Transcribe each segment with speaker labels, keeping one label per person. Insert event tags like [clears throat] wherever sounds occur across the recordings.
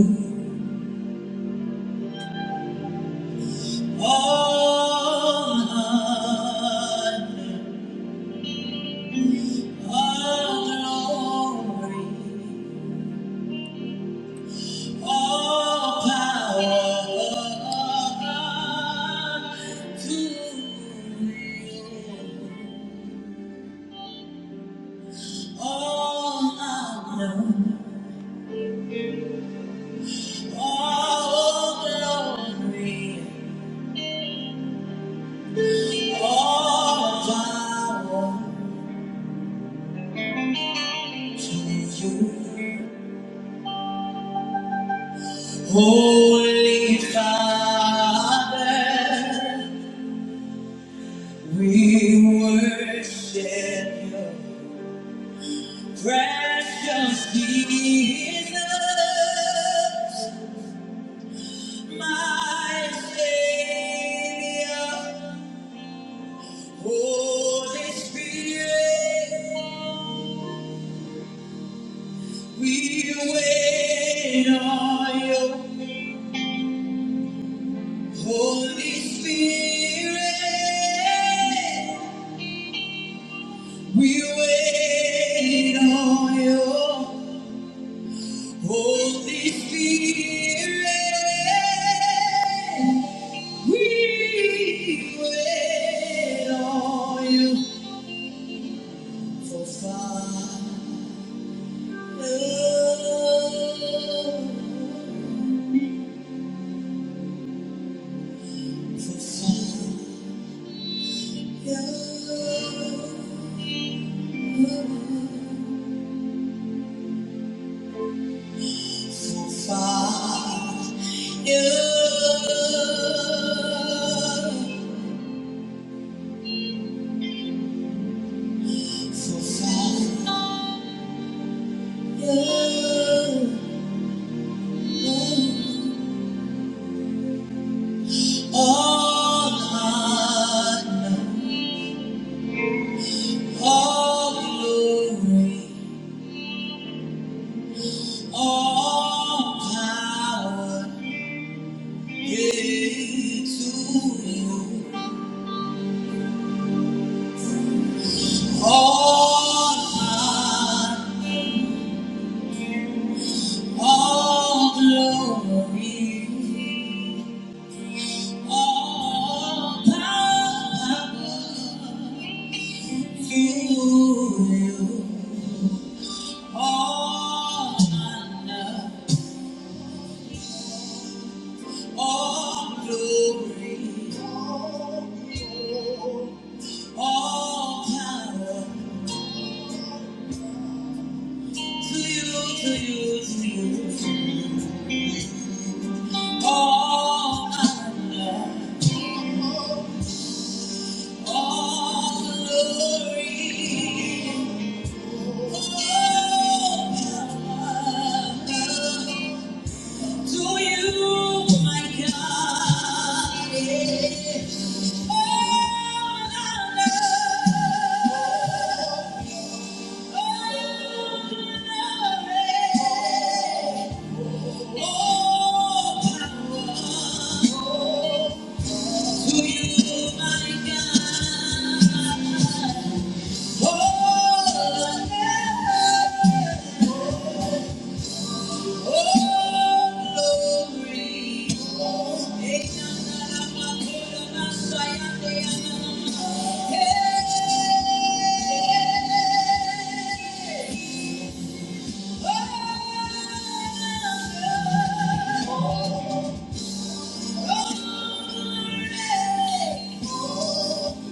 Speaker 1: You. All honor, all glory, all power belong to you. All honor, all glory, all power to you. Holy Father. We worship you, precious Jesus, my Savior, Holy Spirit. We wait on you, Holy Spirit. We wait on you. Holy Spirit, we wait on you for fire, for fire, for fire, for fire. All honor, all glory, all power is to you. All honor, all glory, all power to you. All honor. All glory, all power to you, to you, to you. All honor, all glory, all power to you, my God. All honor. Thank you. Jesus.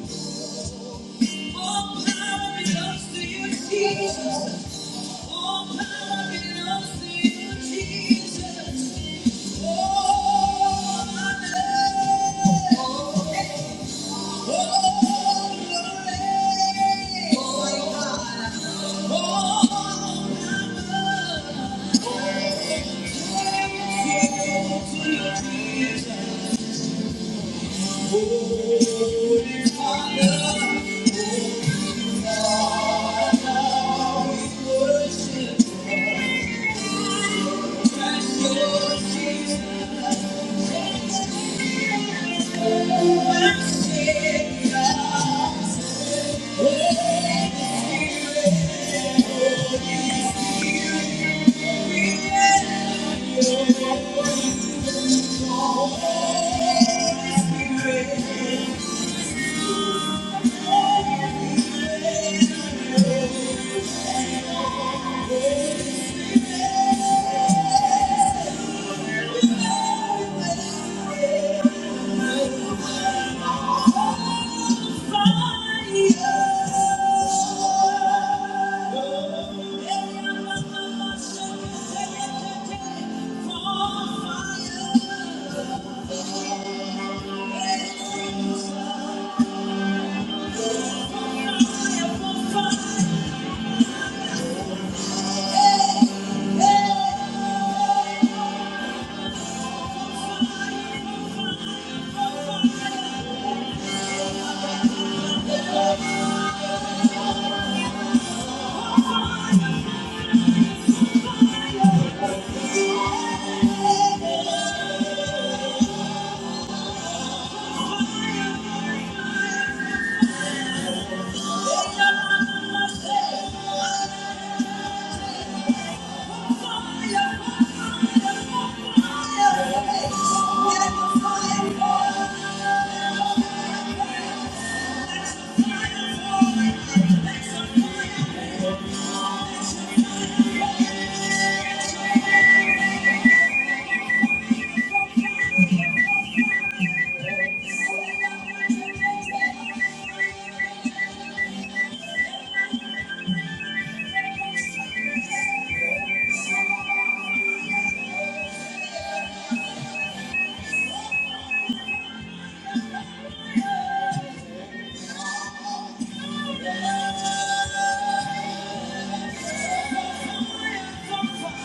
Speaker 1: Thank you. Thank you. Thank you.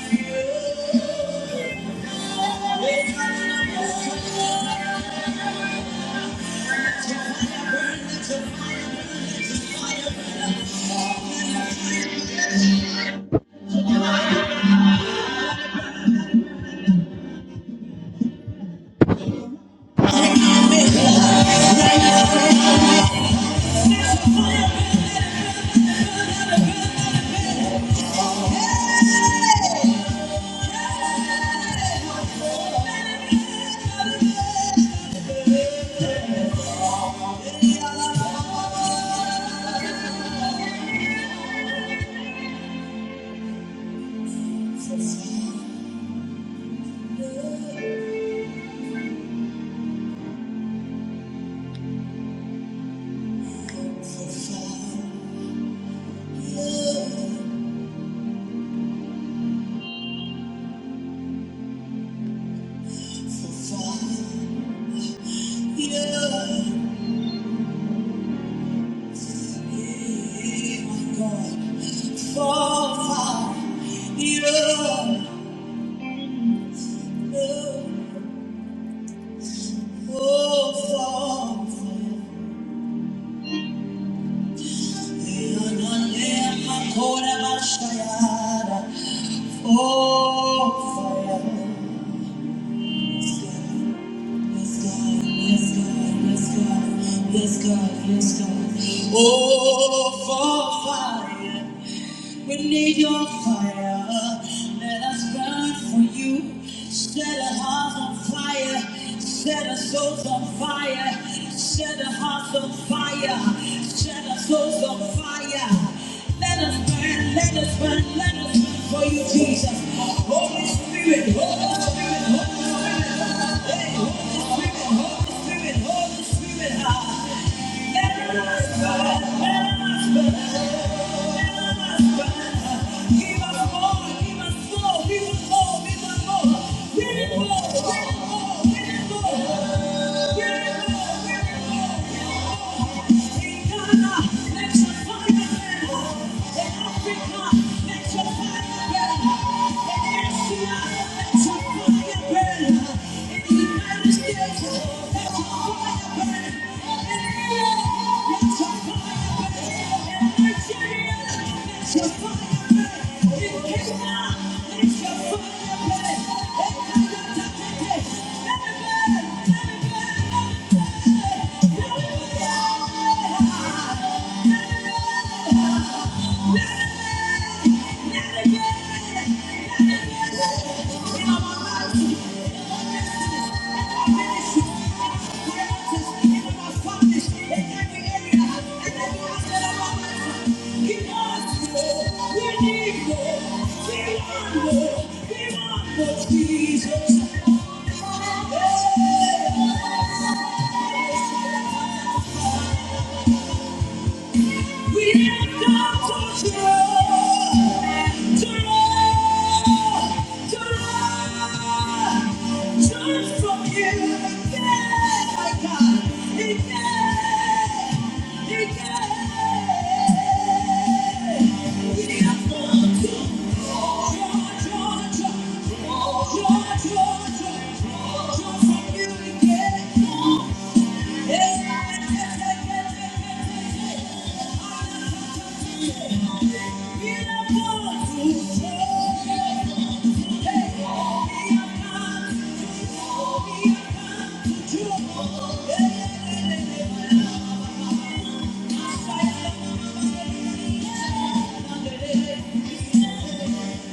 Speaker 1: Thank you. Oh, fire. Yes, God. Yes, God. Yes, God. Yes, God. Yes, God. Oh, for fire. We need your fire. Let us burn for you. Set our hearts on fire. Set our souls on fire. Set our hearts on fire. Set our souls on fire. Let us burn run, let us run, let us run for you, Jesus. Holy Spirit, Holy Spirit, Holy Spirit, hey, Holy Spirit, Holy Spirit, Holy Spirit, ah. let us run, let us run. let us run. Give us more, give us more, we will go, we will go, we will go, we will go, we will go, we will go, we will go let let let burn. burn. it it it burn. Jesus. We are come to draw, draw, draw, draw from you. Yeah, my God. Yeah, yeah. We are come to draw, draw, draw, draw, draw, draw, draw, draw from you. Yeah. Thank you. We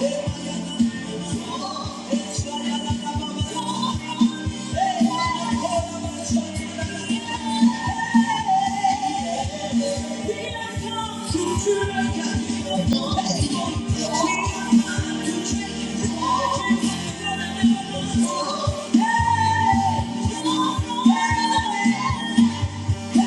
Speaker 1: Thank you. Thank you. Thank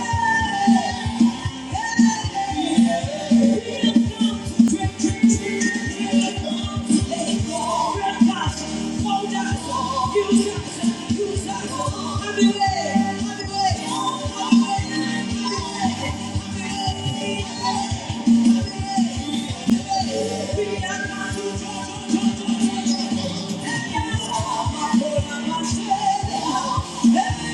Speaker 1: you. Thank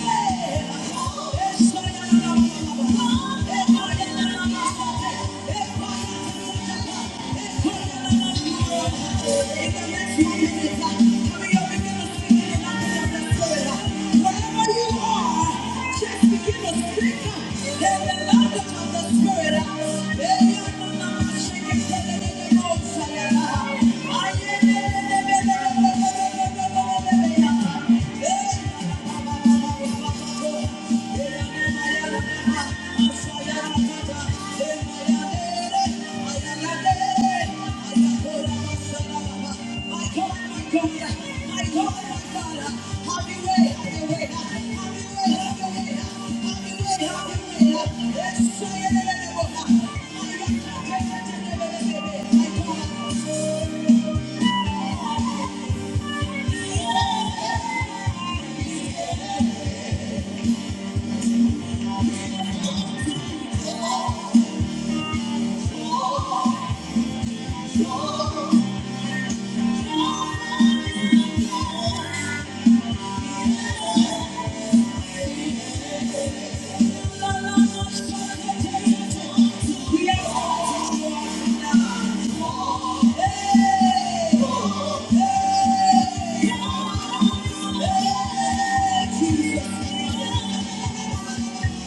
Speaker 1: you. Thank you.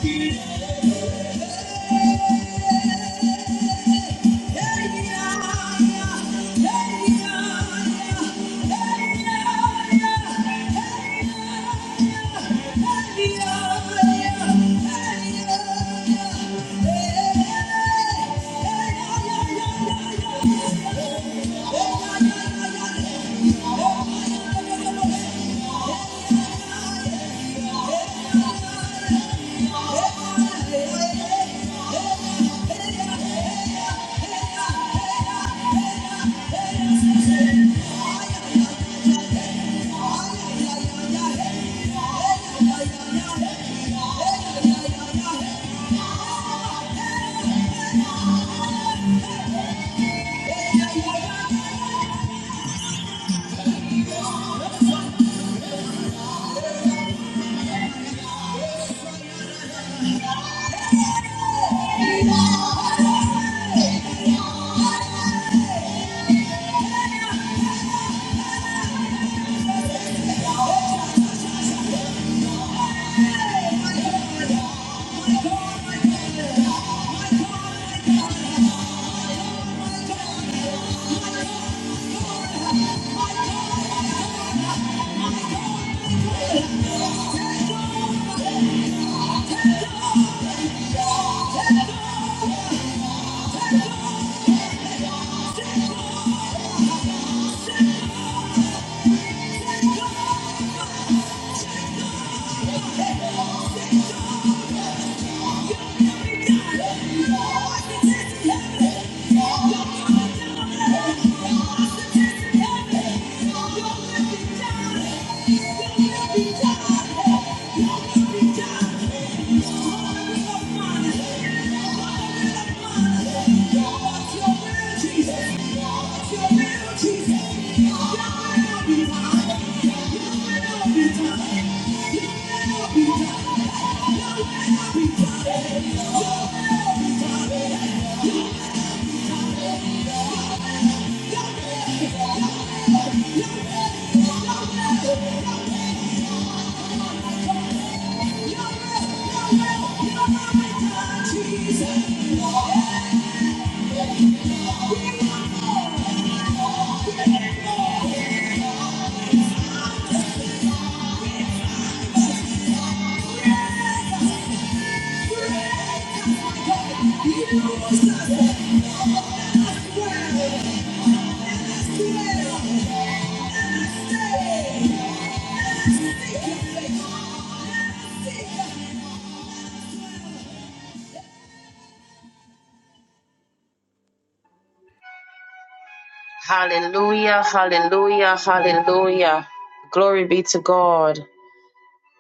Speaker 1: Thank you. Yeah. yeah, yeah. Yeah. yeah, yeah, yeah. Oh, My God! Take off! Yeah. You'll Jesus. You
Speaker 2: Hallelujah, hallelujah, hallelujah. Glory be to God.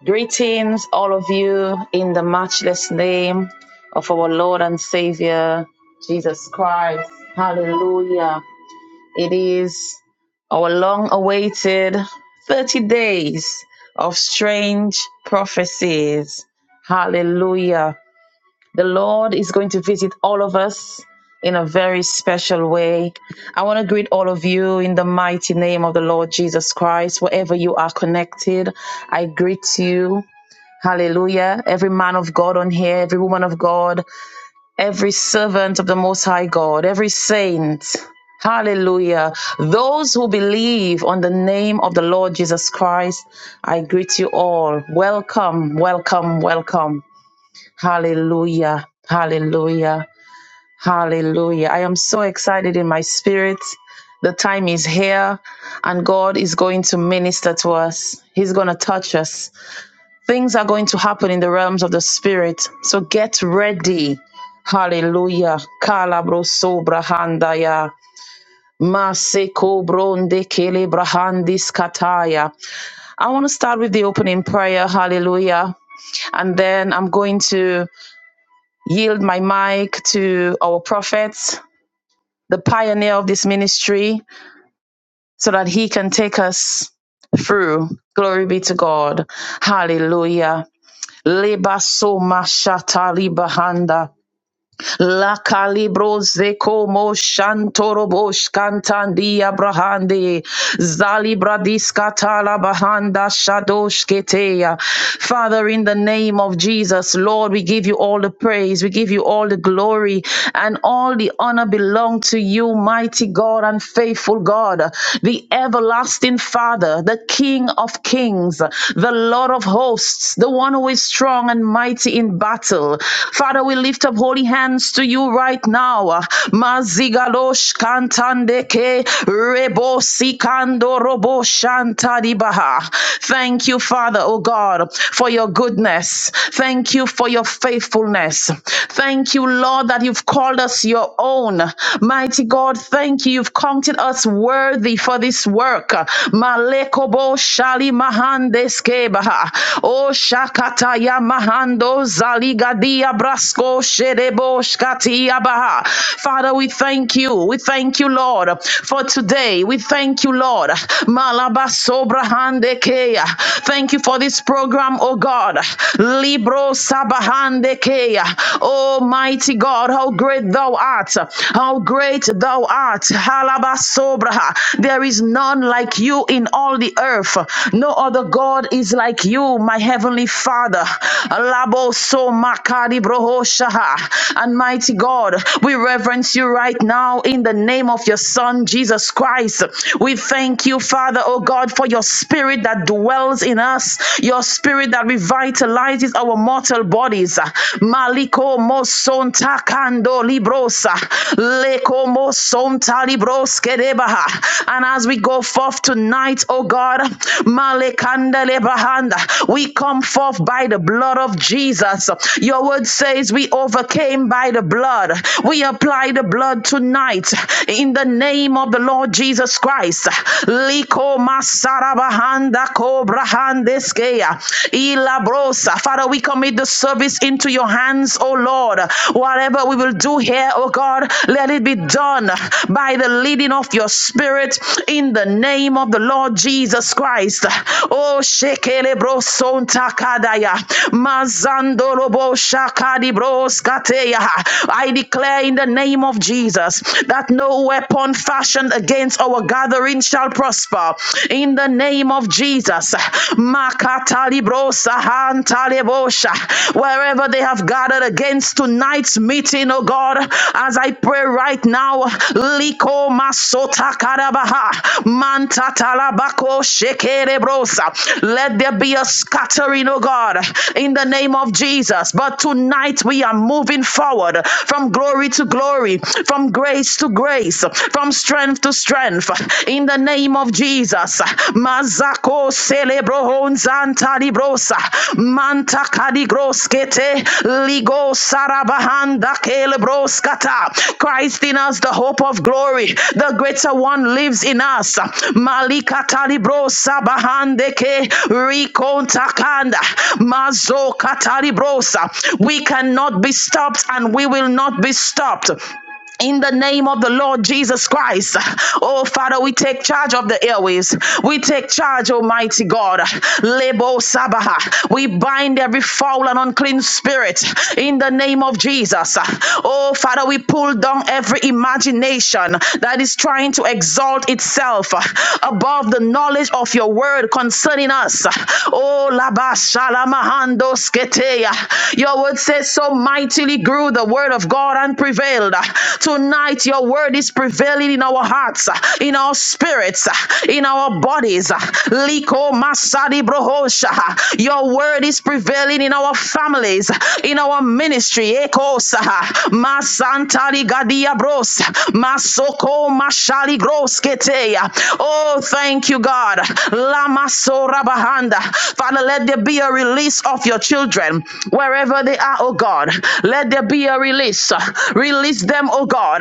Speaker 2: Greetings, all of you, in the matchless name of our Lord and Savior, Jesus Christ. Hallelujah. It is our long awaited 30 days of strange prophecies. Hallelujah. The Lord is going to visit all of us in a very special way. I want to greet all of you in the mighty name of the Lord Jesus Christ. Wherever you are connected, I greet you. Hallelujah. Every man of God on here, every woman of God, every servant of the Most High God, every saint. Hallelujah. Those who believe on the name of the Lord Jesus Christ, I greet you all. Welcome, welcome, welcome. Hallelujah. Hallelujah. Hallelujah. I am so excited in my spirit. The time is here and God is going to minister to us. He's going to touch us. Things are going to happen in the realms of the spirit. So get ready. Hallelujah. Kalabro sobra handaya. Maseko bronde kele brahandis kataya. I want to start with the opening prayer. Hallelujah. And then I'm going to yield my mic to our prophet, the pioneer of this ministry, so that he can take us through. Glory be to God. Hallelujah. Leba soma shata libahanda. La calibro zeko mo shantorobo shkantandi abrahandi. Zalibra diskatala bahanda shadosh keteya. Father, in the name of Jesus, Lord, we give you all the praise. We give you all the glory and all the honor belong to you, mighty God and faithful God, the everlasting Father, the King of kings, the Lord of hosts, the one who is strong and mighty in battle. Father, we lift up holy hands to you right now. Mazigalosh kantandeke rebo sikando robo shantadibaha. Thank you, Father, oh God, for your goodness. Thank you for your faithfulness. Thank you, Lord, that you've called us your own. Mighty God, thank you. You've counted us worthy for this work. Malekobo Shali Mahandes Kebaha. O Shakataya Mahando Zaligadia Brasco Shedebo Shkatia Baha. Father, we thank you. We thank you, Lord, for today. We thank you, Lord. Malaba Sobra Thank you for this program, O God. Libro Sabahande Kea. Almighty God, how great thou art. How great thou art. Halabaso Sobra. There is none like you in all the earth. No other God is like you, my heavenly Father. Alabo so makari broho shaha. And mighty God, we reverence you right now in the name of your Son, Jesus Christ. We thank you, Father, oh God, for your spirit that dwells in us, your spirit that revitalizes our mortal bodies. Maliko moson takando librosa lekomo sonta libros kedebaha. And as we go forth tonight, oh God, malekanda lebahanda, we come forth by the blood of Jesus. Your word says we overcame by the blood. We apply the blood tonight in the name of the Lord Jesus Christ. Liko masarabahanda kobrahandeskeya ilabrosa. Father, we commit the this service into your hands, oh Lord. Whatever we will do here, oh God, let it be done by the leading of your spirit in the name of the Lord Jesus Christ. Oh, shekele bro son takadaya. Mazandolo bo shakadi bro skateya. I declare in the name of Jesus that no weapon fashioned against our gathering shall prosper. In the name of Jesus, Makatalibrosa hantalebosha. Wherever they have gathered against tonight's meeting, oh God, as I pray right now, Liko Masota Karabaha, Manta Talabako Shekerebrosa. Let there be a scattering, oh God, in the name of Jesus. But tonight we are moving forward from glory to glory, from grace to grace, from strength to strength in the name of Jesus. Mazako celebrohonzanta librosa manta kadigroskete ligo sarabahanda kelebroskata. Christ in us, the hope of glory, the greater one lives in us. Malika talibrosa bahandeke rikontakanda mazo katalibrosa. We cannot be stopped and we will not be stopped in the name of the Lord Jesus Christ. Oh, Father, we take charge of the airways. We take charge, Almighty God. Lebo Sabaha. We bind every foul and unclean spirit in the name of Jesus. Oh, Father, we pull down every imagination that is trying to exalt itself above the knowledge of your word concerning us. Oh, Laba Shalamahando Sketeya. Your word says, So mightily grew the word of God and and prevailed. Tonight, your word is prevailing in our hearts, in our spirits, in our bodies. Liko masadi brohosha. Your word is prevailing in our families, in our ministry. Ekosa. Masantali gadia bros. Masoko mashali gros keteya. Oh, thank you, God. Lama sora bahanda. Father, let there be a release of your children wherever they are, oh God. Let there be be a release. Release them, oh God.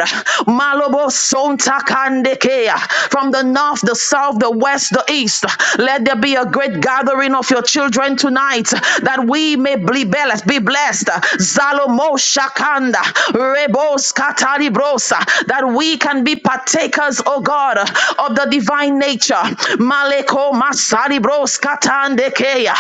Speaker 2: Malobo sonta kandekea. From the north, the south, the west, the east. Let there be a great gathering of your children tonight that we may be blessed. Be blessed. Zalomo shakanda. Rebos katalibrosa. That we can be partakers, oh God, of the divine nature. Maleko masalibros katandekea.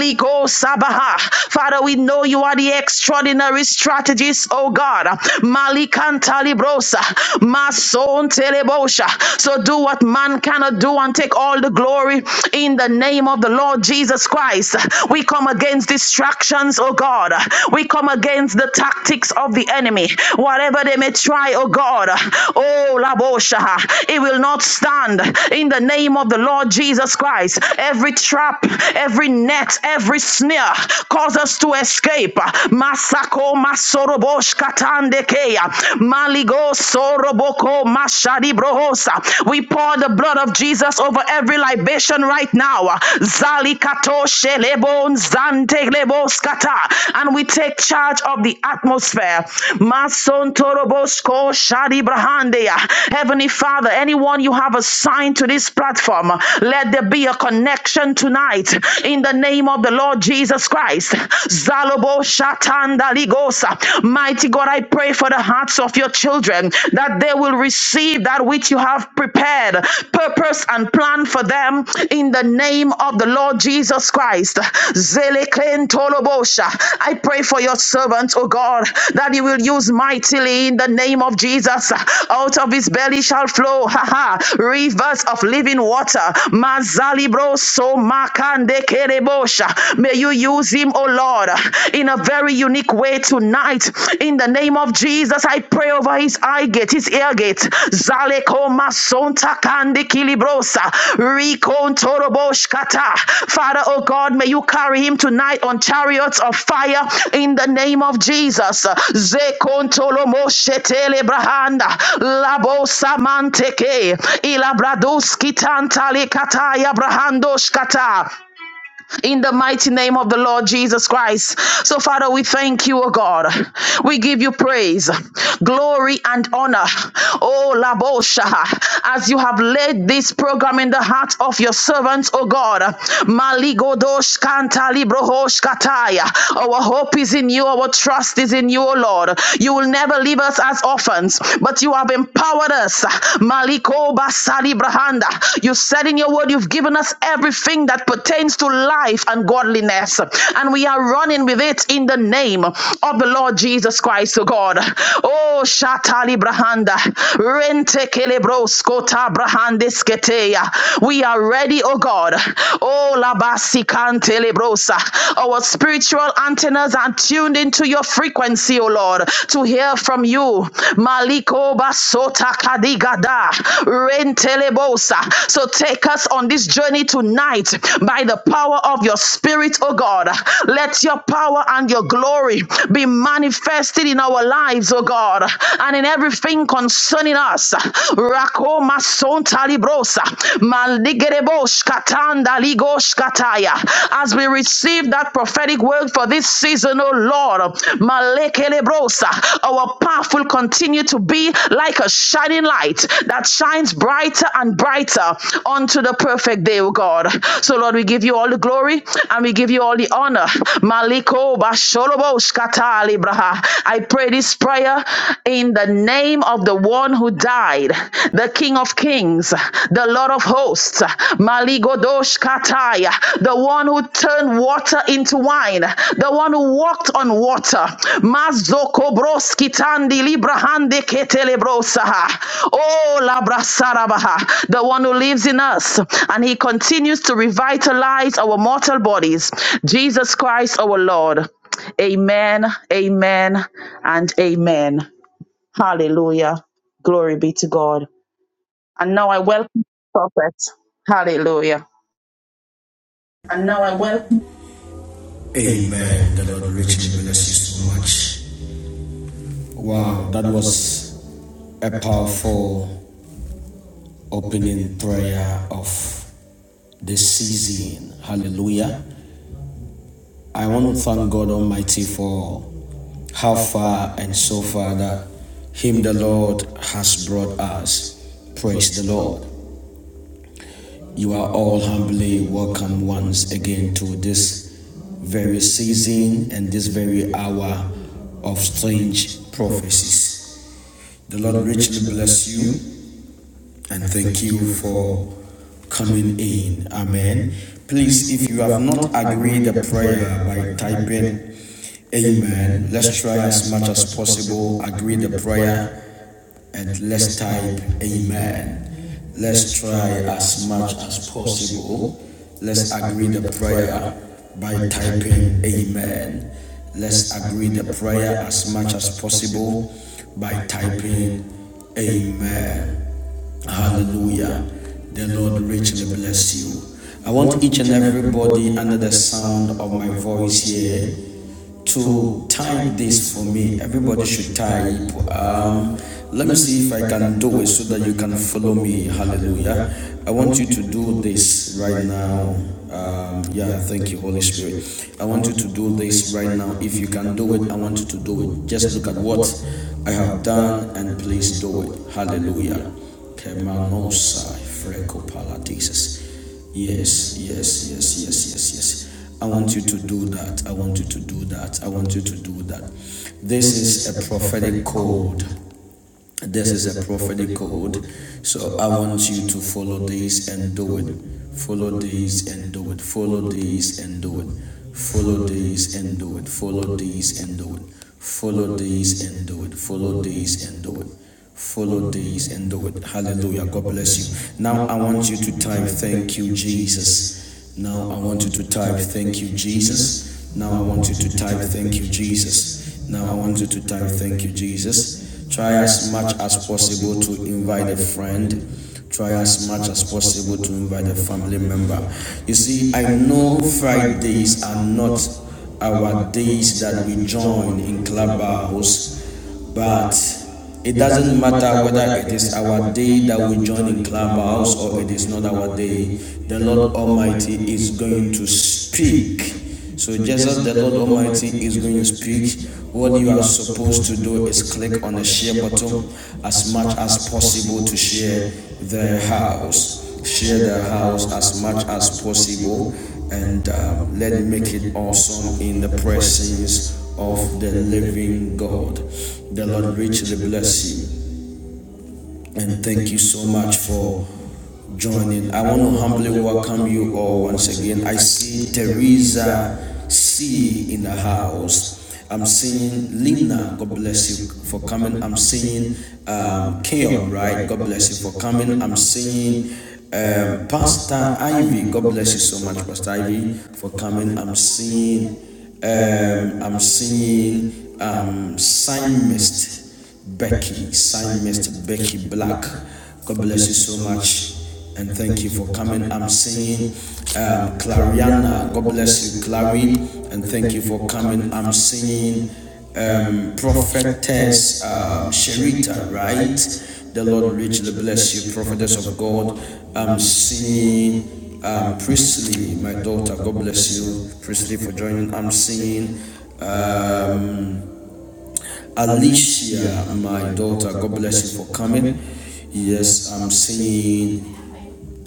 Speaker 2: Ligo sabaha. Father, we know you are the extraordinary extraordinary strategies, oh God. Malikantalibrosa, Mason Telebosha. So do what man cannot do and take all the glory in the name of the Lord Jesus Christ. We come against distractions, oh God. We come against the tactics of the enemy, whatever they may try, oh God. Oh Labosha, it will not stand in the name of the Lord Jesus Christ. Every trap, every net, every snare cause us to escape escape. Masako masorobosh katandekea. Maligo soroboko mashadibrohosa. We pour the blood of Jesus over every libation right now. Zali katoshe lebon zante lebos kata. And we take charge of the atmosphere. Mason torobosko shadibrahandeya. Heavenly Father, anyone you have assigned to this platform, let there be a connection tonight in the name of the Lord Jesus. Christ. Jesus Christ. Zalobo Shatanda Ligosa. Mighty God, I pray for the hearts of your children that they will receive that which you have prepared, purpose and plan for them in the name of the Lord Jesus Christ. Zeleklen Tolobosha. I pray for your servant, O God, that you will use mightily in the name of Jesus. Out of his belly shall flow ha ha, rivers of living water. Mazalibro so makande kerebo afresh. May you use him, oh Lord, in a very unique way tonight. In the name of Jesus, I pray over his eye gate, his ear gate. Zaleko masonta kandi kilibrosa. Rikon Father, oh God, may you carry him tonight on chariots of fire in the name of Jesus. Zekon brahanda. Labo Ilabradoski tantale kataya brahandoshkata in the mighty name of the Lord Jesus Christ. So, Father, we thank you, O God. We give you praise, glory, and honor. Oh, Labosha, as you have led this program in the heart of your servants, O God. Maligodosh kanta librohosh kataya. Our hope is in you, our trust is in you, O Lord. You will never leave us as orphans, but you have empowered us. Maliko Sali Brahanda. You said in your word, you've given us everything that pertains to life and godliness, and we are running with it in the name of the Lord Jesus Christ, O God. Oh, Shatali Brahanda, Rente Kelebros Kota Brahandis Keteya. We are ready, O God. Oh, Labasi Cantelebrosa. Our spiritual antennas are tuned into your frequency, O Lord, to hear from you. Maliko basota kadigada rentelebosa. So take us on this journey tonight by the power of your spirit, oh God. Let your power and your glory be manifested in our lives, oh God, and in everything concerning us. Rako masonta librosa maligerebosh katanda ligosh kataya. As we receive receive that prophetic word for this season, oh Lord. Malekelebrosa. Our path will continue to be like a shining light that shines brighter and brighter unto the perfect day, oh God. So, Lord, we give you all the glory and we give you all the honor. Maliko basholoboshkatali braha. I pray this prayer in the name of the one who died, the King of Kings, the Lord of hosts, Maligodosh Kataya, the one who turned water into wine, the one who walked on water, Mazoko Broski Tandi Librahande Ketelebrosaha, Oh Labrasarabaha, the one who lives in us, and he continues to revitalize our mortal bodies, Jesus Christ our Lord. Amen, amen, and amen. Hallelujah. Glory be to God. And now I welcome the prophet. Hallelujah.
Speaker 1: And now I will. Amen. The Lord richly bless you so much. Wow, that was a powerful opening prayer of this season. Hallelujah. I want to thank God Almighty for how far and so far that Him the Lord has brought us. Praise the Lord. You are all humbly welcome once again to this very season and this very hour of strange prophecies. The Lord richly bless you and thank you for coming in. Amen. Please, if you have not agreed the prayer by typing Amen, let's try as much as possible, agree the prayer and let's type amen. Let's try as much as possible. Let's agree the prayer by typing amen. Let's agree the prayer as much as possible by typing amen. Hallelujah. The Lord richly bless you. I want each and everybody under the sound of my voice here to time this for me. Everybody should type. Um, let me see if I can do it so that you can follow me. Hallelujah. I want you to do this right now. Um, yeah, thank you, Holy Spirit. I want you to do this right now. If you can do it, I want you to do it. Just look at what I have done and please do it. Hallelujah. Kemanosai, Freco Pala, Jesus. Yes, yes, yes, yes, yes, yes. I want you to do that. I want you to do that. I want you to do that. This is a prophetic code this is a prophetic code. So I want you to follow these and do it. Follow these and do it. Follow these and do it. Follow these and do it. Follow these and do it. Follow these and do it. Follow these and do it. Follow these and do it. Hallelujah. God bless you. Now I want you to type thank you, Jesus. Now I want you to type thank you, Jesus. Now I want you to type thank you, Jesus. Now I want you to type thank you, Jesus. Try as much as possible to invite a friend. Try as much as possible to invite a family member. You see, I know Fridays are not our days that we join in clubhouse but it doesn't matter whether it is our day that we join in clubhouse or it is not our day. The Lord Almighty is going to speak. So just as the Lord Almighty is going to speak, what you are supposed to do is click on the share button as much as possible to share the house share the house as much as possible, and um, let it make it awesome in the presence of the living God. The Lord richly bless you and thank you so much for joining. I want to humbly welcome you all once again. I see Teresa C in the house. I'm seeing Lina, God bless you for coming. I'm seeing um, Keon, right? God bless you for coming. I'm seeing um, Pastor Ivy, God bless you so much, Pastor Ivy, for coming. I'm seeing, um, I'm seeing um, Simist. Becky, signed Mr. Becky Black. God bless you so much. And thank you for coming. I'm singing um, Clariana. God bless you, Clary. And thank you for coming. I'm singing um, Prophetess um, Sherita, right? The Lord richly bless you, Prophetess of God. I'm singing um, Priestley, my daughter. God bless you, Priestley, for joining. I'm singing. Um, Alicia, my daughter, God bless you for coming. Yes, I'm seeing,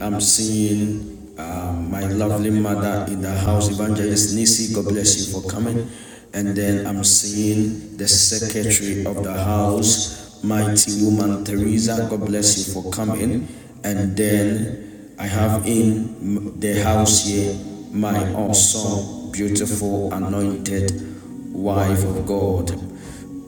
Speaker 1: I'm seeing um, my lovely mother in the house, Evangelist Nisi. God bless you for coming. And then I'm seeing the secretary of the house, mighty woman Teresa. God bless you for coming. And then I have in the house here my awesome, beautiful, anointed wife of God.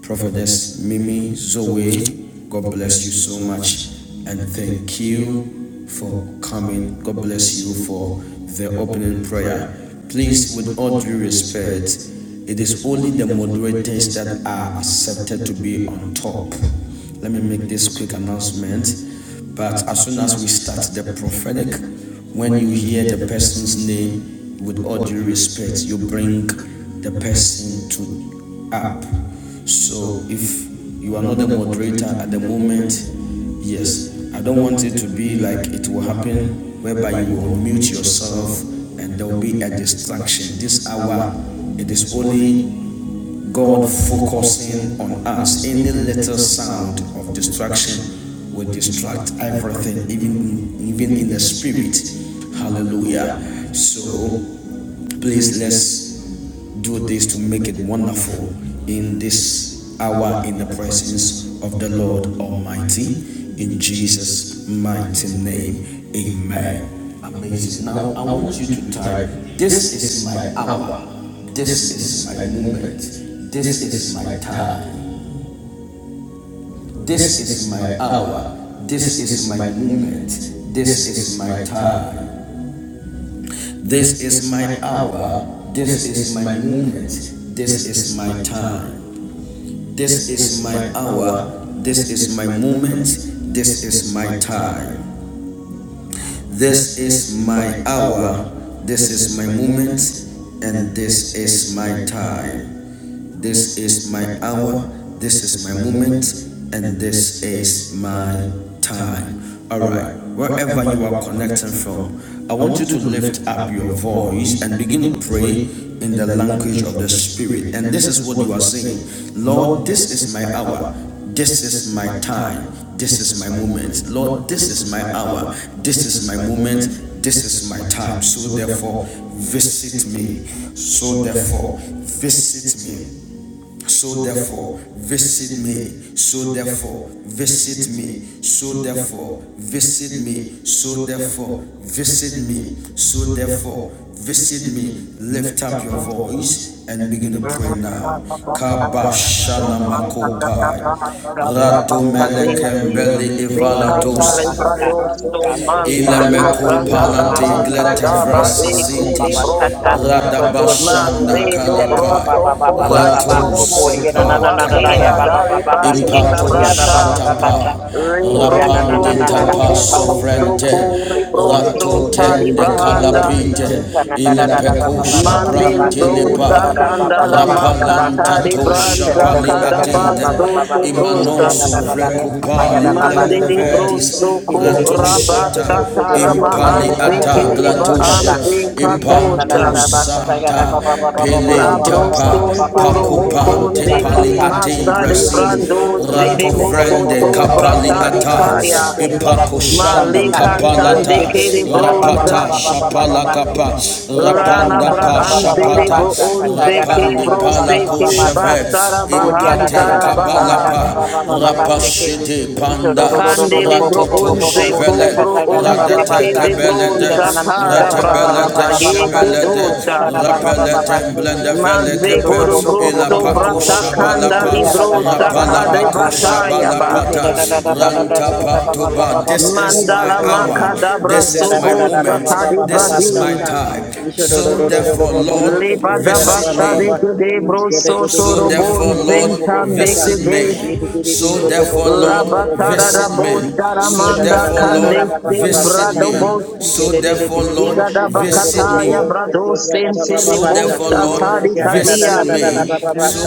Speaker 1: Prophetess Mimi Zoe, God bless you so much and thank you for coming. God bless you for the opening prayer. Please, with all due respect, it is only the moderators that are accepted to be on top. Let me make this quick announcement. But as soon as we start the prophetic, when you hear the person's name, with all due respect, you bring the person to app. So if you are not the moderator at the moment, yes, I don't want it to be like it will happen whereby you will mute yourself and there will be a distraction. This hour, it is only God focusing on us. Any little sound of distraction will distract everything, even even in the spirit. Hallelujah. So please let's do this to make it wonderful in this hour in the presence of the Lord Almighty. In Jesus' mighty name. Amen. Amazing. Now I want you to type this is my hour. This is my moment. This is my time. This is my hour. This is my moment. This is my time. This is my hour. This is my moment. This is my time. This is my hour. This is my moment. This is my time. This is my hour. This is my moment. And this is my time. This is my hour, this is my moment, and this is my time. All right, wherever you are connecting from, I want you to lift up your voice and begin to pray in the language of the Spirit. And this is what you are saying Lord, this is my hour. This is my time. This is my moment. Lord, this is my hour. This is my moment. This is my time. So therefore, visit me. So therefore, visit me. So therefore, visit me. So therefore, visit me. So therefore, visit me. So therefore, visit me. So therefore, visit me. Lift up your voice and begin to pray now. Kabashana makopai.
Speaker 3: But
Speaker 1: Radomelekembele ivalados.
Speaker 4: Kiti
Speaker 3: Father, this is my
Speaker 4: bushandari
Speaker 3: hour. This is
Speaker 4: anda
Speaker 3: my
Speaker 1: Ilemekopalate
Speaker 3: moment.
Speaker 4: tetari
Speaker 3: This is my
Speaker 4: baka
Speaker 3: time.
Speaker 1: gletefresizitis.
Speaker 4: tarabande kiri
Speaker 3: So, Lord, this
Speaker 4: busundari
Speaker 3: is me.
Speaker 1: Radabashanda
Speaker 2: Mazedo
Speaker 4: akarinde
Speaker 1: kalapai.
Speaker 2: brosto
Speaker 1: Ratu-
Speaker 4: Rinda
Speaker 2: cobasoro
Speaker 4: karinda
Speaker 2: monto
Speaker 4: sotari
Speaker 2: wakela
Speaker 4: katarara banda hikere bonzikia
Speaker 1: Rapandos
Speaker 4: sitaria. This is my
Speaker 1: Pasovrente,
Speaker 4: hour, this is my
Speaker 1: Ratotende,
Speaker 4: moment, this is my
Speaker 1: Calapite,
Speaker 4: time. Oh,
Speaker 1: Ilepeco,
Speaker 4: rakare bonzi.
Speaker 2: Mandiri bronza
Speaker 1: Prantilipai,
Speaker 4: Visit me, O
Speaker 2: kandala
Speaker 4: Lord.
Speaker 2: makatari
Speaker 4: Rakarabashanda
Speaker 2: branza
Speaker 1: Pali
Speaker 4: yakatere
Speaker 2: kadabasto to
Speaker 4: bonzerianda.
Speaker 2: brosta.
Speaker 1: Anoso, Frecupali,
Speaker 4: Zikatatanda yaraba
Speaker 2: Mandiri
Speaker 1: Glaberti,
Speaker 2: bronzo
Speaker 4: zekere
Speaker 2: ko
Speaker 1: Ratu,
Speaker 4: bando kori
Speaker 2: rabasta talama
Speaker 4: tarabashande.
Speaker 1: Impali
Speaker 2: anzi
Speaker 1: Ata,
Speaker 4: Karata
Speaker 2: kiriba
Speaker 1: Glatush,
Speaker 4: inde
Speaker 2: anzi
Speaker 4: kerebo nzeria
Speaker 2: katosta.
Speaker 1: Panta,
Speaker 4: takafashanda yaranzike
Speaker 2: La
Speaker 1: Pele, Tapa,
Speaker 2: broston toro
Speaker 4: bosondereri
Speaker 1: Pacupa,
Speaker 2: mokonde
Speaker 1: Tepali,
Speaker 2: ki
Speaker 4: ikanzara
Speaker 2: masari
Speaker 1: Brasi,
Speaker 2: brando
Speaker 4: korozike
Speaker 2: siri
Speaker 1: vrende,
Speaker 2: mokoto
Speaker 4: terebanzaria
Speaker 1: Capali
Speaker 4: karinde
Speaker 2: bratari
Speaker 1: Ata,
Speaker 2: kaya.
Speaker 4: kererende
Speaker 1: Pacoshandi,
Speaker 2: Male
Speaker 3: Thank
Speaker 4: kebosondaria
Speaker 3: Lord,
Speaker 2: kantande
Speaker 1: Capalata,
Speaker 3: visit me.
Speaker 2: kiri
Speaker 4: katabashande
Speaker 3: Yada ba ba
Speaker 1: Pat,
Speaker 2: bronza
Speaker 3: ba ba ba ba ba ba ba.
Speaker 4: razikatande
Speaker 1: Palakapa,
Speaker 4: kererende
Speaker 3: Yada da
Speaker 1: Rapan,
Speaker 3: da da ba
Speaker 2: Ralabra
Speaker 3: ba ba ba ba ba ba
Speaker 2: antiri
Speaker 1: Pata,
Speaker 3: ba.
Speaker 4: kerihatarianda.
Speaker 2: bo
Speaker 4: This is
Speaker 2: unze
Speaker 3: Yada da da
Speaker 2: ke
Speaker 4: my
Speaker 3: da da
Speaker 1: Pande,
Speaker 2: bro
Speaker 4: hour,
Speaker 3: ba
Speaker 2: se
Speaker 3: ba
Speaker 1: pala.
Speaker 4: this
Speaker 3: ba
Speaker 2: ke
Speaker 3: ba
Speaker 4: is
Speaker 3: ba
Speaker 4: my
Speaker 2: ba
Speaker 3: ba.
Speaker 4: moment,
Speaker 2: sara
Speaker 4: this
Speaker 3: Oh yeah,
Speaker 4: is
Speaker 3: da
Speaker 2: bahan
Speaker 4: my
Speaker 3: da da
Speaker 2: zara
Speaker 3: da da da
Speaker 2: baha.
Speaker 3: da da ba ba ba ba
Speaker 4: moment.
Speaker 3: ba
Speaker 4: Oh,
Speaker 3: shake it.
Speaker 4: bless
Speaker 1: Rapashiti
Speaker 4: me, O
Speaker 3: Ito do do
Speaker 1: panda
Speaker 3: do
Speaker 4: Lord.
Speaker 3: do do do
Speaker 4: Visit
Speaker 2: Kandili
Speaker 3: bo bo
Speaker 2: bro
Speaker 4: me,
Speaker 3: bo
Speaker 4: O
Speaker 3: bo bo bo
Speaker 2: unze
Speaker 4: Lord.
Speaker 3: bo
Speaker 1: vele
Speaker 3: sa
Speaker 2: ko
Speaker 3: ka
Speaker 2: bro
Speaker 3: ta ga da
Speaker 4: Rarikande
Speaker 3: ba ba
Speaker 2: unze
Speaker 3: ba
Speaker 2: ke
Speaker 4: bronde
Speaker 3: sa.
Speaker 2: de
Speaker 4: keria
Speaker 2: bro
Speaker 3: Ida na na
Speaker 4: tariba
Speaker 3: na da
Speaker 2: zakara
Speaker 3: ba
Speaker 4: shande
Speaker 3: ba ba
Speaker 1: bele
Speaker 3: ba
Speaker 4: kere
Speaker 3: ba
Speaker 2: branta
Speaker 3: ba ba
Speaker 2: ye
Speaker 3: ba ba
Speaker 2: ke
Speaker 3: so ko
Speaker 4: zakara
Speaker 3: da
Speaker 2: dosta
Speaker 3: da da ba ba ba ba
Speaker 1: repelete
Speaker 4: tabandia
Speaker 3: ba se.
Speaker 4: zitere
Speaker 1: vele
Speaker 3: Ito
Speaker 2: Maze
Speaker 3: do do
Speaker 4: ketari
Speaker 3: do
Speaker 2: goro
Speaker 3: do bo
Speaker 2: bro
Speaker 3: bo bo
Speaker 4: kumbari
Speaker 2: so
Speaker 3: bo bo bo
Speaker 2: brata
Speaker 3: bo
Speaker 4: kuze
Speaker 3: bo bo so
Speaker 1: balapa
Speaker 3: ko
Speaker 2: kandali
Speaker 3: da
Speaker 4: taribanda
Speaker 3: da da
Speaker 2: bro
Speaker 3: ba ba ba ba ba ba
Speaker 2: sakade
Speaker 3: ba sa.
Speaker 4: tarakande
Speaker 2: bataya
Speaker 1: balapa
Speaker 4: kerere
Speaker 2: ba.
Speaker 3: Ito da da da
Speaker 4: zekeri
Speaker 3: da da da da da
Speaker 4: zatere
Speaker 1: ranta
Speaker 3: da da ba ba ba
Speaker 4: bonziria
Speaker 3: ba
Speaker 1: patuba.
Speaker 3: ba ba ba ba ba
Speaker 2: Mandala
Speaker 3: bo
Speaker 4: katarianda
Speaker 3: se.
Speaker 2: makada
Speaker 4: karindo
Speaker 3: Ida
Speaker 2: braso
Speaker 3: da da da
Speaker 2: bo
Speaker 4: kuzitari
Speaker 3: da ba ba ba
Speaker 2: sakade
Speaker 3: ba ba ba sa
Speaker 4: Ola
Speaker 2: bradim.
Speaker 3: sa.
Speaker 4: kande
Speaker 3: Ito do do do
Speaker 1: So
Speaker 4: bashande
Speaker 3: do do do
Speaker 1: therefore,
Speaker 3: bo
Speaker 4: ribonza.
Speaker 3: bo bo
Speaker 4: This
Speaker 1: Lord,
Speaker 3: so
Speaker 4: is
Speaker 3: ko
Speaker 4: my
Speaker 2: Lebada
Speaker 3: da da ba
Speaker 4: hour,
Speaker 5: Sha
Speaker 3: ba
Speaker 2: basta
Speaker 3: ba
Speaker 4: my
Speaker 2: de
Speaker 3: ba.
Speaker 2: ke de
Speaker 4: moment,
Speaker 2: bro
Speaker 3: Lord,
Speaker 4: my
Speaker 3: visit me,
Speaker 5: sha
Speaker 2: soto
Speaker 4: time.
Speaker 5: da ba
Speaker 2: robon
Speaker 4: Visit me,
Speaker 1: Lord,
Speaker 4: oh
Speaker 2: de. que
Speaker 4: Lord.
Speaker 2: de
Speaker 1: may.
Speaker 5: sha
Speaker 4: Rakamande
Speaker 1: So therefore, Lord,
Speaker 4: kerebonze. Bless
Speaker 2: Rabatara
Speaker 4: me,
Speaker 2: da bo
Speaker 4: Father.
Speaker 5: sha
Speaker 2: sharamanda
Speaker 1: for
Speaker 5: ya
Speaker 4: Ekareta
Speaker 2: kande
Speaker 1: Lord.
Speaker 2: se
Speaker 4: bosi
Speaker 5: ba
Speaker 4: tende
Speaker 2: brado bo
Speaker 4: kerebonzi
Speaker 1: So therefore,
Speaker 4: kiamanda.
Speaker 1: Lord,
Speaker 5: sha
Speaker 2: zigada
Speaker 5: ya
Speaker 4: Zale
Speaker 2: bakata ya
Speaker 4: komba
Speaker 2: brado sente
Speaker 4: sikatira
Speaker 2: de bo
Speaker 4: karindo
Speaker 1: Lord.
Speaker 4: kora
Speaker 2: shatadi
Speaker 5: ba
Speaker 2: kadia
Speaker 4: ziketerere.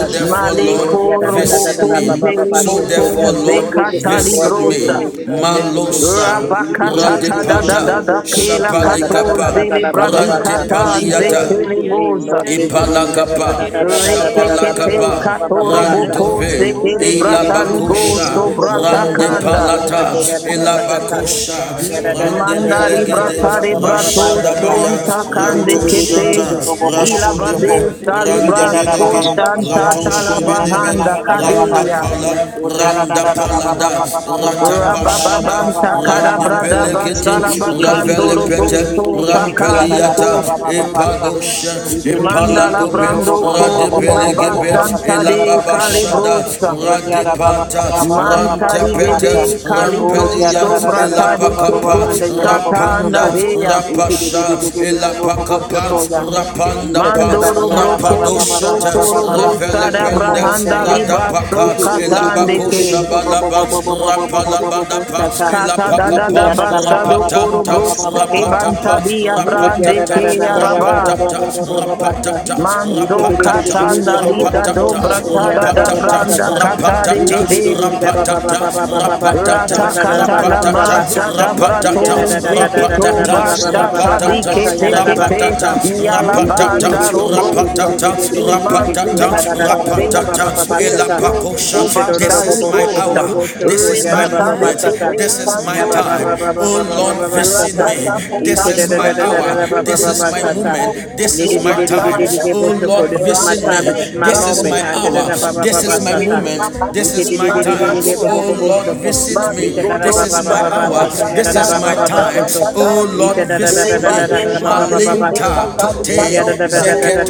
Speaker 1: So
Speaker 5: sha
Speaker 1: therefore, Lord.
Speaker 4: karinde
Speaker 2: maleko
Speaker 5: da
Speaker 4: kere
Speaker 2: robo
Speaker 4: tobo
Speaker 2: tele le
Speaker 1: So
Speaker 4: zikenda
Speaker 2: mokon
Speaker 1: therefore,
Speaker 4: likatara
Speaker 1: Lord.
Speaker 2: zekata di
Speaker 4: mashande
Speaker 3: Lord,
Speaker 5: ba
Speaker 3: visit
Speaker 2: grosa
Speaker 3: me,
Speaker 5: di
Speaker 4: kereba.
Speaker 3: Lord, visit
Speaker 4: Rakita
Speaker 5: sha
Speaker 1: Malosa
Speaker 5: ki
Speaker 4: lekende
Speaker 5: di
Speaker 2: rabakata
Speaker 1: radita
Speaker 2: ta
Speaker 5: da
Speaker 2: da
Speaker 4: ketele
Speaker 2: da
Speaker 5: sha
Speaker 2: da
Speaker 5: ya
Speaker 4: brondo
Speaker 2: da
Speaker 5: da
Speaker 2: kela
Speaker 5: da da
Speaker 4: kozita
Speaker 1: pali
Speaker 5: na
Speaker 2: kato
Speaker 4: rimande
Speaker 5: pa
Speaker 2: zele
Speaker 5: da ba di
Speaker 3: me.
Speaker 5: da ba
Speaker 4: zalande
Speaker 2: bradikata
Speaker 5: sha
Speaker 2: ze
Speaker 5: ki
Speaker 3: Lord,
Speaker 5: ya
Speaker 4: kerende
Speaker 1: rantaliata
Speaker 5: da
Speaker 2: tele
Speaker 5: ba
Speaker 3: visit
Speaker 4: kia
Speaker 5: ha
Speaker 3: me.
Speaker 5: ba
Speaker 2: moza
Speaker 3: Lord,
Speaker 4: zita
Speaker 3: visit
Speaker 5: ni
Speaker 3: me. Da
Speaker 5: pa
Speaker 3: da
Speaker 4: riamande
Speaker 5: di
Speaker 3: da
Speaker 5: ya
Speaker 3: da
Speaker 1: palakapa
Speaker 5: da
Speaker 3: da
Speaker 5: ba
Speaker 3: da
Speaker 4: kerere
Speaker 3: da
Speaker 5: sha
Speaker 3: da da
Speaker 5: da
Speaker 4: zete
Speaker 5: da
Speaker 3: da da
Speaker 5: da
Speaker 3: da
Speaker 2: Retekete
Speaker 3: da
Speaker 5: da
Speaker 3: da
Speaker 4: keremanda
Speaker 3: da
Speaker 5: na
Speaker 2: kato
Speaker 3: da da
Speaker 5: ko
Speaker 1: ran
Speaker 3: sha.
Speaker 5: ma
Speaker 2: roboko
Speaker 5: pa ya da
Speaker 3: Di
Speaker 5: ba
Speaker 3: di
Speaker 2: sekele
Speaker 3: di
Speaker 4: rakitoran
Speaker 5: sha
Speaker 3: di
Speaker 5: ka
Speaker 3: di
Speaker 1: ilaba
Speaker 4: zeke
Speaker 3: di
Speaker 5: pa
Speaker 2: bratali
Speaker 3: di di
Speaker 5: da da
Speaker 4: bando
Speaker 3: di
Speaker 5: da
Speaker 3: di
Speaker 2: gosto
Speaker 3: di
Speaker 5: da
Speaker 4: koro
Speaker 3: bo bo bo
Speaker 5: ni
Speaker 3: bo
Speaker 4: zita
Speaker 3: bo
Speaker 1: Rande
Speaker 3: bo
Speaker 5: ko
Speaker 3: bo
Speaker 5: di
Speaker 3: bo
Speaker 2: bratakanda
Speaker 4: rianda
Speaker 5: ya
Speaker 3: bo.
Speaker 5: da
Speaker 3: Ha
Speaker 5: ba
Speaker 1: palata,
Speaker 3: ke
Speaker 5: sha
Speaker 3: ga da da
Speaker 5: ya
Speaker 3: da
Speaker 4: karabazinde
Speaker 3: sha sha.
Speaker 1: elabako,
Speaker 4: kerere
Speaker 3: Ga da da da
Speaker 1: rande
Speaker 3: da
Speaker 4: legada
Speaker 3: da da da da
Speaker 2: Mandari
Speaker 3: da
Speaker 1: belege
Speaker 4: shande
Speaker 3: da
Speaker 2: bratare
Speaker 3: da da da da
Speaker 4: kerihanda
Speaker 2: brato
Speaker 3: sha sha.
Speaker 2: son
Speaker 1: shadabaya,
Speaker 3: Di
Speaker 4: rakindo
Speaker 3: di di
Speaker 2: takande
Speaker 3: di di
Speaker 1: rantosh,
Speaker 3: di di
Speaker 4: bonzeke
Speaker 3: di
Speaker 2: kete
Speaker 3: di bo bo bo bo
Speaker 1: rash,
Speaker 4: hitaria
Speaker 3: bo sho ko.
Speaker 2: ilabade
Speaker 4: kombari
Speaker 3: Di
Speaker 1: rande
Speaker 3: da
Speaker 2: salibra
Speaker 3: da
Speaker 4: katariba
Speaker 1: bede
Speaker 3: da da da da da
Speaker 4: shande
Speaker 3: da
Speaker 2: kostan
Speaker 3: da da sho
Speaker 2: tatala
Speaker 3: ko.
Speaker 4: reketerere
Speaker 3: Na na
Speaker 1: bede
Speaker 3: na na
Speaker 1: bede,
Speaker 4: zeke
Speaker 3: na
Speaker 2: bahanda
Speaker 3: na na ba ba
Speaker 1: randa,
Speaker 3: ba
Speaker 4: bondarian
Speaker 2: kadeya
Speaker 3: sho.
Speaker 4: zaria
Speaker 3: O dia da da
Speaker 1: randa
Speaker 4: karinde
Speaker 3: da da da ba ba
Speaker 4: kebo
Speaker 3: ba
Speaker 1: palada,
Speaker 3: ba ba ba ba sha sha da da
Speaker 4: Rikatande
Speaker 3: da ba ba
Speaker 2: rabababanta
Speaker 3: ba ba ba
Speaker 4: kereranzo
Speaker 1: rande
Speaker 3: ba sho
Speaker 2: karabrada
Speaker 3: ko.
Speaker 4: kobuti
Speaker 2: basala
Speaker 3: Di di
Speaker 4: kendere
Speaker 3: di di di di di
Speaker 1: ravele
Speaker 2: bakandoro
Speaker 4: anzeri
Speaker 3: di di di
Speaker 1: pete,
Speaker 3: di di
Speaker 4: amande
Speaker 2: gosto
Speaker 3: di ki ki ya
Speaker 4: kerati
Speaker 3: da da da
Speaker 1: rampeliata,
Speaker 2: takabite
Speaker 4: banza
Speaker 3: ba ba ba ba ba sha.
Speaker 4: yakatere
Speaker 1: padosh,
Speaker 3: Oh,
Speaker 4: bashande
Speaker 1: epalat,
Speaker 4: riketo
Speaker 2: mandala brando
Speaker 4: bunziri
Speaker 2: ko
Speaker 1: rade
Speaker 4: anda
Speaker 1: belege
Speaker 4: ora
Speaker 2: rabasanta de
Speaker 1: lababa,
Speaker 4: tarika tande
Speaker 2: kalibrosta
Speaker 4: kerere
Speaker 1: rade
Speaker 4: nzekere
Speaker 1: pat,
Speaker 4: bashanda
Speaker 2: mantari
Speaker 4: riakando
Speaker 2: bebe
Speaker 4: posuta
Speaker 1: rampelia,
Speaker 4: ribando
Speaker 2: kalibrosto bratade
Speaker 4: koziketere
Speaker 2: ketos
Speaker 4: kinda
Speaker 1: rapasha,
Speaker 4: rianda
Speaker 2: katanda
Speaker 4: O Spirit of Living God, we worship you today.
Speaker 1: randa
Speaker 4: Kanda
Speaker 1: pat,
Speaker 2: Mandoro
Speaker 4: bashate
Speaker 2: brokori
Speaker 4: kele kindere
Speaker 2: brokoro
Speaker 4: bunziki
Speaker 2: broskada brahanda
Speaker 4: ya
Speaker 2: libra so
Speaker 1: kat,
Speaker 4: you are welcome in this
Speaker 2: katandeke.
Speaker 4: place,
Speaker 1: elabalabat,
Speaker 4: Holy
Speaker 1: rap,
Speaker 4: Spirit.
Speaker 1: Rabadapa,
Speaker 4: Rikarabando
Speaker 1: Elapa,
Speaker 2: Kata da da da
Speaker 4: kuzuta ribande
Speaker 2: basado koro
Speaker 4: kehitere
Speaker 2: bros
Speaker 4: kendereba
Speaker 2: ebanta
Speaker 5: sha
Speaker 2: dia brande ke
Speaker 4: rakita mande
Speaker 2: araba.
Speaker 4: kerebumziki
Speaker 5: da
Speaker 4: ya
Speaker 5: da da da.
Speaker 4: zita
Speaker 2: Manzo
Speaker 4: rianda
Speaker 1: Rapata,
Speaker 5: Russia,
Speaker 2: katanda liga
Speaker 5: Cuba,
Speaker 4: rataka
Speaker 5: da
Speaker 2: dobra
Speaker 5: da da
Speaker 4: bashande
Speaker 2: tada
Speaker 5: da.
Speaker 2: da
Speaker 5: Russia,
Speaker 4: karia
Speaker 2: branda
Speaker 5: Cuba,
Speaker 4: zonde
Speaker 5: da
Speaker 2: katare
Speaker 5: da
Speaker 1: patata,
Speaker 4: rebumziri
Speaker 2: de
Speaker 5: Russia.
Speaker 4: ya
Speaker 1: pata,
Speaker 5: Mekong,
Speaker 4: katarianda
Speaker 5: da
Speaker 1: rapa,
Speaker 5: da da da.
Speaker 4: kabazikenda
Speaker 5: Bahati, da
Speaker 2: Ratakata
Speaker 5: da
Speaker 4: riando
Speaker 5: Russia,
Speaker 2: lamata
Speaker 5: da
Speaker 4: kuzota
Speaker 5: da da da.
Speaker 4: mande
Speaker 1: rapatata,
Speaker 2: dabrato
Speaker 4: karaba
Speaker 5: Mekong, da
Speaker 2: zeketo
Speaker 5: Bahati,
Speaker 4: winzari ya
Speaker 2: bashata
Speaker 1: rapata,
Speaker 5: da Russia,
Speaker 2: dikete
Speaker 5: da
Speaker 4: kubashande
Speaker 1: rapa,
Speaker 2: kete
Speaker 5: da
Speaker 3: Basta
Speaker 4: bashande
Speaker 5: da da.
Speaker 1: rap,
Speaker 3: this is my
Speaker 4: Rekete
Speaker 2: yalabanda
Speaker 5: Mekong,
Speaker 4: bonde
Speaker 2: robrosa
Speaker 4: ki
Speaker 5: da da.
Speaker 4: ala kinde ki
Speaker 1: rapatata,
Speaker 5: Mipa,
Speaker 4: dova
Speaker 2: imazikanta
Speaker 5: da
Speaker 1: rap,
Speaker 5: da
Speaker 4: sere
Speaker 2: de
Speaker 4: bando
Speaker 5: Bakapa,
Speaker 4: kuba
Speaker 5: da
Speaker 1: elapasha.
Speaker 5: da.
Speaker 2: celebros
Speaker 4: kire
Speaker 1: This
Speaker 5: Mishan, da da da
Speaker 4: kitande
Speaker 5: Russia,
Speaker 4: ki
Speaker 2: kobastaligosa
Speaker 4: zonde.
Speaker 5: da da Russia,
Speaker 2: rebata de
Speaker 4: Ritari
Speaker 5: Kapa.
Speaker 2: kete
Speaker 1: is my
Speaker 4: katambari
Speaker 1: time.
Speaker 2: santorimo
Speaker 4: zonde
Speaker 1: Oh Lord,
Speaker 4: kerianda.
Speaker 5: Kimo,
Speaker 2: ratata
Speaker 5: Hayaba, da
Speaker 4: Renze
Speaker 2: pata
Speaker 4: ke
Speaker 5: Russia,
Speaker 4: bande
Speaker 2: robros
Speaker 4: ke
Speaker 2: kete
Speaker 5: on the
Speaker 4: rizatande ke
Speaker 2: santorimo
Speaker 5: body
Speaker 4: bo
Speaker 5: of a
Speaker 2: kete
Speaker 1: this is my
Speaker 5: shark,
Speaker 4: zonda
Speaker 1: time.
Speaker 2: batada
Speaker 4: rikada
Speaker 1: Oh Lord,
Speaker 5: Nicoshi Adia of
Speaker 3: time.
Speaker 5: a
Speaker 2: ramata
Speaker 3: This
Speaker 4: bashande
Speaker 3: is
Speaker 5: shark
Speaker 3: my
Speaker 1: this
Speaker 2: rato
Speaker 1: is
Speaker 4: kerebo.
Speaker 1: my
Speaker 5: upon
Speaker 4: Oh
Speaker 1: hour,
Speaker 4: Lord, this is
Speaker 5: Mako
Speaker 1: my
Speaker 4: my
Speaker 2: kete
Speaker 3: moment.
Speaker 5: Maba
Speaker 1: moment.
Speaker 5: of
Speaker 4: time, my
Speaker 2: rabata
Speaker 3: Ita
Speaker 5: a
Speaker 1: This is my
Speaker 4: moment,
Speaker 5: box,
Speaker 1: time.
Speaker 4: my
Speaker 5: the shark
Speaker 2: ikanta
Speaker 4: hour.
Speaker 1: Oh
Speaker 5: upon
Speaker 3: Baba.
Speaker 5: the
Speaker 4: Bless
Speaker 1: Lord,
Speaker 4: me, oh
Speaker 5: body of
Speaker 4: Lord.
Speaker 5: a
Speaker 4: Visit
Speaker 2: Marigodo
Speaker 5: box,
Speaker 4: me, oh
Speaker 2: Sara
Speaker 4: Lord.
Speaker 5: Nicoshi
Speaker 2: Brata
Speaker 5: Adia.
Speaker 2: Sara
Speaker 4: Rinde
Speaker 2: Brata
Speaker 5: A
Speaker 4: kere
Speaker 5: party
Speaker 2: Brata
Speaker 5: at
Speaker 1: oh
Speaker 5: a
Speaker 4: bonzi
Speaker 5: bada
Speaker 4: ki
Speaker 1: Lord,
Speaker 5: box,
Speaker 1: this
Speaker 4: anda
Speaker 2: Leba
Speaker 5: Nico
Speaker 4: karedo
Speaker 2: Bin
Speaker 5: Shabbat
Speaker 4: sonde
Speaker 2: Sadi
Speaker 5: the
Speaker 4: ke
Speaker 5: Vaka
Speaker 2: Viveka
Speaker 4: bande.
Speaker 2: Sadi
Speaker 5: party at the
Speaker 1: day,
Speaker 5: bottom.
Speaker 2: Sadosa
Speaker 4: Oh,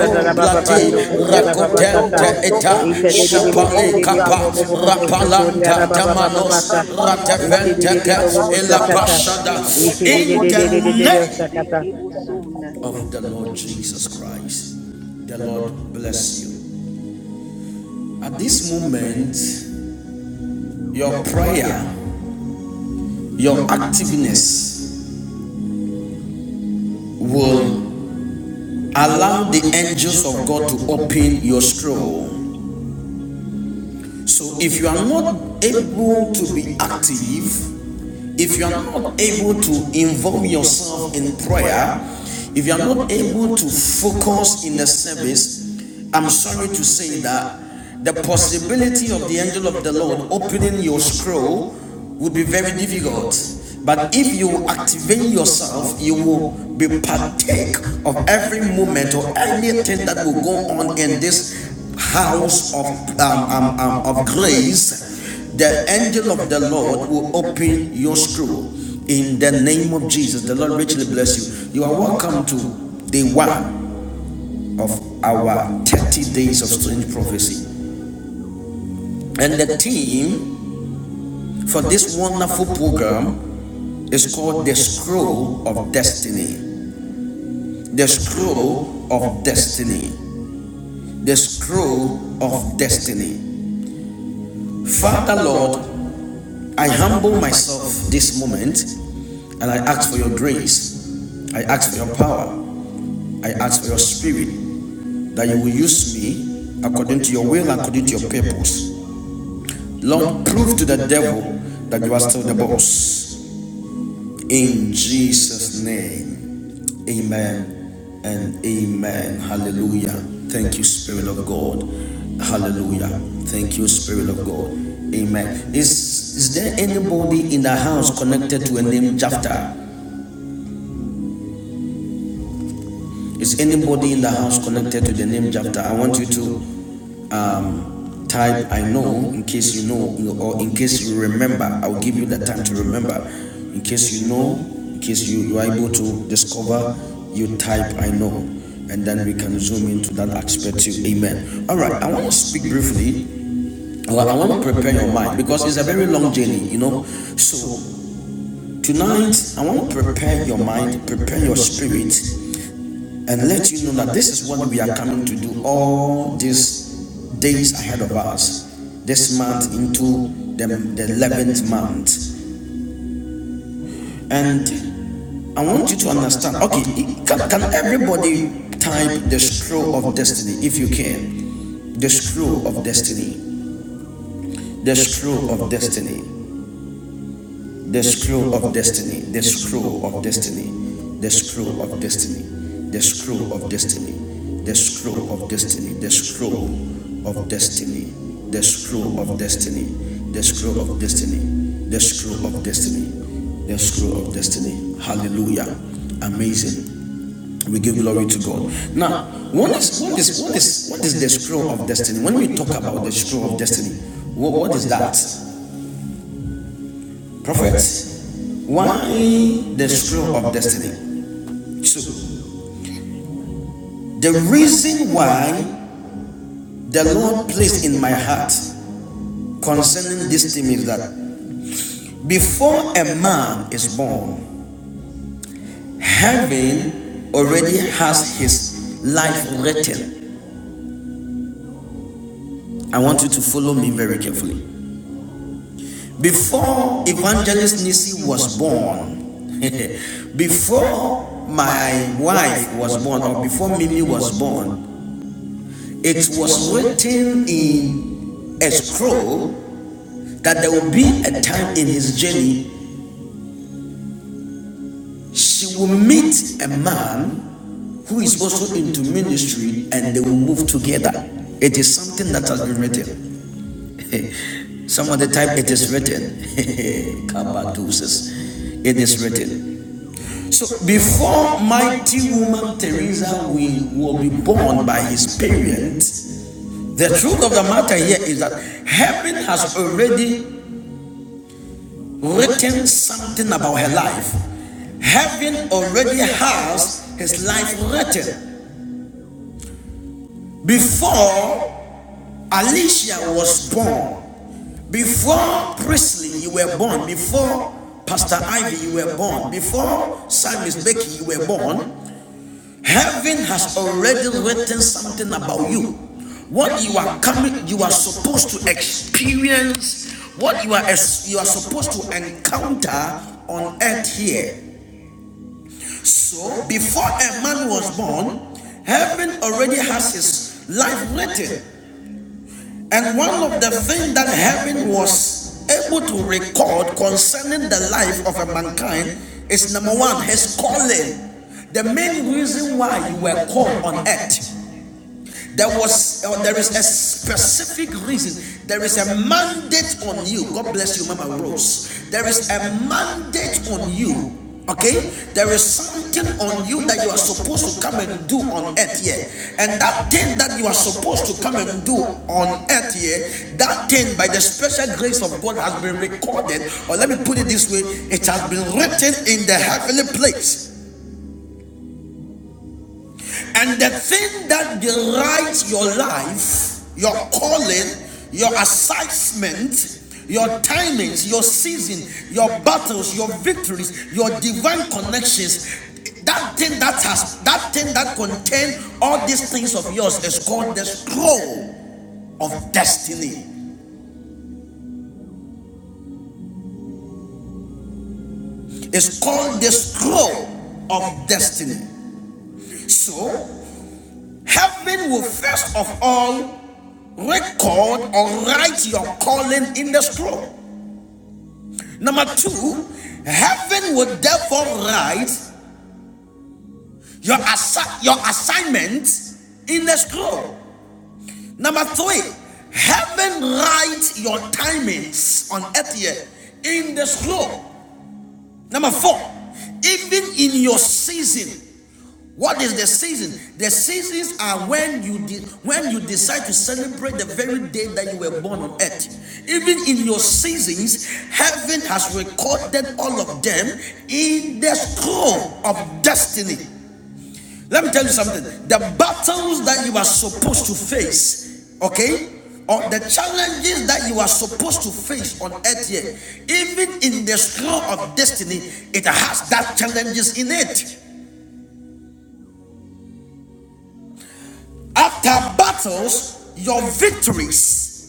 Speaker 1: day,
Speaker 2: Teri
Speaker 4: yashikaramanda
Speaker 2: Vivek
Speaker 1: rako,
Speaker 2: Keto
Speaker 4: yarabasinde
Speaker 2: Grosso Bos
Speaker 1: shap,
Speaker 2: Ketere
Speaker 4: vekarondo
Speaker 2: Bosa
Speaker 4: kozita barinda
Speaker 1: rapalanta,
Speaker 4: kayase
Speaker 1: tama,
Speaker 4: taribando
Speaker 2: Brata Brata
Speaker 4: koroponte.
Speaker 1: rateventeke,
Speaker 4: Oh,
Speaker 2: Brata
Speaker 4: the
Speaker 2: Brata
Speaker 4: God of
Speaker 2: Brata.
Speaker 1: pasha.
Speaker 4: suddenly
Speaker 1: In
Speaker 4: rakarabanze kebusona.
Speaker 1: of
Speaker 4: Thank
Speaker 1: the
Speaker 4: you,
Speaker 1: Lord Jesus
Speaker 4: Jesus.
Speaker 1: Christ. The Lord bless you. At this moment, your prayer, your activeness will allow the angels of God to open your scroll. So if you are not able to be active, if you are not able to involve yourself in prayer, if you are not able to focus in the service, I'm sorry to say that the possibility of the angel of the Lord opening your scroll would be very difficult. But if you activate yourself, you will be partake of every moment or anything that will go on in this house of um, um, um, of grace the angel of the Lord will open your scroll in the name of Jesus. The Lord richly bless you. You are welcome to day one of our 30 days of strange prophecy. And the theme for this wonderful program is called the scroll of destiny. The scroll of destiny. The scroll of destiny. Father Lord, I humble myself this moment and I ask for your grace. I ask for your power. I ask for your spirit that you will use me according to your will and according to your purpose. Lord, prove to the devil that you are still the boss. In Jesus' name, amen and amen. Hallelujah. Thank you, Spirit of God. Hallelujah. Thank you, Spirit of God. Amen. Is, is there anybody in the house connected to a name Jafta? Is anybody in the house connected to the name Jafta? I want you to um, Type I know in case you know or in case you remember. I'll give you the time to remember. In case you know, in case you, you are able to discover, you type I know. And then we can zoom into that aspect too. Amen. All right, I want to speak briefly. Well, I want to prepare your mind because it's a very long journey, you know. So tonight, I want to prepare your mind, prepare your spirit and let you know that this is what we are coming to do all these days ahead of us this month into the, the 11th month and i want you to understand okay can, can everybody type the scroll of destiny if you can the scroll of destiny the scroll of destiny The screw of destiny, the screw of destiny, the screw of destiny, the screw of destiny, the screw of destiny, the screw of destiny, the screw of destiny, the screw of destiny, the screw of destiny, the screw of destiny. Hallelujah. Amazing. We give glory to God. Now, what is what is what is what is the screw of destiny? When we talk about the screw of destiny, what, what is that? Prophet? Why the scroll of destiny? Two, the reason why the Lord placed in my heart concerning this theme is that before a man is born, heaven already has his life written. I want you to follow me very carefully. Before Evangelist Nisi was born, [laughs] before my wife was born, or before Mimi was born, It was written in a scroll that there will be a time in his journey she will meet a man who is also into ministry and they will move together. It is something that has been written. Some of the time it is written. [laughs] Kabadoses. it is written. So before mighty woman Teresa will, will be born by his parents, the truth of the matter here is that heaven has already written something about her life. Heaven already has his life written. Before Alicia was born, before Presley, you were born, before Pastor Ivy, you were born, before Samuel Becky, you were born, heaven has already written something about you what you are coming you are supposed to experience what you are you are supposed to encounter on earth here So, before a man was born, heaven already has his life written. And one of the things that heaven was able to record concerning the life of a mankind is number one, his calling. The main reason why you were called on earth there was, uh, there is a specific reason. There is a mandate on you. God bless you, Mama Rose. There is a mandate on you. Okay, there is something on you that you are supposed to come and do on earth here, and that thing that you are supposed to come and do on earth here, that thing by the special grace of God has been recorded, or let me put it this way, it has been written in the heavenly place. And the thing that derides your life, your calling, your assignment, your timings, your season, your battles, your victories, your divine connections, that thing that has that thing that contains all these things of yours is called the scroll of destiny. It's called the scroll of destiny. So heaven will first of all record or write your calling in the scroll. Number two, heaven will therefore write your, assi- your assignment in the scroll. Number three, heaven writes your timings on earth here in the scroll. Number four, even in your season, what is the season? The seasons are when you de- when you decide to celebrate the very day that you were born on earth. Even in your seasons, heaven has recorded all of them in the scroll of destiny. Let me tell you something. The battles that you are supposed to face, okay, or the challenges that you are supposed to face on earth here, even in the scroll of destiny, it has that challenges in it. After battles, your victories.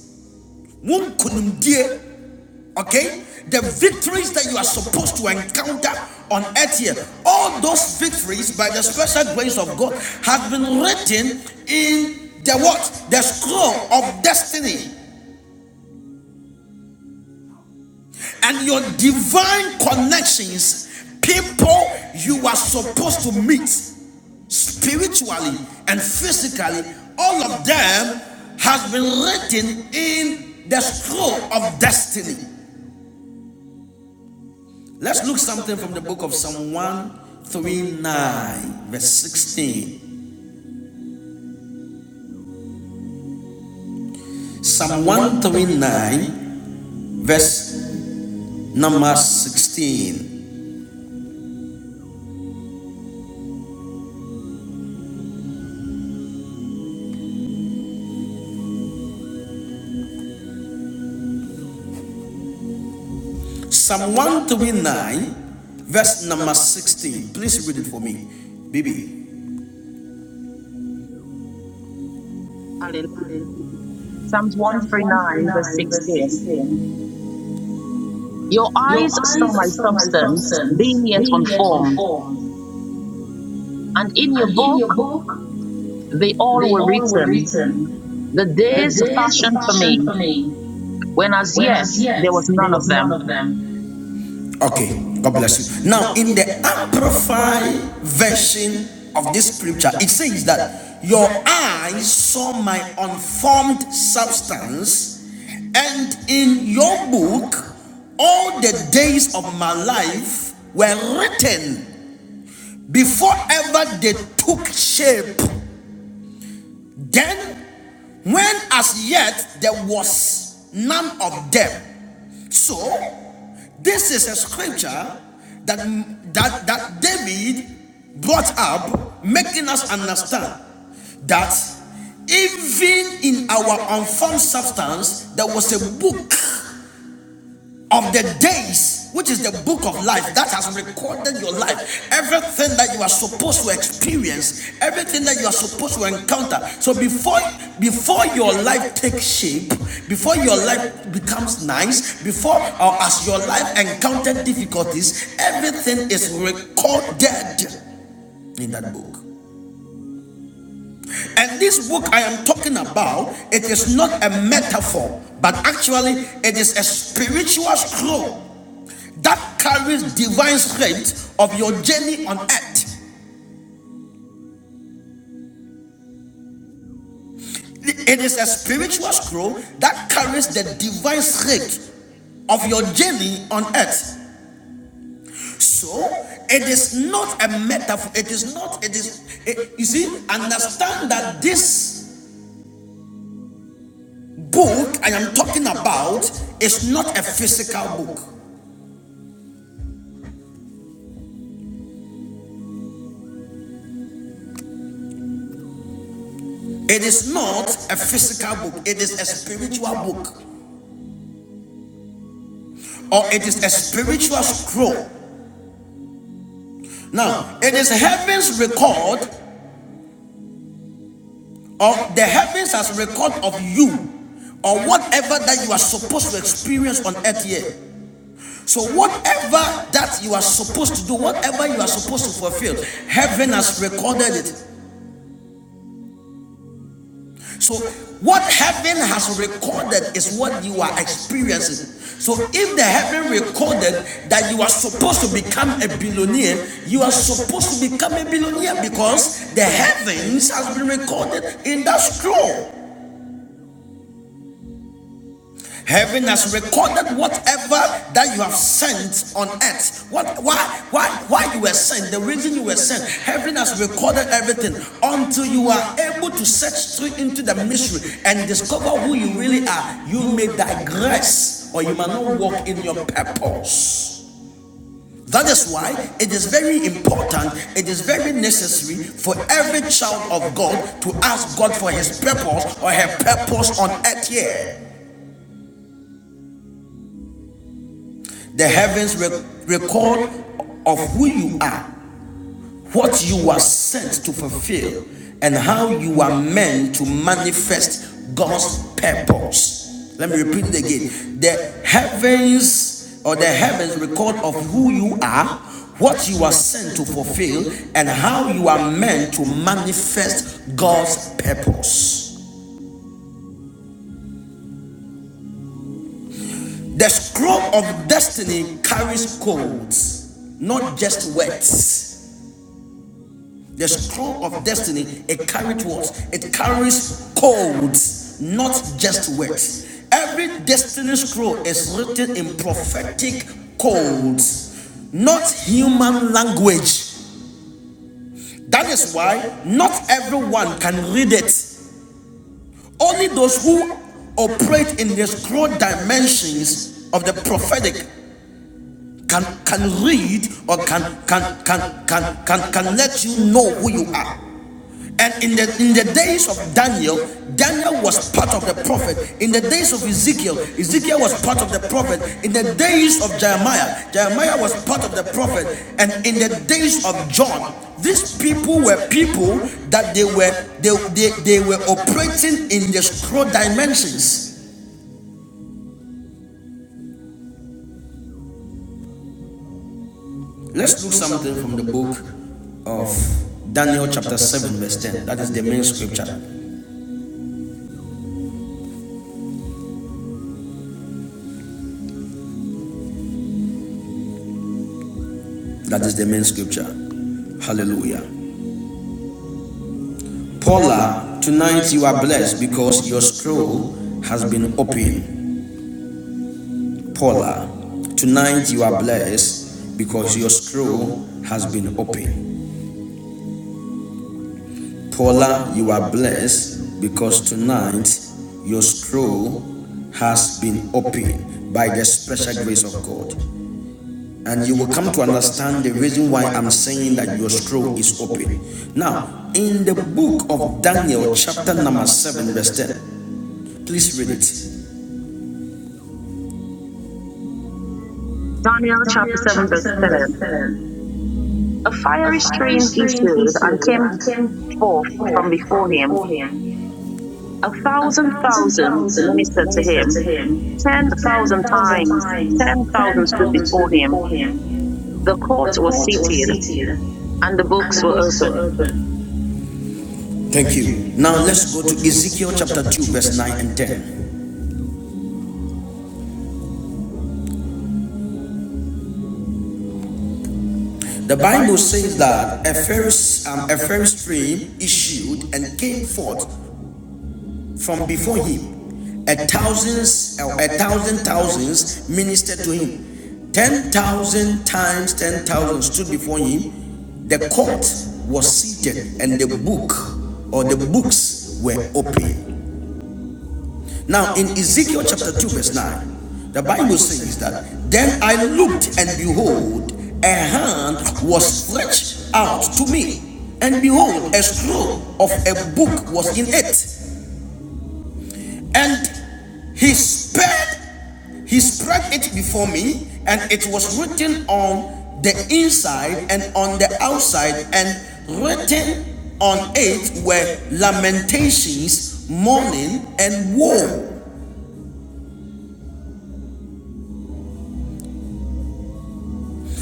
Speaker 1: Wonkunimdie Okay? The victories that you are supposed to encounter on earth here, all those victories by the special grace of God has been written in the what? The scroll of destiny. And your divine connections, people you are supposed to meet spiritually and physically, all of them has been written in the scroll of destiny. Let's look something from the book of Psalm 139, verse 16. Psalm 139, verse number 16. Psalm 139, verse number 16. Please read it for me, Bibi. Hallelujah.
Speaker 2: Psalms 139, verse 16.
Speaker 1: 16.
Speaker 2: Your
Speaker 1: Your
Speaker 2: eyes saw my
Speaker 1: eyes saw
Speaker 2: substance,
Speaker 1: substance
Speaker 2: being yet
Speaker 1: being yet,
Speaker 2: unformed, and in your
Speaker 1: and in
Speaker 2: book
Speaker 1: your book
Speaker 2: they all
Speaker 1: they
Speaker 2: were written,
Speaker 1: written,
Speaker 2: the days
Speaker 1: this
Speaker 2: fashioned
Speaker 1: far
Speaker 2: for me,
Speaker 1: from me,
Speaker 2: when as
Speaker 1: when
Speaker 2: yet
Speaker 1: as yet
Speaker 2: there was
Speaker 1: they were
Speaker 2: none of them.
Speaker 1: them. Okay, God bless you. Now, in the amplified version of this scripture, it says that your eyes saw my unformed substance, and in your book, all the days of my life were written before ever they took shape. Then when as yet there was none of them. So, this is a scripture that, that, that David brought up, making us understand that even in our unformed substance, there was a book of the days, which is the book of life that has recorded your life, everything that you are supposed to experience, everything that you are supposed to encounter. So before before your life takes shape, before your life becomes nice, before or as your life encountered difficulties, everything is recorded in that book. And this book I am talking about, it is not a metaphor, but actually it is a spiritual scroll that carries divine strength of your journey on earth. It is a spiritual scroll that carries the divine strength of your journey on earth. So it is not a metaphor. It is not. It is. It, you see, understand that this book I am talking about is not a physical book. It is not a physical book. It is a spiritual book, or it is a spiritual scroll. Now, it is heaven's record or the heavens has record of you or whatever that you are supposed to experience on earth here so whatever that you are supposed to do whatever you are supposed to fulfill heaven has recorded it so what heaven has recorded is what you are experiencing so if the heaven recorded that you are supposed to become a billionaire you are supposed to become a billionaire because the heavens has been recorded in that scroll Heaven has recorded whatever that you have sent on earth. What why why why you were sent, the reason you were sent. Heaven has recorded everything until you are able to search through into the mystery and discover who you really are. You may digress or you may not walk in your purpose. That is why it is very important, it is very necessary for every child of God to ask God for his purpose or her purpose on earth here. The heavens re- record of who you are, what you are sent to fulfill, and how you are meant to manifest God's purpose. Let me repeat it again. The heavens or the heavens record of who you are, what you are sent to fulfill, and how you are meant to manifest God's purpose. The scroll of destiny carries codes, not just words. The scroll of destiny, it carries what? It carries codes, not just words. Every destiny scroll is written in prophetic codes, not human language. That is why not everyone can read it. Only those who operate in the scroll dimensions of the prophetic can can read or can can can can can can let you know who you are. And in the in the days of Daniel, Daniel was part of the prophet. In the days of Ezekiel, Ezekiel was part of the prophet. In the days of Jeremiah, Jeremiah was part of the prophet. And in the days of John, these people were people that they were they, they, they were operating in the scroll dimensions. Let's do something from the book of Daniel chapter 7 verse 10. That is the main scripture. That is the main scripture. Hallelujah. Paula, tonight you are blessed because your scroll has been opened. Paula, tonight you are blessed because your scroll has been opened. Paula, you are blessed because tonight your scroll has been opened by the special grace of God. And you will come to understand the reason why I'm saying that your scroll is open. Now, in the book of Daniel, chapter number 7, verse 10, please read it.
Speaker 2: Daniel chapter 7, verse 10. A
Speaker 1: A
Speaker 2: fiery
Speaker 1: fiery
Speaker 2: stream
Speaker 1: stream
Speaker 2: issued
Speaker 1: is
Speaker 2: and came forth
Speaker 1: born
Speaker 2: from before him. A
Speaker 1: a
Speaker 2: thousand
Speaker 1: thousand
Speaker 2: thousands ministered
Speaker 1: thousands
Speaker 2: to him. Ten
Speaker 1: within, ten
Speaker 2: thousand times, ten
Speaker 1: thousands, ten
Speaker 2: thousand stood
Speaker 1: thousands
Speaker 2: before him.
Speaker 1: with him,
Speaker 2: The court
Speaker 1: the
Speaker 2: was seated
Speaker 1: courtier,
Speaker 2: and the
Speaker 1: and the
Speaker 2: books were
Speaker 1: books were
Speaker 2: opened.
Speaker 1: open. Thank you. Now let's go to Ezekiel chapter 2, verse 9 and 10. The Bible says that a fierce, um, a fierce stream issued and came forth from before him. A thousands, a thousand thousands ministered to him. Ten thousand times ten thousand stood before him. The court was seated, and the book or the books were open. Now, in Ezekiel chapter 2, verse 9, the Bible says that then I looked, and behold, a hand was stretched out to me, and behold, a scroll of a book was in it, and he spread, he spread it before me, and it was written on the inside and on the outside, and written on it were lamentations, mourning, and woe.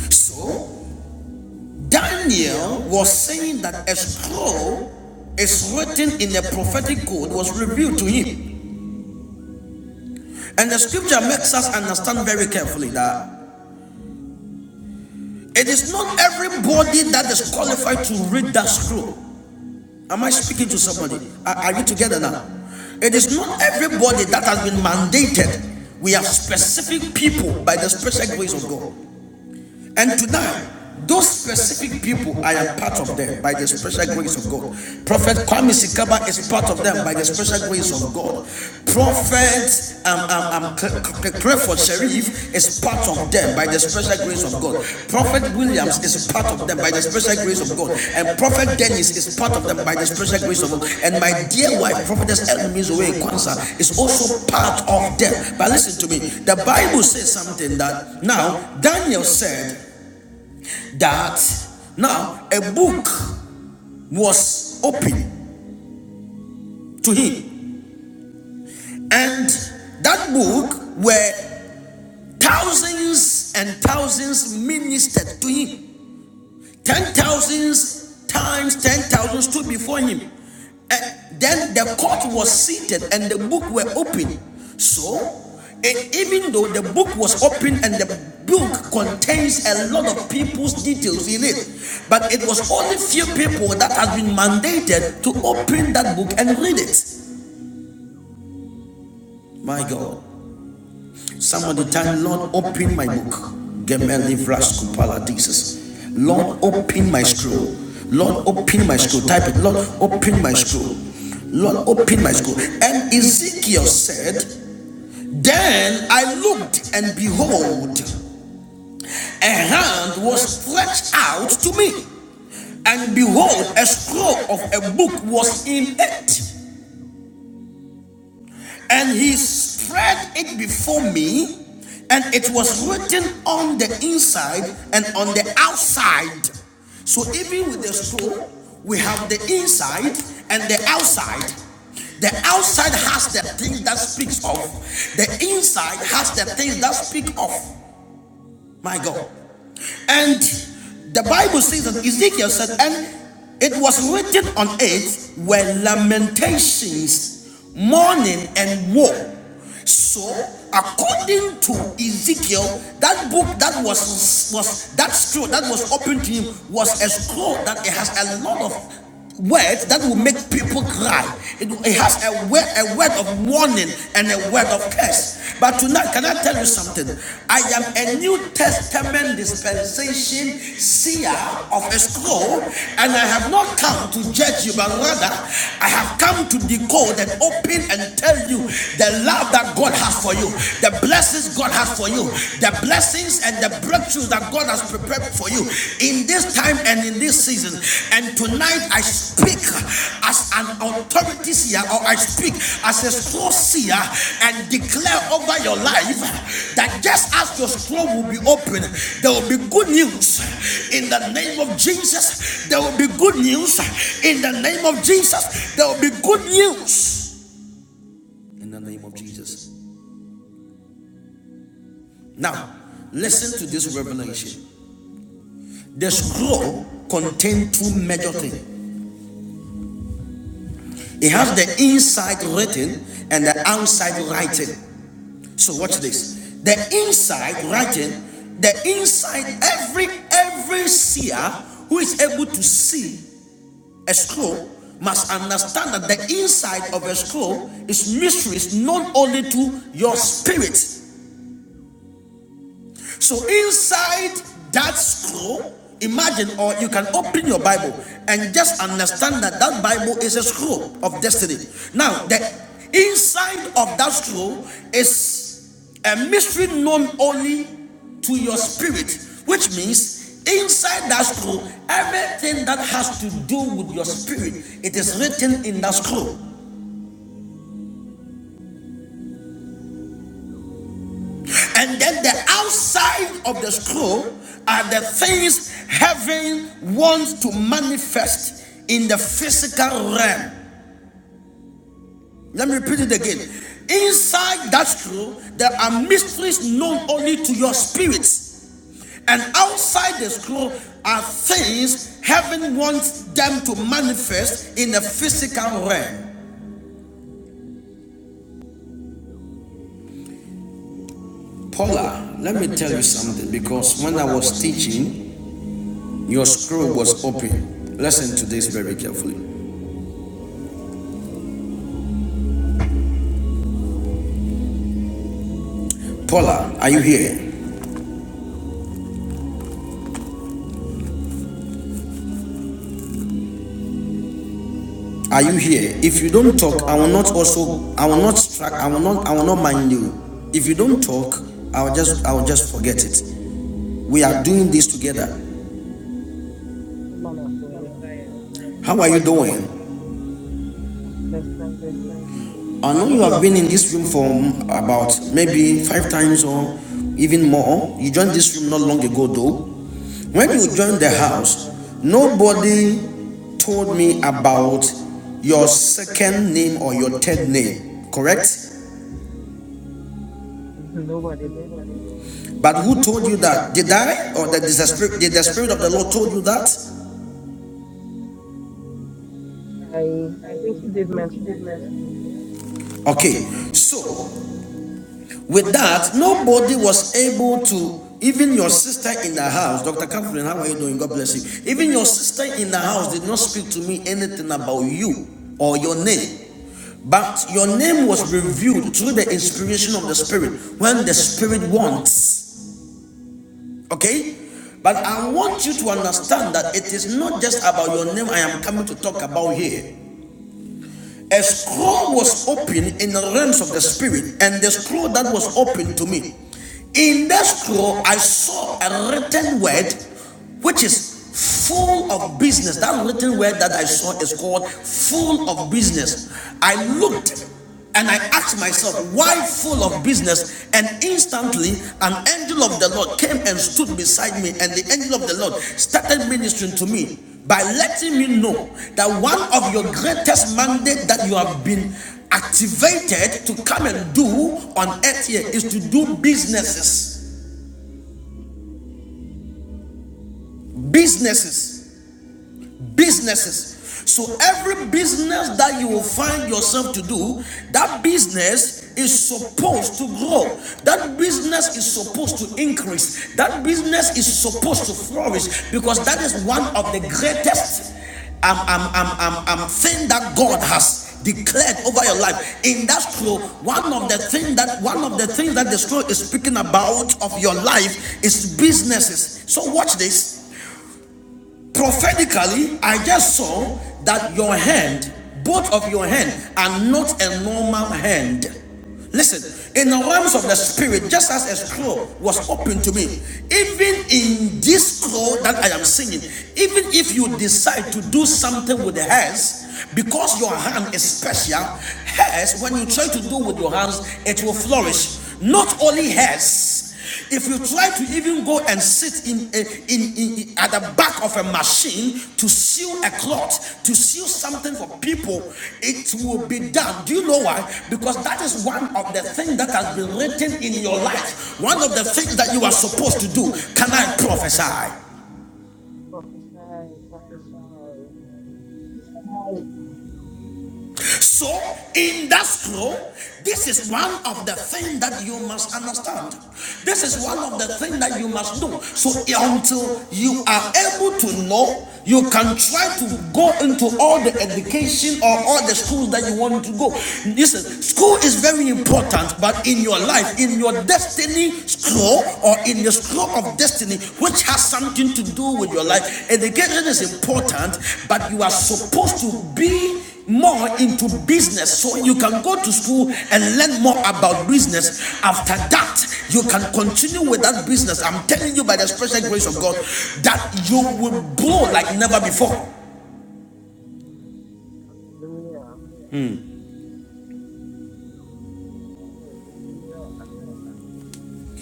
Speaker 1: So Daniel was saying that a scroll is written in a prophetic code was revealed to him. And the scripture makes us understand very carefully that it is not everybody that is qualified to read that scroll. Am I speaking to somebody? Are, are you together now? It is not everybody that has been mandated. We are specific people by the special grace of God. And tonight, those specific people, I am part of them by the special grace of God. Prophet Kwame Sikaba is part of them by the special grace of God. Prophet um, um, um, Cl- Cl- Clifford Sharif is part of them by the special grace of God. Prophet Williams is part of them by the special grace of God. And Prophet Dennis is part of them by the special grace of God. And my dear wife, Prophetess Enemies Away Kwanzaa, is also part of them. But listen to me, the Bible says something that now Daniel said that now a book was opened to him, and that book were thousands and thousands ministered to him. ten thousands times ten thousand stood before him. And then the court was seated and the book were opened. So, and even though the book was open and the book contains a lot of people's details in it, but it was only few people that had been mandated to open that book and read it. My God. Some of the time, Lord, open my book. Gemelli Vras Kupala Jesus. Lord, open my scroll. Lord, open my scroll. Type it. Lord, open my scroll. Lord, open my scroll. And Ezekiel said, Then I looked, and behold, a hand was stretched out to me. And behold, a scroll of a book was in it And he spread it before me, and it was written on the inside and on the outside. So even with the scroll, we have the inside and the outside. The outside has the thing that speaks of, the inside has the thing that speaks of. My God. And the Bible says that Ezekiel said, and it was written on it were lamentations, mourning, and woe. So, according to Ezekiel, that book that was was that scroll that was opened to him was a scroll that it has a lot of word that will make people cry. It, it has a word, a word of warning and a word of curse. But tonight, can I tell you something? I am a New Testament dispensation seer of a scroll, and I have not come to judge you, but rather I have come to decode and open and tell you the love that God has for you, the blessings God has for you, the blessings things and the breakthroughs that God has prepared for you in this time and in this season. And tonight I speak as an authority seer or I speak as a scroll seer and declare over your life that just as your scroll will be open, there will be good news in the name of Jesus. There will be good news in the name of Jesus. There will be good news in the name of Jesus. Now, listen to this revelation. The scroll contains two major things. It has the inside written and the outside writing. So watch this. The inside writing, the inside every every seer who is able to see a scroll must understand that the inside of a scroll is mysteries known only to your spirit So inside that scroll, imagine, or you can open your Bible and just understand that that Bible is a scroll of destiny. Now, the inside of that scroll is a mystery known only to your spirit, which means inside that scroll, everything that has to do with your spirit, it is written in that scroll. And then the outside of the scroll are the things heaven wants to manifest in the physical realm. Let me repeat it again. Inside that scroll, there are mysteries known only to your spirits. And outside the scroll are things heaven wants them to manifest in the physical realm. Paula, let me tell you something because when I was teaching, your scroll was open. Listen to this very carefully. Paula, are you here? Are you here? If you don't
Speaker 6: Yes,
Speaker 1: talk,
Speaker 6: man
Speaker 1: I will
Speaker 6: of
Speaker 1: not also I will not track I will not I will not mind you. If you don't talk, I'll just I'll just forget it. We are doing this
Speaker 6: God.
Speaker 1: together.
Speaker 6: Yeah, man of God. Yes, I am.
Speaker 1: How are you doing?
Speaker 6: I'm blessed. Thank you.
Speaker 1: I know you have been in this room for mm, about maybe five times or even more. You joined this room not long ago though. When you joined
Speaker 6: Yes,
Speaker 1: the
Speaker 6: I did.
Speaker 1: house, nobody told me about your second name or your third name, correct?
Speaker 6: Mhm. Nobody did.
Speaker 1: But who told you that? Did I? Or that the spirit, did the Spirit of the Lord told you that?
Speaker 6: I I think you did mention it. Yes.
Speaker 1: Okay. So, with that, nobody was able to, even your sister in the house, Dr. Catherine, how are you doing? God bless you. Even your sister in the house did not speak to me anything about you or your name. But your name was revealed through the inspiration of the Spirit when the Spirit wants. Okay? But I want you to understand that it is not just about your name I am coming to talk about here. A scroll was opened in the realms of the spirit, and the scroll that was opened to me. In that scroll, I saw a written word which is full of business. That written word that I saw is called full of business. I looked and I asked myself, why full of business? And instantly, an angel of the Lord came and stood beside me, and the angel of the Lord started ministering to me by letting me know that one of your greatest mandate that you have been activated to come and do on earth here is to do businesses.
Speaker 6: Amen.
Speaker 1: Businesses. businesses. So every business that you will find yourself to do, that business is supposed to grow. That business is supposed to increase. That business is supposed to flourish because that is one of the greatest um, um, um, um, um, thing that God has declared over your life. In that scroll, one of the things that one of the things that the scroll is speaking about of your life is businesses. So watch this prophetically i just saw that your hand both of your hand are not a normal hand listen in the realms of the spirit just as a scroll was open to me even in this scroll that i am singing even if you decide to do something with the hands because your hand is special hairs when you try to do with your hands it will flourish not only hairs if you
Speaker 6: Amen.
Speaker 1: try to even go and sit in, a, in, in- in- at the back of a machine to sew a cloth, to sew something for people, it will be done. Do you know why? Because that is one of the things that has been written in your life. One of the things that you are supposed to do. Can I prophesy?
Speaker 6: Prophesy. Prophesy.
Speaker 1: So, in that scroll, this is one of the things that you must understand. This is one of the things that you must do. So, until you are able to know, you can try to go into all the education or all the schools that you want to go. Listen, school is very important, but in your life, in your destiny, school flow or in your flow of destiny, which has something to do with your life. Education is important, but you are supposed to be more into business so you can go to school and learn more about business after that you can continue with that business i'm telling you by the special grace of god that you will blow like never before
Speaker 6: Hallelujah. Hallelujah.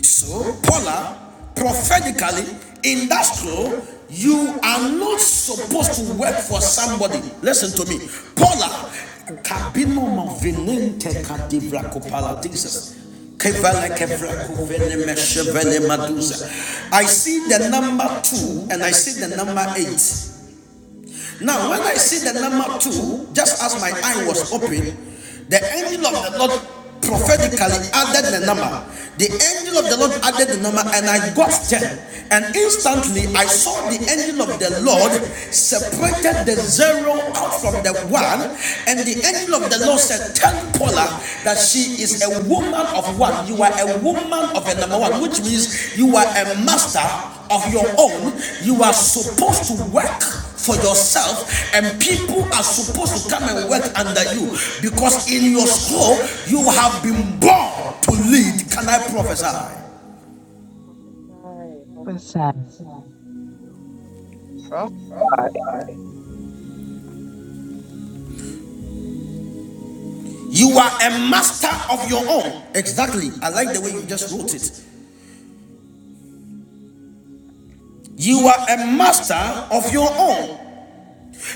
Speaker 1: So, Paula, prophetically, in that scroll, you are not supposed to work for somebody. Listen to me. Paula, kabino mavilente kadivra kopala Jesus. I see the number two and I see the number eight. Now, when I see the number two, just as my eye was open, the angel of the Lord prophetically added the number. The angel of the Lord added the number, and I got ten. And instantly, I saw the angel of the Lord separated the zero out from the one, and the angel of the Lord said, "Tell Paula that she is a woman of one. You are a woman of a number one, which means you are a master of your own. You are supposed to work for yourself, and people are supposed to come and work under you because in your soul you have been born to lead. Can I prophesy?
Speaker 6: Prophesy.
Speaker 7: What's that?
Speaker 6: Prophesy.
Speaker 2: Right.
Speaker 1: You are a master of your own. Exactly. I like the way you just wrote it. You are a master of your own.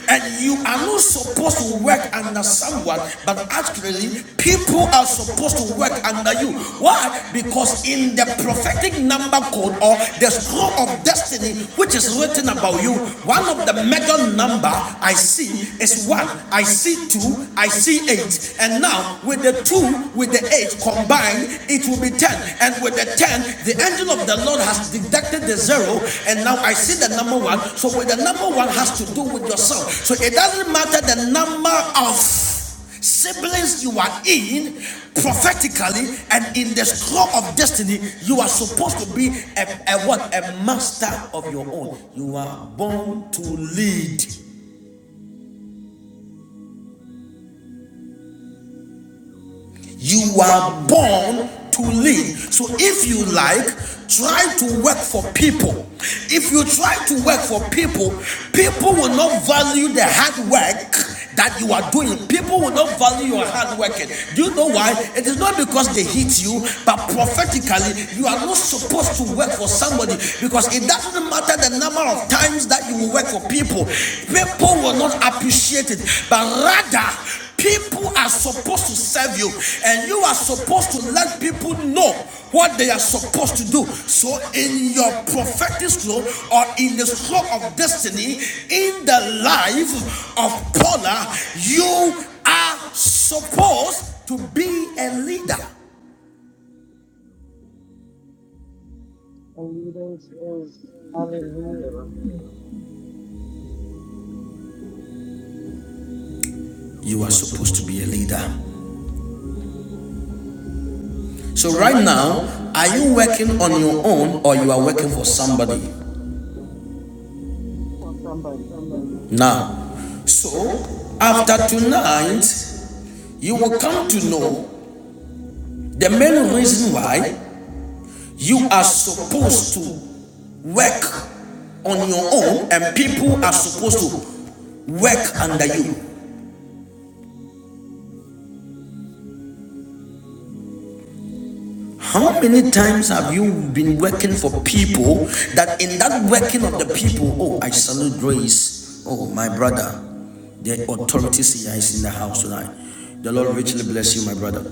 Speaker 1: And you are not supposed to work under someone, but actually, people are supposed to work under you. Why? Because in the prophetic number code or the scroll of destiny, which is written about you, one of the mega number I see is one. I see two. I see eight. And now with the two with the eight combined, it will be 10. And with the 10, the angel of the Lord has deducted the zero. And now I see the number one. So with the number one has to do with yourself. So it doesn't matter the number of siblings you are in prophetically and in the scroll of destiny you are supposed to be a, a what a master of your own you are born to lead You are born to lead. So if you like, try to work for people. If you try to work for people, people will not value the hard work that you are doing. People will not value your hard working. Do you know why? It is not because they hate you, but prophetically, you are not supposed to work for somebody because it doesn't matter the number of times that you will work for people. People will not appreciate it, but rather People are supposed to serve you, and you are supposed to let people know what they are supposed to do. So, in your prophetic slow or in the slow of destiny, in the life of Paula, you are supposed to be a leader.
Speaker 6: The leading is hallelujah
Speaker 1: You are supposed to be a leader. So, right now, are you working on your own or you are working for somebody?
Speaker 6: for somebody.
Speaker 1: Now, so after tonight, you will come to know The main reason why you are supposed to work on your own and people are supposed to work under you.
Speaker 6: Okay.
Speaker 1: How many times have you been working for people that in that working of the people, oh, I salute grace, oh, my brother, the authorities here is in the house tonight. The Lord richly bless you, my brother.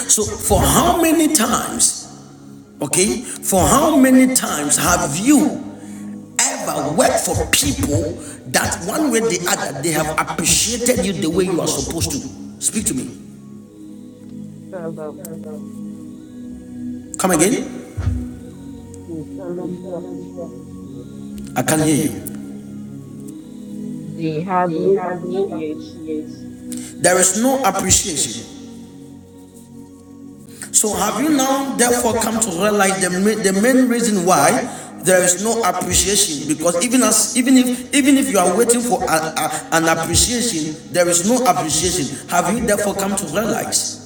Speaker 1: So, for how many times, okay, for how many times have you ever work for people that one way or the other they have appreciated you the way you are supposed to. Speak to me.
Speaker 6: Seldom.
Speaker 1: Come again.
Speaker 6: They seldomly appreciate.
Speaker 1: I can't hear you.
Speaker 6: They
Speaker 1: They
Speaker 6: hardly
Speaker 1: have no
Speaker 6: appreciate
Speaker 1: appreciation. There is no appreciation. So have you now therefore come to realize the main, the main reason why there is no appreciation because even as even if even if you are waiting for a, a- an appreciation there is no appreciation have you therefore come to realize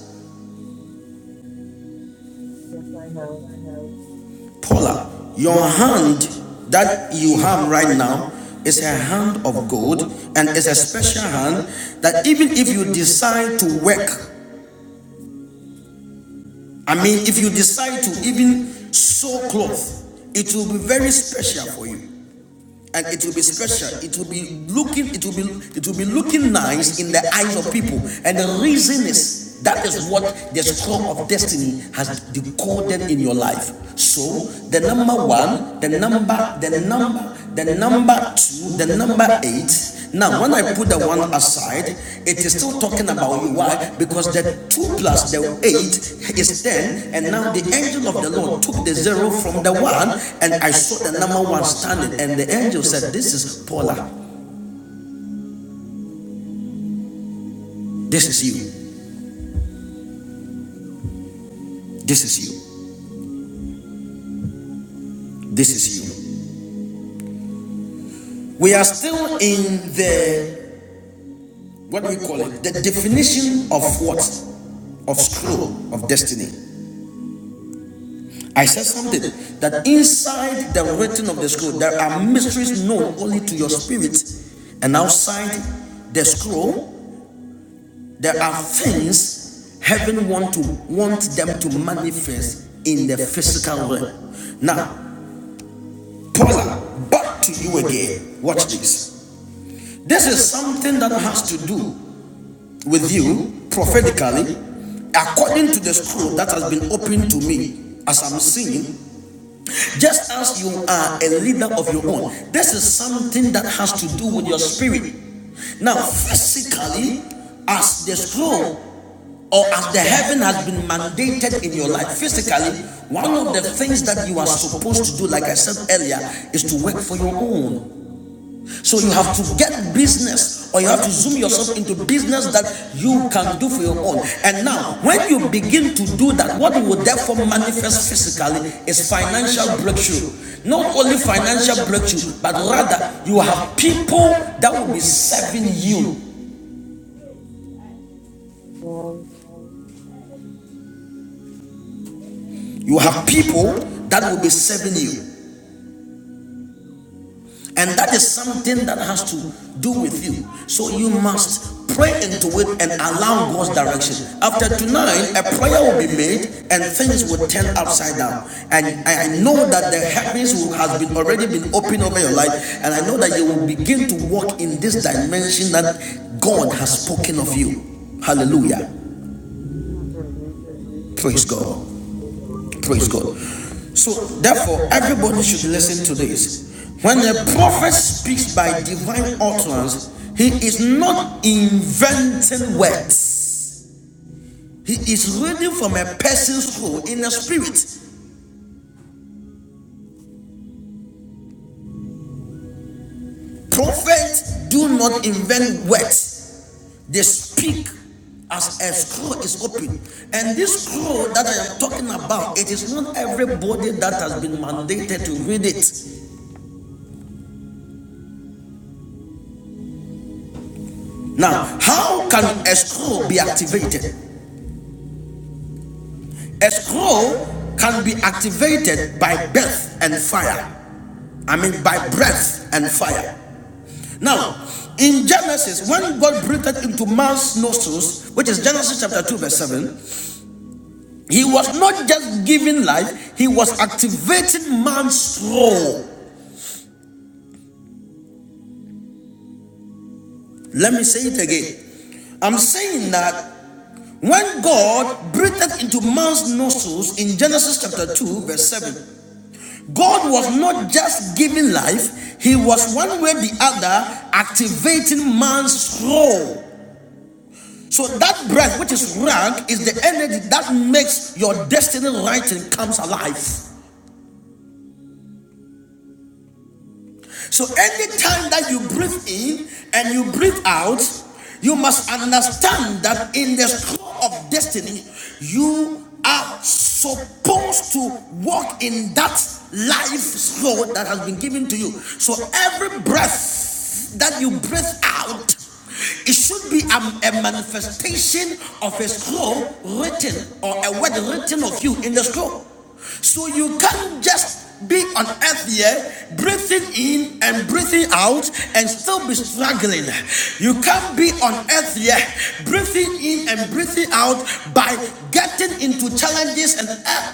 Speaker 6: Yes, I have. Amen.
Speaker 1: Paula, your hand that you have right now is a hand of gold and is a special hand that even if you decide to work, I mean, if you decide to even sew cloth, it will be very special for you. and it will be special. It will be looking, it will be, it will be looking nice in the eyes of people. And the reason is that is what the scroll of destiny has decoded in your life. So the number one, the number, the number, the number two, the number eight, now, when I put the one aside, it is still talking about you. Why? Because the 2 plus the 8 is 10, and now the angel of the Lord took the 0 from the 1, and I saw the number 1 standing, and the angel said, This is Paula. This is you. This is you. This is you. We are still in the, what we call it, the definition of what? Of scroll of destiny. I said something that inside the writing of the scroll there are mysteries known only to your spirit, and outside the scroll there are things heaven want to want them to manifest in the physical realm. Now, Paula, back to you again. Watch this. This is something that has to do with you prophetically, according to the scroll that has been opened to me as I'm seeing Just as you are a leader of your own, this is something that has to do with your spirit. Now, physically, as the scroll or as the heaven has been mandated in your life, physically, one of the things that you are supposed to do, like I said earlier, is to work for your own. So you have to get business or you have to zoom yourself into business that you can do for your own. And now, when you begin to do that, what will therefore manifest physically is financial breakthrough. Not only financial breakthrough, but rather you have people that will be serving you.
Speaker 6: Amen.
Speaker 1: You have people that will be serving you. And that is something that has to do with you. So you must pray into it and allow God's direction. After tonight, a prayer will be made and things will turn upside down. And I know that the heavens has been already been opened over your life. And I know that you will begin to walk in this dimension that God has spoken of you. Hallelujah.
Speaker 6: Hallelujah.
Speaker 1: Praise God.
Speaker 6: Praise the Lord.
Speaker 1: Praise God. So, therefore, everybody should listen to this. When a prophet speaks by divine utterance, he is not inventing words, he is reading from a person's soul in the spirit. Prophets do not invent words, they speak as a scroll is open. And this scroll that I am talking about, it is not everybody that has been mandated to read it. Now, how can a scroll be activated? A scroll can be activated by breath and fire. I mean, by breath and fire. Now, in Genesis, when God breathed into man's nostrils, which is Genesis chapter 2, verse 7, he was not just giving life, he was activating man's soul. Let me say it again. I'm saying that when God breathed into man's nostrils in Genesis chapter 2, verse 7, God was not just giving life, He was one way or the other activating man's soul. So that breath, which is rank, is the energy that makes your destiny writing comes alive. So anytime that you breathe in and you breathe out, you must understand that in the scroll of destiny, you are supposed to walk in that life scroll that has been given to you. So every breath that you breathe out, it should be a, a manifestation of a scroll written or a word written of you in the scroll. So you can't just be on earth here, breathing in and breathing out, and still be struggling. You can't be on earth here, breathing in and breathing out by getting into challenges and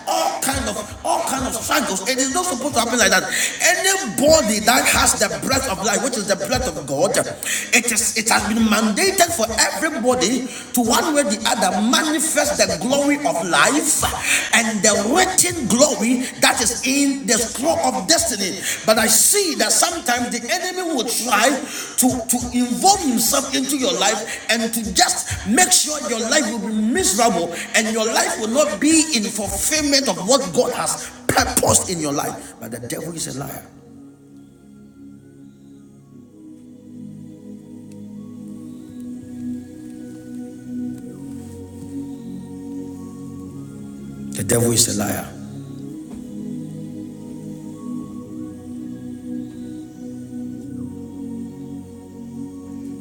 Speaker 1: all kind of all kind of struggles. It is not supposed to happen like that. Anybody that has the breath of life, which is the breath of God, it is it has been mandated for everybody to one way or the other manifest the glory of life and the written glory that is in the scroll of destiny. But I see that sometimes the enemy will try to, to involve himself into your life and to just make sure your life will be miserable and your life will not be in fulfillment of what God has purposed in your life. But the devil is a liar. The devil is a liar.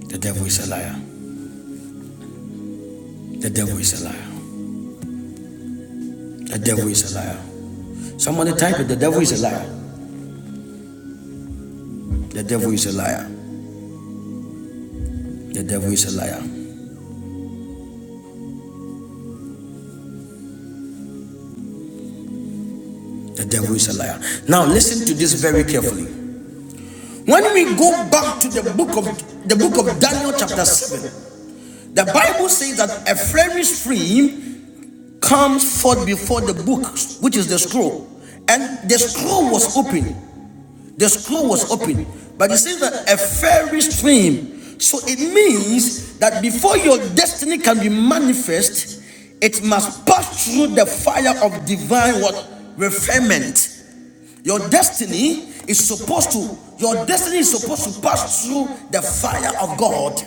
Speaker 1: The devil is a liar. The devil is a liar. The devil is a liar. Somebody type it. The devil is a liar. The devil is a liar. The devil is a liar. The devil is a liar. Now listen to this very carefully. When we go back to the book of the book of Daniel chapter 7, the Bible says that a fiery stream comes forth before the book, which is the scroll, and the scroll was open, The scroll was open, but it says that a fairy stream. So it means that before your destiny can be manifest, it must pass through the fire of divine what refinement. Your destiny is supposed to your destiny is supposed to pass through the fire of God.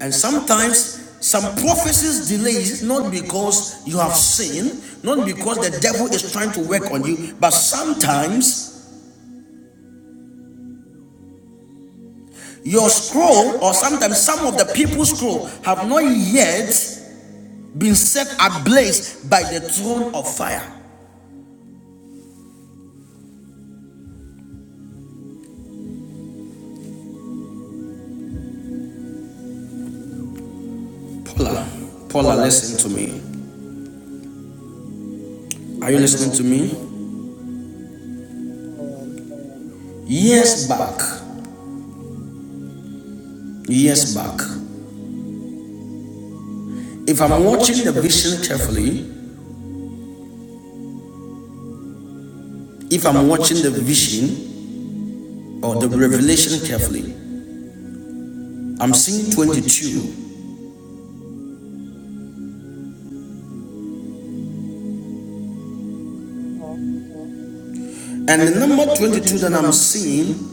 Speaker 1: And sometimes some prophecies delays not because you have sinned, not because the devil is trying to work on you, but sometimes Your scroll, or sometimes some of the people's scroll, have not yet been set ablaze by the throne of fire. Paula, Paula, listen to me. Are
Speaker 6: My
Speaker 1: you listening
Speaker 6: God.
Speaker 1: to me?
Speaker 6: Yes, I am.
Speaker 1: Years back, years back, if I'm watching the vision carefully, if I'm watching the vision or the revelation carefully, I'm seeing 22.
Speaker 6: Uh-huh.
Speaker 1: And the number 22 that I'm seeing,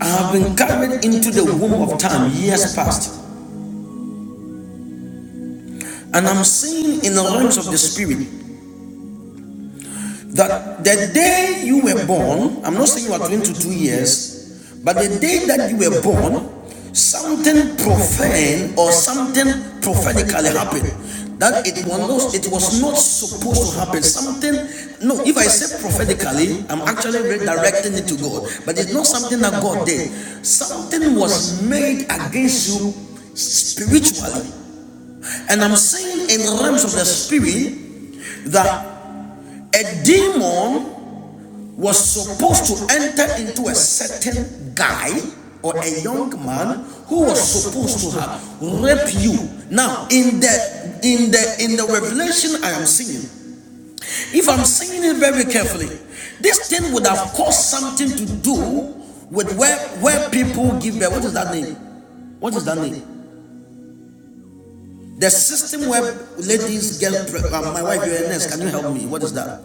Speaker 1: I have been carried into the womb of time years past. And I'm seeing in the realms of the spirit that the day you were born, I'm not saying you are 22 years, but the day that you were born, something profane or something prophetically happened. That it was not, it was not supposed to happen. Something, no, if I say prophetically, I'm actually redirecting it to God. But it's not something that God did. Something was made against you spiritually. And I'm saying in realms of the spirit that a demon was supposed to enter into a certain guy or a young man who was supposed to have raped you. Now, in the in the in the revelation I am seeing, if I'm seeing it very carefully, this thing would have caused something to do with where where people give birth. What is that name? What is that name? The system where ladies get pre- uh, my wife you're a nurse. Can you help me? What is that?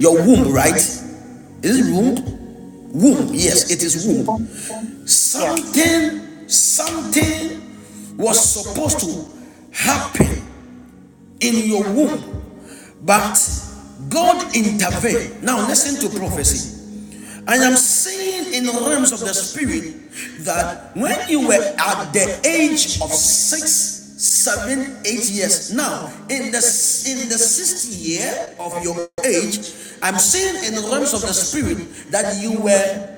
Speaker 1: Your womb, right? Is it womb? Womb. Yes, it is womb.
Speaker 2: Um, yes.
Speaker 1: Something, something was supposed to happen in your womb, but God intervened. Now, listen to prophecy. I am saying in the realms of the spirit that when you were at the age of six, seven, eight years, now in the in the sixth year of your age, I'm saying in the realms of the spirit that you were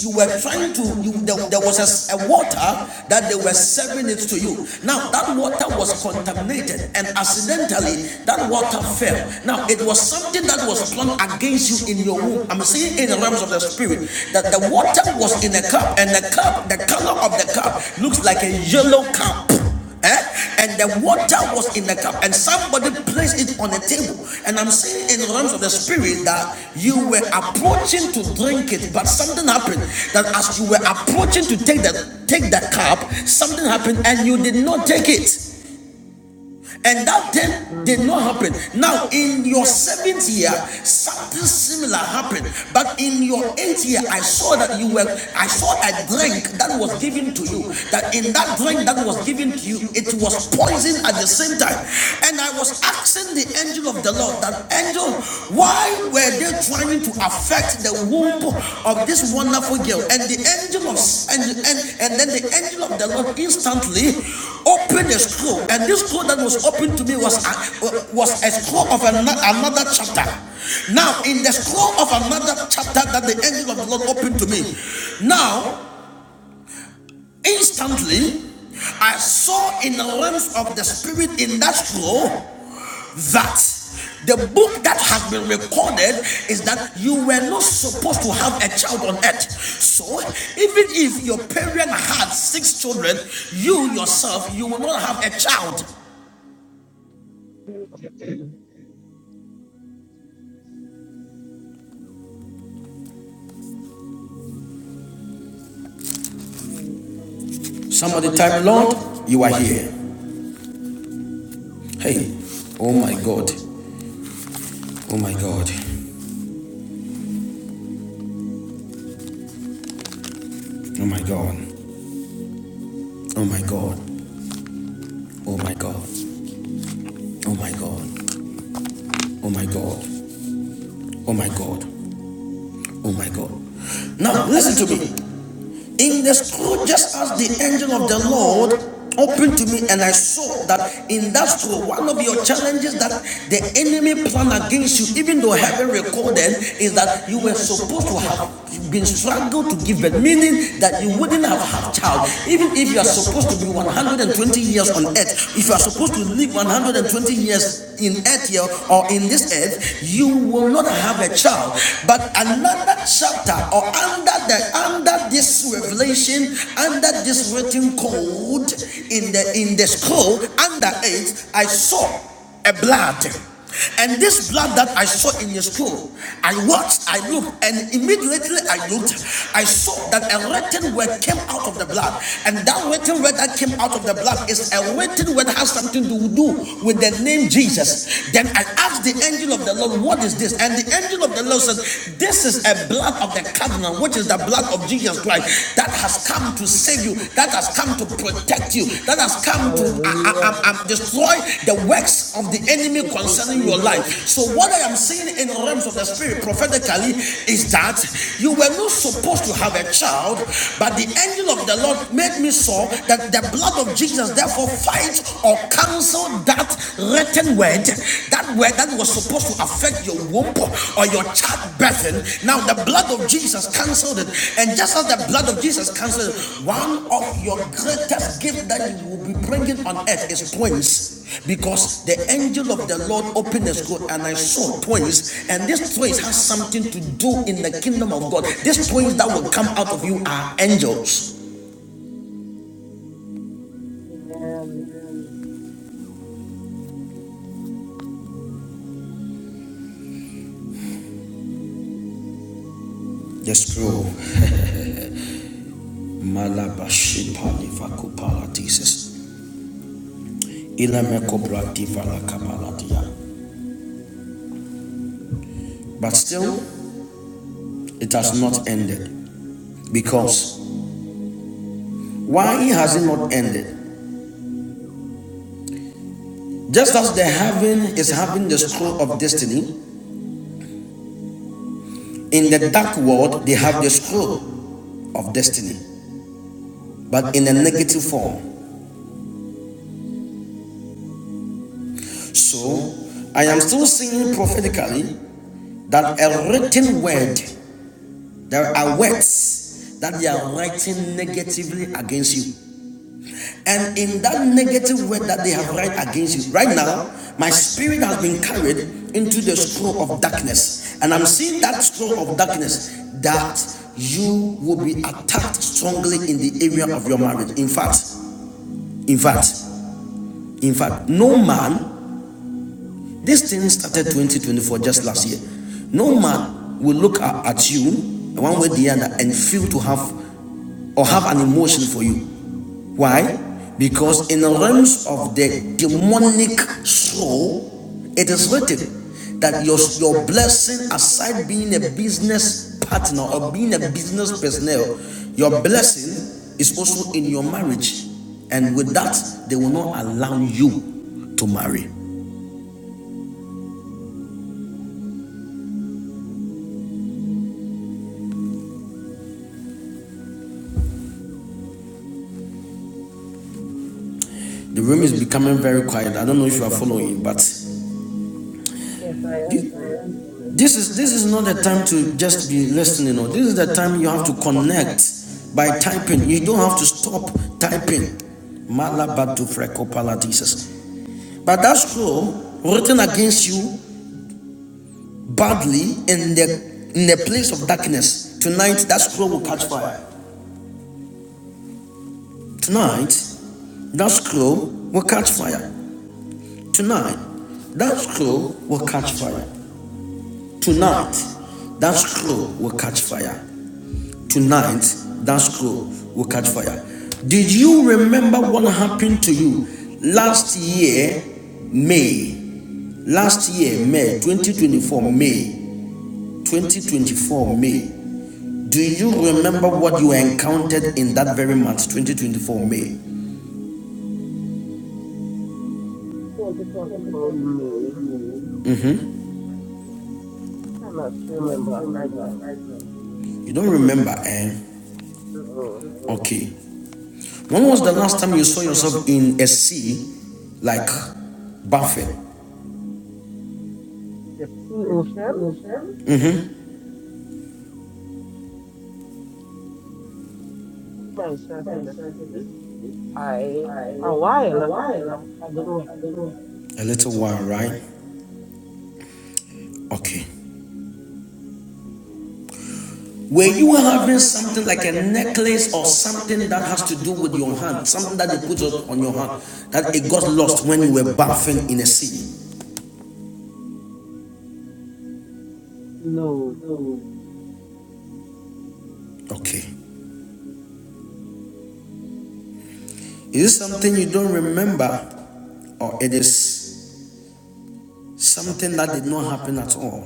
Speaker 1: you were trying to you there, there was a a water that they were serving it to you now that water was contaminated and accidentally that water fell now it was something that was flung against you in your womb i'm saying in the realms of the spirit that the water was in a cup and the cup the color of the cup looks like a yellow cup Eh? And the water was in the cup, and somebody placed it on the table. And I'm saying in the realms of the spirit that you were approaching to drink it, but something happened. That as you were approaching to take the take the cup, something happened, and you did not take it. And that thing did
Speaker 6: Mm.
Speaker 1: not
Speaker 6: [clears throat]
Speaker 1: happen. Now, in your seventh year, something similar happened. But in your eighth year, I saw that you were, I saw a drink that was given to you. That in that drink that was given to you, it was poison at the same time. And I was asking the angel of the Lord, that angel, why were they're trying to affect the womb of this wonderful girl. And the angel of and, and, and then the angel of the Lord instantly opened a scroll. And this scroll that was opened to me was a, was a scroll of another, another chapter. Now, in the scroll of another chapter that the angel of the Lord opened to me, now instantly I saw in the realms of the spirit in that scroll that the book that has been recorded is that you were not supposed to have a child on earth. So, even if your parent had six children, you yourself, you will not have a child.
Speaker 6: Jesus. Prophesy, prophesy.
Speaker 1: Somebody type, Lord, you are here. Hey,
Speaker 6: Glory.
Speaker 1: oh my God, oh my God, oh my God, oh my God, oh my God, oh my God, oh my God, oh my God, oh my God. Now, listen to me. in the scroll, just as the angel of the Lord opened to me, and I saw that in that scroll, one of your challenges that the enemy planned against you, even though heaven recorded, is that you were supposed to have been struggled to give birth, meaning that you wouldn't have had child. Even if you are supposed to be 120 years on earth, if you are supposed to live 120 years in earth here or in this earth, you will not have a child. But another chapter or under the under this revelation, under this written code in the in the scroll, under it, I saw a blood. And this blood that I saw in the scroll, I watched, I looked, and immediately I looked, I saw that a written word came out of the blood. And that written word that came out of the blood is a written word that has something to do with the name Jesus. Then I I asked the angel of the Lord, What is this? And the angel of the Lord says, This is a blood of the covenant, which is the blood of Jesus Christ that has come to save you, that has come to protect you, that has come to uh, uh,
Speaker 6: Hallelujah.
Speaker 1: um, um, destroy the works of the enemy
Speaker 6: Thank you,
Speaker 1: concerning your life.
Speaker 6: Jesus.
Speaker 1: So, what I am seeing in the realms of the spirit prophetically is that you were not supposed to have a child, but the angel of the Lord made me saw that the blood of Jesus therefore fight change or cancel that written word, that word that was supposed to affect your womb or your childbirth. Now the blood of Jesus canceled it. And just as the blood of Jesus canceled it, one of your greatest gifts that you will be bringing on earth is twins. Because the angel of the Lord opened the scroll and I saw twins. And this twins has something to do in the kingdom of God. These twins that will come out of you are angels.
Speaker 6: Amen.
Speaker 1: The scroll Malabashipalivakupalatesis. But still, it has not ended. Because why has it not ended? Just as the heaven is having the scroll of destiny, in the dark world they have the scroll of destiny, but in a negative form. So I am still seeing prophetically that a written word, there are words that they are writing negatively against you. And in that negative word that they have written against you, right now, my spirit has been carried into the scroll of darkness. And I'm seeing that scroll of darkness that you will be attacked strongly in the area of your marriage. In fact, in fact, in fact, no man, this thing started 2024 just last year. No man will look at, you one way or the other and feel to have or have an emotion for you. Why? Because in the realms of the demonic soul, it is written that your, your blessing, aside being a business partner or being a business personnel, your blessing is also in your marriage. And with that, they will not allow you to marry.
Speaker 6: I rebuke prejudice.
Speaker 1: The room is becoming very quiet. I don't know if you are following, but
Speaker 6: Yes, I am sorry.
Speaker 1: This is this is not the time to just be listening. Or this is the time you have to connect by typing. You don't have to stop typing. Malabatu frekopala Jesus. But that scroll written against you badly in the in the place of darkness. Tonight that scroll will catch fire. Tonight that scroll will catch fire. Tonight that scroll will catch fire. Tonight that scroll will catch fire. tonight, that scroll will catch fire. Did you remember what happened to you last year, May? Last year, May 2024, May 2024, May. Do you remember what you encountered in that very month, 2024, May?
Speaker 6: 2024 me.
Speaker 1: Mm-hmm.
Speaker 6: I cannot remember right now.
Speaker 1: You don't remember, eh?
Speaker 6: Uh-uh.
Speaker 1: Okay. When was the last time you saw yourself in a sea like Buffett?
Speaker 6: In the sea ocean. see myself in the sea. I a
Speaker 1: A
Speaker 6: while, a,
Speaker 1: while.
Speaker 6: a good while.
Speaker 1: A little while, right? Okay. Were you having something like a necklace or something that has to do with your hand, something that they put on on your hand, that it got lost when you were bathing in a sea.
Speaker 6: No,
Speaker 1: Okay. Is it something you don't remember or it is something that did not happen at all?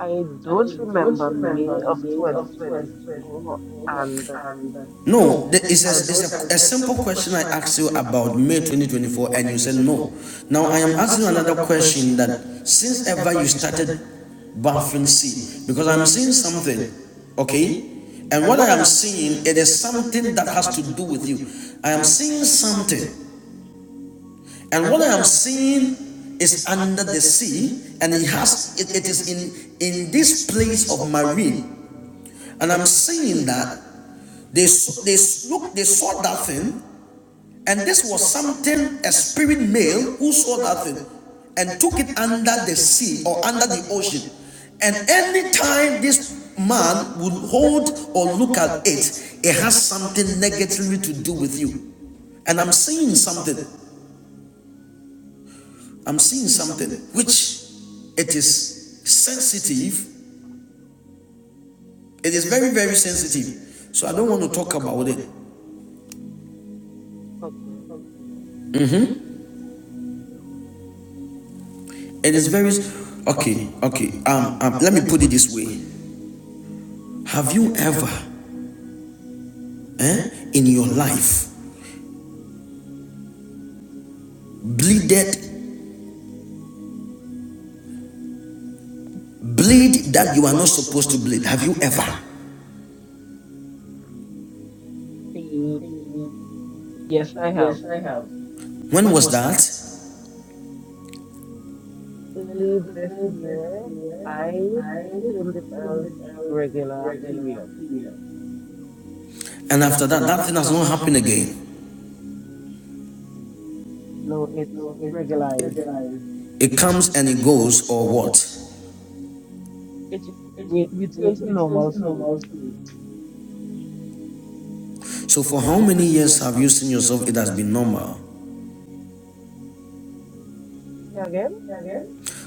Speaker 6: I
Speaker 1: I
Speaker 6: don't
Speaker 1: don't
Speaker 6: remember
Speaker 1: remember
Speaker 6: May of
Speaker 1: May of
Speaker 6: 2024, and
Speaker 1: 2024, and No, no, th- it's a,
Speaker 6: I
Speaker 1: it's
Speaker 6: don't.
Speaker 1: a, a, simple question I asked you about May 2024 and you said no. no. Now I am asking another question that since ever you started started baffling seed, because I'm seeing something, okay? okay? And what I am seeing, it is something that has to do with you. I am seeing something and what I'm seeing is under the sea, and it has it, it is in in this place of marine. And I'm seeing that they they look they saw that thing, and this was something a spirit male who saw that thing, and took it under the sea or under the ocean. And any time this man would hold or look at it, it has something negatively to do with you. And I'm seeing something. I'm seeing something which it is sensitive. It is very, very sensitive. So I don't want to talk about it.
Speaker 6: Okay,
Speaker 1: It is very okay, okay. Um, um let me put it this way. Have you ever eh, in your life bleeded bleed that you are not supposed to bleed? Have you ever?
Speaker 6: see, yes, I have.
Speaker 1: Yes, I have. When was that?
Speaker 6: Early this year, I termed it as irregular period.
Speaker 1: And after that, that thing has not happened again.
Speaker 6: No, it's regularized.
Speaker 1: It comes and it goes, or what?
Speaker 6: It re- returned to normal flow.
Speaker 1: So, for how many years have you seen yourself? It has been normal.
Speaker 6: See again,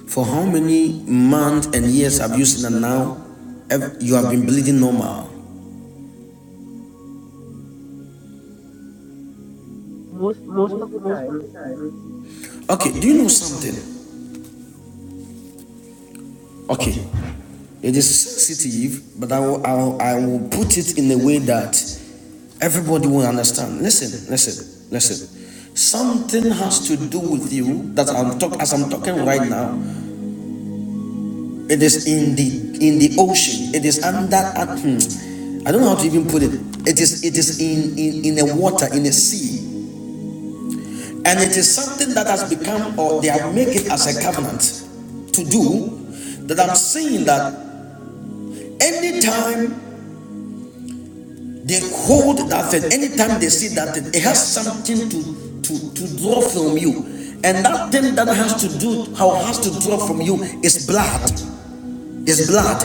Speaker 1: For how many months and years have you seen that now you have been bleeding normal?
Speaker 6: most most of the time,
Speaker 1: Okay, do you know something? Okay, it is sensitive, but I will, I will, I will put it in a way that Everybody will understand. Listen, listen, listen. Something has to do with you that I'm talk as I'm talking right now. It is in the in the ocean. It is under at- hmm. I don't know how to even put it. It is it is in in, in a water in a sea. And it is something that has become or they have made it as a covenant to do that I'm saying that anytime They hold that thing. Anytime they see that thing, it has something to, to, to draw from you. And that thing that has to do, how has to draw from you is blood. Is blood.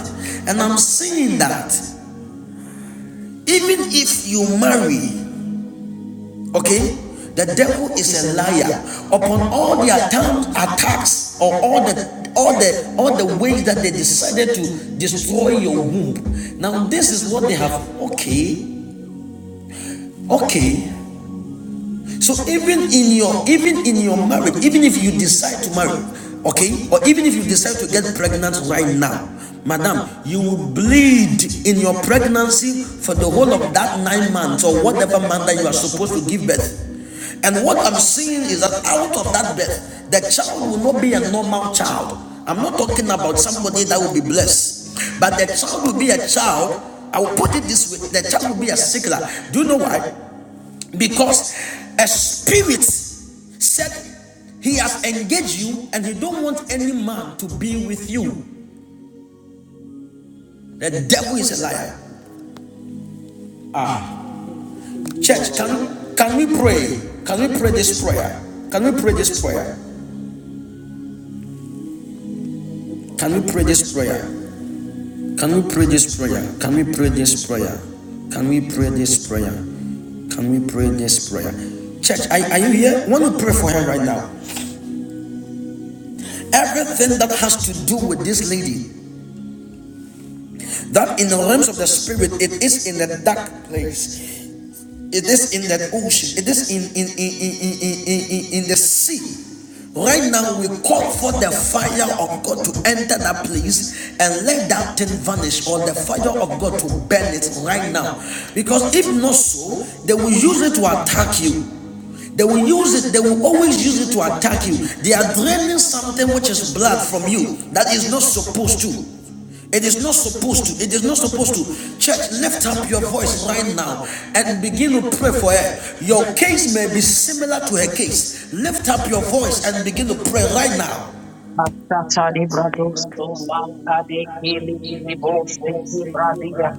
Speaker 1: And I'm saying that even if you marry, okay, the devil is a liar. Upon all the attacks, or all the all the all the ways that they decided to destroy your womb. Now this is what they have. Okay, okay. So even in your even in your marriage, even if you decide to marry, okay, or even if you decide to get pregnant right now, madam, you will bleed in your pregnancy for the whole of that nine months or whatever month that you are supposed to give birth. And what I'm seeing is that out of that birth, the child will not be a normal child. I'm not talking about somebody that will be blessed, but the child will be a child. I will put it this way: the child will be a sickler. Do you know why? because a spirit said he has engaged you and he don't want any man to be with you the devil is a liar
Speaker 6: something is indeed a
Speaker 1: church can
Speaker 6: liar.
Speaker 1: can we pray can we pray this prayer can we pray this prayer
Speaker 6: Yes, we can.
Speaker 1: can we pray this prayer can we pray this prayer can we pray this prayer can we pray this prayer can we pray this prayer church are, are you here I want to pray for her right now everything that has to do with this lady That in the realms of the spirit, it is in the dark place. It is in that ocean. It is in in in in in in, in, the sea. Right now, we call for the fire of God to enter that place and let that thing vanish, or the fire of God to burn it right now. Because if not so, they will use it to attack you. They will use it, they will always use it to attack you. They are draining something which is blood from you that is not supposed to. It is not supposed to. It is not supposed to. Church, lift up your voice right now and begin to pray for her. Your case may be similar to her case. Lift up your voice and begin to pray right now.
Speaker 2: Masatari brados to makade kili kili bos tiki bradia.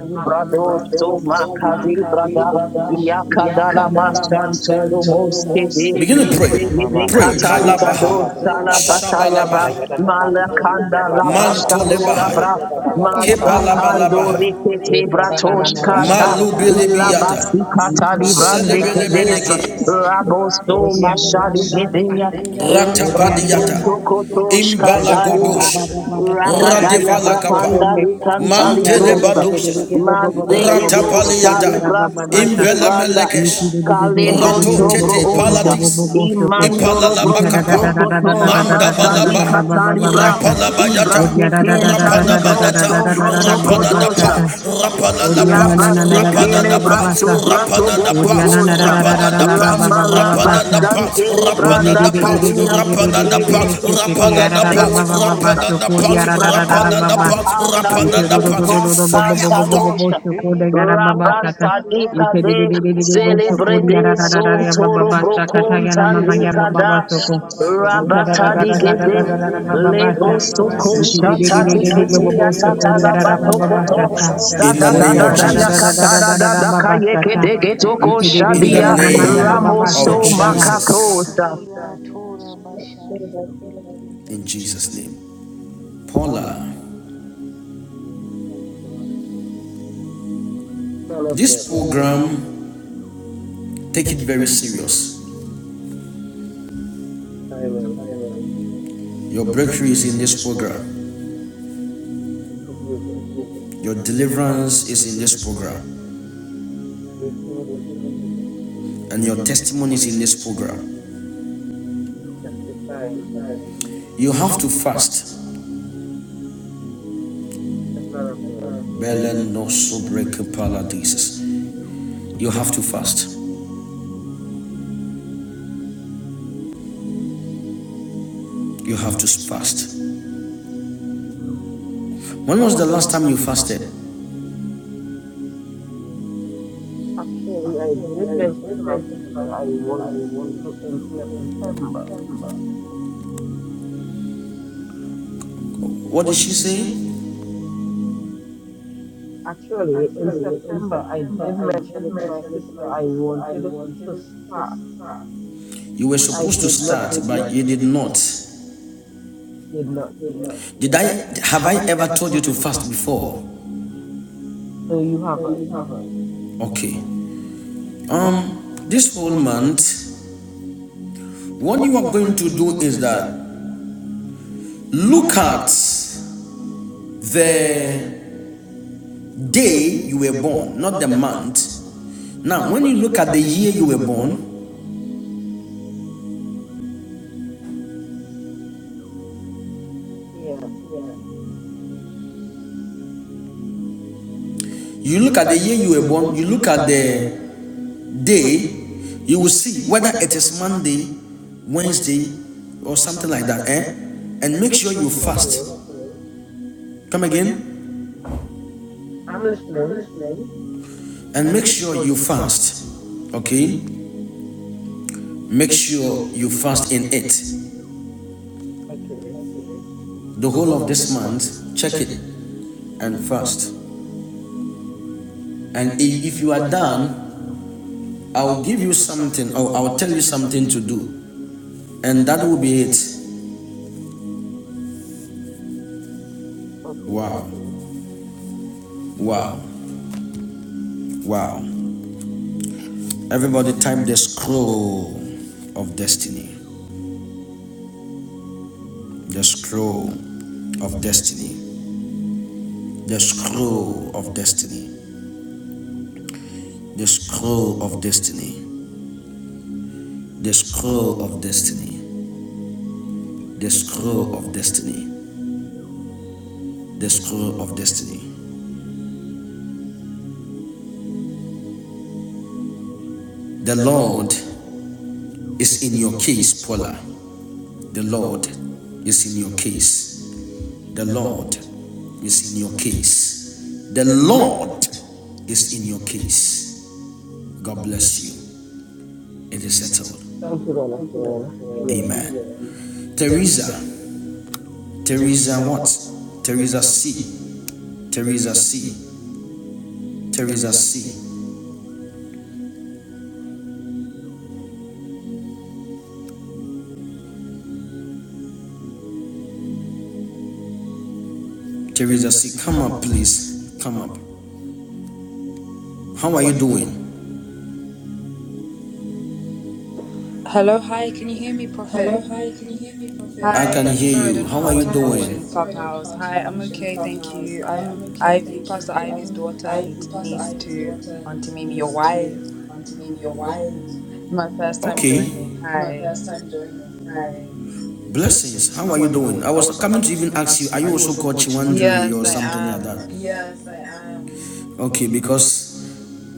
Speaker 2: Librados to makade
Speaker 4: Kiriya
Speaker 2: brada.
Speaker 4: Tarabashande
Speaker 2: Yakadala
Speaker 4: Kiribo
Speaker 2: masantoro moskete.
Speaker 4: Indaria
Speaker 1: Begin to
Speaker 4: Kande
Speaker 2: Zede
Speaker 1: pray.
Speaker 2: de
Speaker 1: Pray.
Speaker 4: Barinde
Speaker 2: katali
Speaker 1: Kalabaha.
Speaker 4: Kiribo
Speaker 2: gados tala bataya
Speaker 4: Sundarianda
Speaker 2: ba. Malakanda
Speaker 4: Kindari
Speaker 1: Man
Speaker 4: Banzari
Speaker 2: rabastalora bra. Mazakando
Speaker 1: balabalaba.
Speaker 2: rekete bratosh
Speaker 4: Indari
Speaker 2: kanta.
Speaker 4: yandari
Speaker 1: Malubilibiata.
Speaker 2: Ilabasi
Speaker 4: basendari
Speaker 2: katali
Speaker 4: kandi
Speaker 2: brande kedes.
Speaker 4: bafeterere
Speaker 2: Rabos to
Speaker 4: bonzeri yanda
Speaker 2: mashari gedeya.
Speaker 4: mwande kere
Speaker 1: Ratapadiata.
Speaker 4: banzeri
Speaker 2: Librastonto koto
Speaker 4: yatari
Speaker 1: Imbalago.
Speaker 4: kashande
Speaker 2: shkatariba
Speaker 4: gasitari
Speaker 1: Rade.
Speaker 4: yonde
Speaker 2: ragadaya
Speaker 4: kere
Speaker 2: brahanda
Speaker 4: zandere
Speaker 2: likanta
Speaker 4: keteri
Speaker 2: librosa
Speaker 4: bonziki amande,
Speaker 2: mazegedos
Speaker 4: onda
Speaker 1: Ratapaliata,
Speaker 4: zitari
Speaker 2: talibraskete
Speaker 3: Oriana
Speaker 1: Invela
Speaker 2: branda
Speaker 4: yandara bakarando
Speaker 2: kalebronto
Speaker 4: bosotari
Speaker 2: broonta
Speaker 1: Ratapalati,
Speaker 4: yakatinde boronde
Speaker 2: imandoro
Speaker 4: ke
Speaker 2: bronzo koto rabasta bikatari
Speaker 4: Yanzere
Speaker 2: bra
Speaker 4: kindere
Speaker 1: Mandabayata,
Speaker 2: ibra
Speaker 4: banza
Speaker 2: tekenta
Speaker 4: rikata
Speaker 2: ligroso broto
Speaker 4: yabashandere
Speaker 2: kodosha
Speaker 4: reketere
Speaker 1: Palalapa,
Speaker 4: bunziri
Speaker 2: Labasekele
Speaker 4: yamande kire
Speaker 2: braso
Speaker 4: sunde
Speaker 2: brato boko
Speaker 3: Oriana na
Speaker 4: rikatande
Speaker 3: ra
Speaker 2: bosha.
Speaker 3: ra ra ra ra ra ra
Speaker 4: gushatari
Speaker 3: ba ba ba
Speaker 2: Ramala
Speaker 3: ba ba sa.
Speaker 2: bastantere
Speaker 4: Rakita
Speaker 1: Rapapa,
Speaker 3: Orie
Speaker 2: branda
Speaker 4: renda
Speaker 3: de de de de de
Speaker 2: kadia.
Speaker 3: de
Speaker 4: kabande
Speaker 3: de de de
Speaker 4: kere
Speaker 3: de de
Speaker 4: zonda
Speaker 3: de de de
Speaker 2: Ilekinto
Speaker 3: ra
Speaker 4: bahinde
Speaker 3: ra ra ba
Speaker 1: Rapadadapa,
Speaker 4: rere
Speaker 3: ba ba ba
Speaker 4: kete
Speaker 2: velodosa.
Speaker 3: so. Coria ra
Speaker 4: bashande
Speaker 3: ra ra ra
Speaker 4: kere
Speaker 3: ra
Speaker 2: Ibratali
Speaker 3: ba ba.
Speaker 4: bando
Speaker 1: Rap.
Speaker 2: katada
Speaker 3: Ite
Speaker 4: korosita
Speaker 2: lekinto
Speaker 4: rianda kabande
Speaker 2: kantadosha.
Speaker 4: rendo kobosita
Speaker 2: Rabantadika de
Speaker 4: riando korihata
Speaker 2: celebre de
Speaker 4: rikarondo
Speaker 2: zontoro
Speaker 4: zete banza
Speaker 2: brokontan dikada.
Speaker 4: yakitari katabo
Speaker 2: Rabatadi
Speaker 4: sonde
Speaker 2: gede
Speaker 4: ribanziri
Speaker 2: Lebro soko
Speaker 4: ariketere
Speaker 2: shata
Speaker 4: bashandara
Speaker 2: tikiti ya
Speaker 4: banzere
Speaker 2: tata
Speaker 4: bayanda.
Speaker 2: koto
Speaker 1: In the
Speaker 2: sata
Speaker 4: Rende
Speaker 2: da
Speaker 1: name of
Speaker 2: da da
Speaker 4: kete
Speaker 2: ya
Speaker 4: kete
Speaker 2: da da da
Speaker 4: reketo
Speaker 2: kaye kete
Speaker 4: rabondi kahita riga
Speaker 2: shadia
Speaker 4: dosonde
Speaker 2: ramoso
Speaker 4: reketinde
Speaker 2: makakota.
Speaker 4: kila tora bashana. Thank you.
Speaker 1: Jesus, in Jesus' name. Paula,
Speaker 6: Son of God, Son of God,
Speaker 1: this program, take it very serious.
Speaker 6: I will.
Speaker 1: Your breakthrough is in this program,
Speaker 6: Thank you, Jesus.
Speaker 1: your deliverance is in this program,
Speaker 6: I receive it in Jesus' name.
Speaker 1: and your testimony is in this program.
Speaker 6: I testify in Jesus'
Speaker 1: You
Speaker 6: name.
Speaker 1: have to fast.
Speaker 6: Yes, man of God.
Speaker 1: Belen no sobre que pala You have to fast. You have to
Speaker 6: Yes,
Speaker 1: fast.
Speaker 6: man of God.
Speaker 1: When was the last time you fasted?
Speaker 6: Actually, I did mention to my sister I wanted to in September.
Speaker 1: What did she say?
Speaker 6: Actually, in
Speaker 1: Actually, in
Speaker 6: September, I
Speaker 1: September,
Speaker 6: did
Speaker 1: I I did
Speaker 6: mention it to my
Speaker 1: mention it to to
Speaker 6: sister.
Speaker 1: my
Speaker 6: I
Speaker 1: sister. I
Speaker 6: wanted
Speaker 1: wanted
Speaker 6: to start,
Speaker 1: to start. You were
Speaker 6: but I
Speaker 1: supposed to
Speaker 6: did not.
Speaker 1: start, but you did not.
Speaker 6: Did not say yes.
Speaker 1: Did I have I ever told you to fast before?
Speaker 6: No, you
Speaker 1: No, you
Speaker 6: haven't.
Speaker 1: haven't. Okay. Um, this whole month, what you are going to do is that look at the day you were born, not the month. Now, when you look at the year you were born,
Speaker 6: Yeah.
Speaker 1: you look at the year you were born, you look at the day, you will see whether it is Monday, Wednesday, or something like that, eh? And make sure you
Speaker 6: Okay.
Speaker 1: fast. Come again?
Speaker 6: I'm listening.
Speaker 1: And make sure you fast. Okay? Make sure you fast in it.
Speaker 6: Okay.
Speaker 1: The whole of this month, check it and fast. And if you are done, I will give you something, or I will tell you something to do, and that will be it.
Speaker 6: Okay.
Speaker 1: Wow, wow, wow. Everybody type the scroll of destiny. The scroll of destiny. The scroll of destiny. The scroll of destiny. The scroll of destiny. The scroll of destiny. The scroll of destiny. The Lord is in your case, Paula. The Lord is in your case. The Lord is in your case. The Lord is in your case. God bless you. It is settled.
Speaker 6: Thank you, God of Amen.
Speaker 1: Amen. Teresa. Teresa what? Teresa C. Teresa C. Teresa C. Teresa C. Come up, please. Come up. How are you doing?
Speaker 8: Hello, hi, can you hear me,
Speaker 1: Hello,
Speaker 8: Prophet?
Speaker 1: hi, can you hear me, Prophet? I can
Speaker 8: Hi,
Speaker 1: hear
Speaker 8: sorry, I
Speaker 1: you.
Speaker 8: don't know
Speaker 1: How are
Speaker 8: how
Speaker 1: Oh, you
Speaker 8: to
Speaker 1: hi, doing?
Speaker 8: function
Speaker 1: sorry, I don't know
Speaker 8: Clubhouse.
Speaker 1: how to
Speaker 8: Hi, I'm
Speaker 1: function
Speaker 8: okay, thank
Speaker 1: Clubhouse.
Speaker 8: you.
Speaker 1: Hi, I'm
Speaker 8: I'm
Speaker 1: okay,
Speaker 8: Ivy,
Speaker 1: thank
Speaker 8: Pastor
Speaker 1: you.
Speaker 8: Ivy's
Speaker 1: I'm
Speaker 8: daughter
Speaker 1: I,
Speaker 8: and
Speaker 1: Pastor
Speaker 8: niece
Speaker 1: Ivy's
Speaker 8: to
Speaker 1: daughter and
Speaker 8: Auntie Mimi, your
Speaker 1: niece to
Speaker 8: wife.
Speaker 1: Auntie Mimi, your wife.
Speaker 8: My first time
Speaker 1: Okay.
Speaker 8: joining.
Speaker 1: My
Speaker 8: Hi.
Speaker 1: first time joining. Hi. Blessings. How are you doing? I was coming to even ask you, are you also called Chiwandiri
Speaker 8: Yes,
Speaker 1: or
Speaker 8: I
Speaker 1: something like
Speaker 8: am.
Speaker 1: that? Yes, I am. Okay, because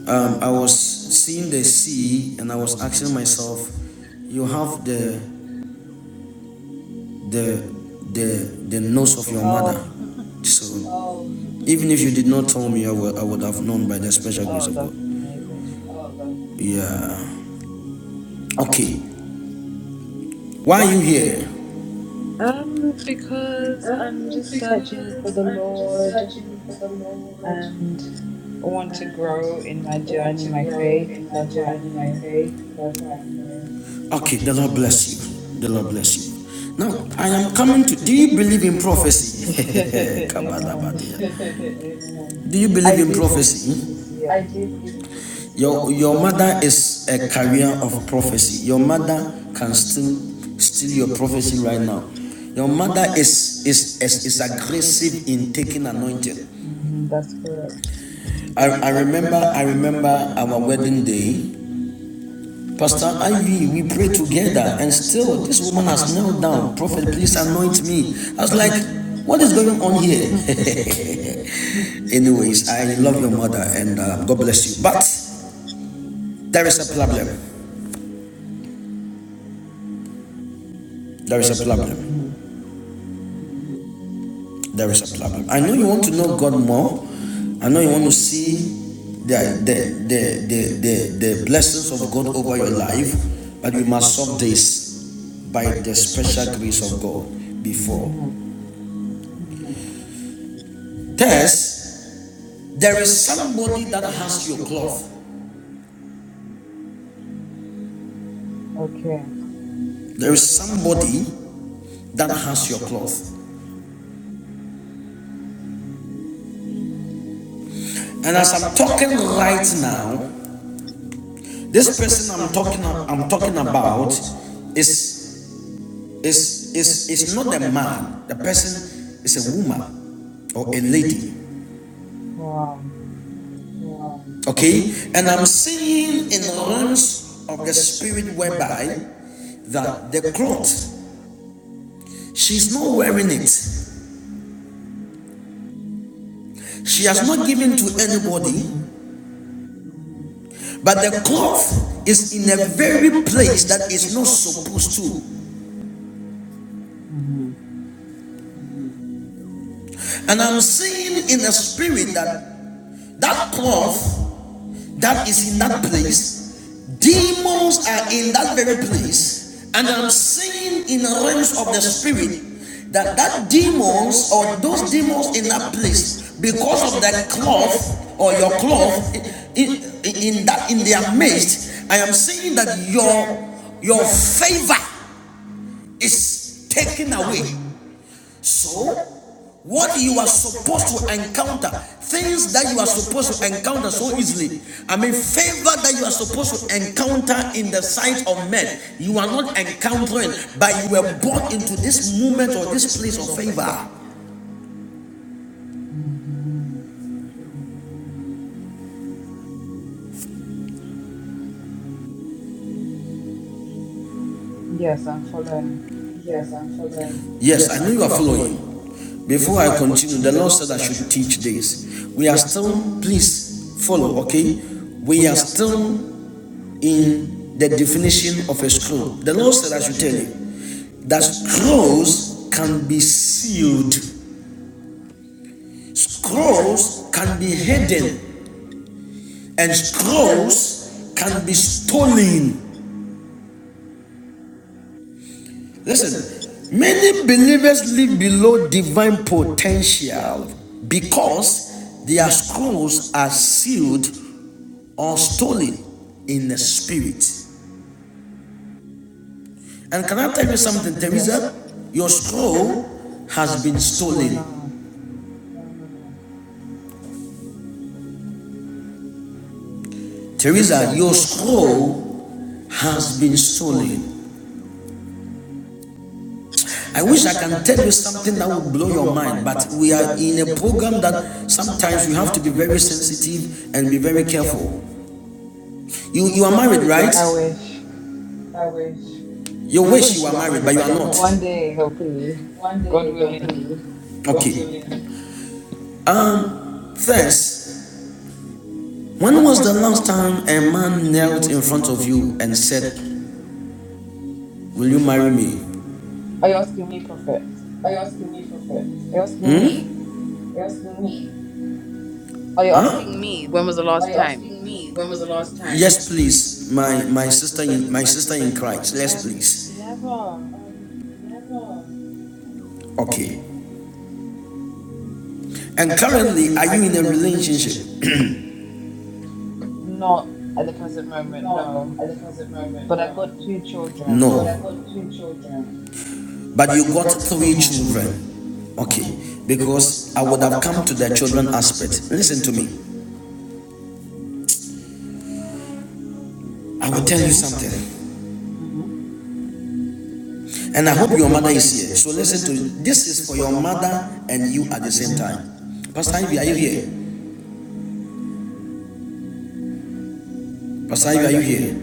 Speaker 1: um, I was seeing the sea and I was asking myself, you have the the the the nose of your mother.
Speaker 8: Oh, [laughs]
Speaker 1: So even if you did not tell me, I would I would have known by the special grace
Speaker 8: oh,
Speaker 1: of God.
Speaker 8: that's amazing.
Speaker 1: Yeah. Okay. Why are you here?
Speaker 8: Um, because I'm just searching for the Lord and I
Speaker 1: And
Speaker 8: want to grow in my
Speaker 1: I want
Speaker 8: journey,
Speaker 1: to
Speaker 8: my
Speaker 1: grow
Speaker 8: faith.
Speaker 1: in my
Speaker 8: That's why
Speaker 1: journey, my
Speaker 8: I'm
Speaker 1: faith. That's why I'm here. Okay. The Lord bless you. The Lord bless you. Now I am coming to. Do you believe in prophecy?
Speaker 8: here. [laughs] Amen.
Speaker 1: [laughs] do you
Speaker 8: I
Speaker 1: believe in
Speaker 8: do believe in prophecy,
Speaker 1: prophecy? I
Speaker 8: yes.
Speaker 1: do Your, your mother is a carrier of prophecy. Your mother can still steal your prophecy right now. Your mother is is is, is aggressive in taking anointing.
Speaker 8: hmm that's correct.
Speaker 1: I, I remember I remember our wedding day. Pastor Ivy, we prayed together, and still this woman has knelt down. Prophet, please anoint me. I was
Speaker 8: [laughs]
Speaker 1: like, what is going on here? [laughs] Anyways, I love your mother, and uh, God bless you. But there is a problem. There is a problem.
Speaker 8: hmm
Speaker 1: there is a problem. I know you want to know God more. I know you want to see the the the the the, the blessings of God over your life, but you must solve this by the special grace of God before.
Speaker 8: hmm
Speaker 1: Third, there is somebody that has your cloth.
Speaker 8: Okay.
Speaker 1: There is somebody that has your cloth. And as I'm talking right now, this person I'm talking I'm talking about is is is is not a man. The person is a woman. or a lady.
Speaker 8: Wow.
Speaker 1: Okay? And I'm saying in the realms of the spirit whereby that the cloth, she's not wearing it. She has not given to anybody,
Speaker 8: hmm
Speaker 1: but the cloth is in a very place that is not supposed to.
Speaker 8: hmm
Speaker 1: And I'm saying in the spirit that that cloth that is in that place Demons are in that very place, and I'm saying in the realms of the spirit that that demons or those demons in that place, because of that cloth or your cloth in, in, in that in their midst, I am saying that your your favor is taken away.
Speaker 8: hmm
Speaker 1: So what you are supposed to encounter, things that you are supposed to encounter so easily. I mean, favor that you are supposed to encounter in the sight of men. You are not encountering, but you were brought into this moment or this place of favor.
Speaker 8: hmm Yes, I'm following.
Speaker 1: Yes, I'm following. Yes, I know you
Speaker 8: Mhm.
Speaker 1: are following. Before I continue, the Lord said I should teach this. We are still, please follow, okay? We are still in the definition of a scroll. The Lord said I should tell you. that scrolls can be sealed, scrolls can be hidden, and scrolls can be stolen. Listen, many believers live below divine potential because their scrolls are sealed or stolen in the spirit. And can I tell you something,
Speaker 8: Yeah.
Speaker 1: Teresa? Your scroll has been
Speaker 8: Oh
Speaker 1: stolen.
Speaker 8: no.
Speaker 1: Teresa, your scroll has been stolen. I wish I can tell you something that would blow your mind, but we are in a program that sometimes you have to be very sensitive and be very careful. You you are married, right?
Speaker 8: I wish.
Speaker 1: I wish You wish
Speaker 8: [laughs]
Speaker 1: you are married, but you are not.
Speaker 8: One day, hopefully.
Speaker 1: one
Speaker 8: God
Speaker 1: day they'll
Speaker 8: willing.
Speaker 1: Okay. First, when was the last time a man knelt in front of you and said, "Will you marry me?"
Speaker 8: Are you asking me, prophet?
Speaker 1: Are you asking me for first.
Speaker 8: Are you asking
Speaker 1: Hmm? Are
Speaker 8: me?
Speaker 1: you asking me.
Speaker 8: Are you
Speaker 1: Huh?
Speaker 8: asking me when was the
Speaker 1: Are
Speaker 8: last
Speaker 1: you
Speaker 8: time?
Speaker 1: asking me when was the last time? Yes, Yes, please, please. my my my my sister sister in in my my sister sister in in Christ. Christ. Yes, Yes,
Speaker 8: Um,
Speaker 1: please. please.
Speaker 8: never.
Speaker 1: Um, never. Okay. And And currently, currently, are are you you in in a a relationship? relationship?
Speaker 8: Not at the present moment,
Speaker 1: Not
Speaker 8: no.
Speaker 1: at the present moment,
Speaker 8: But
Speaker 1: no.
Speaker 8: I've got two
Speaker 1: But I've No,
Speaker 8: children.
Speaker 1: I've got two children. but But you you got got three three
Speaker 8: Mm-hmm.
Speaker 1: children. children. Okay, because Because I I would would have have come come to to the the children children aspect. aspect. Listen to me. I I will will tell tell you
Speaker 8: hmm
Speaker 1: you something, something. and I And I hope hope your your mother mother is is here. here. So So listen listen to to this is for your mother and you at the same
Speaker 8: hmm
Speaker 1: time. Pastor Ivy, are you here? Pasai, are you here?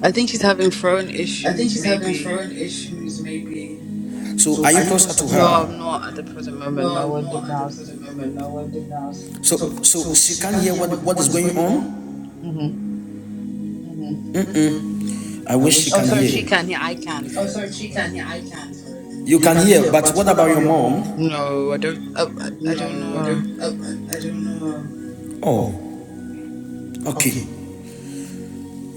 Speaker 8: I think she's having phone
Speaker 1: I think
Speaker 8: issues,
Speaker 1: she's having
Speaker 8: maybe.
Speaker 1: phone issues, maybe. So, so are you closer to
Speaker 8: No, I'm
Speaker 1: her?
Speaker 8: not at the present
Speaker 1: No,
Speaker 8: moment. No,
Speaker 1: I'm
Speaker 8: we're
Speaker 1: not
Speaker 8: different
Speaker 1: at the present
Speaker 8: houses.
Speaker 1: moment. No, I'm in the house. So, so so, so she she can't hear what, what is going on?
Speaker 8: hmm
Speaker 1: I I wish she
Speaker 8: Oh,
Speaker 1: can can
Speaker 8: sorry,
Speaker 1: hear.
Speaker 8: she can. hear. I can.
Speaker 1: Oh,
Speaker 8: Sorry.
Speaker 1: sorry, she
Speaker 8: Sorry.
Speaker 1: can hear. I can't. sorry. You can can hear, hear, but what about your mom?
Speaker 8: No, I don't. I, I I don't
Speaker 1: No, I
Speaker 8: know.
Speaker 1: don't. I I don't know. Oh, okay.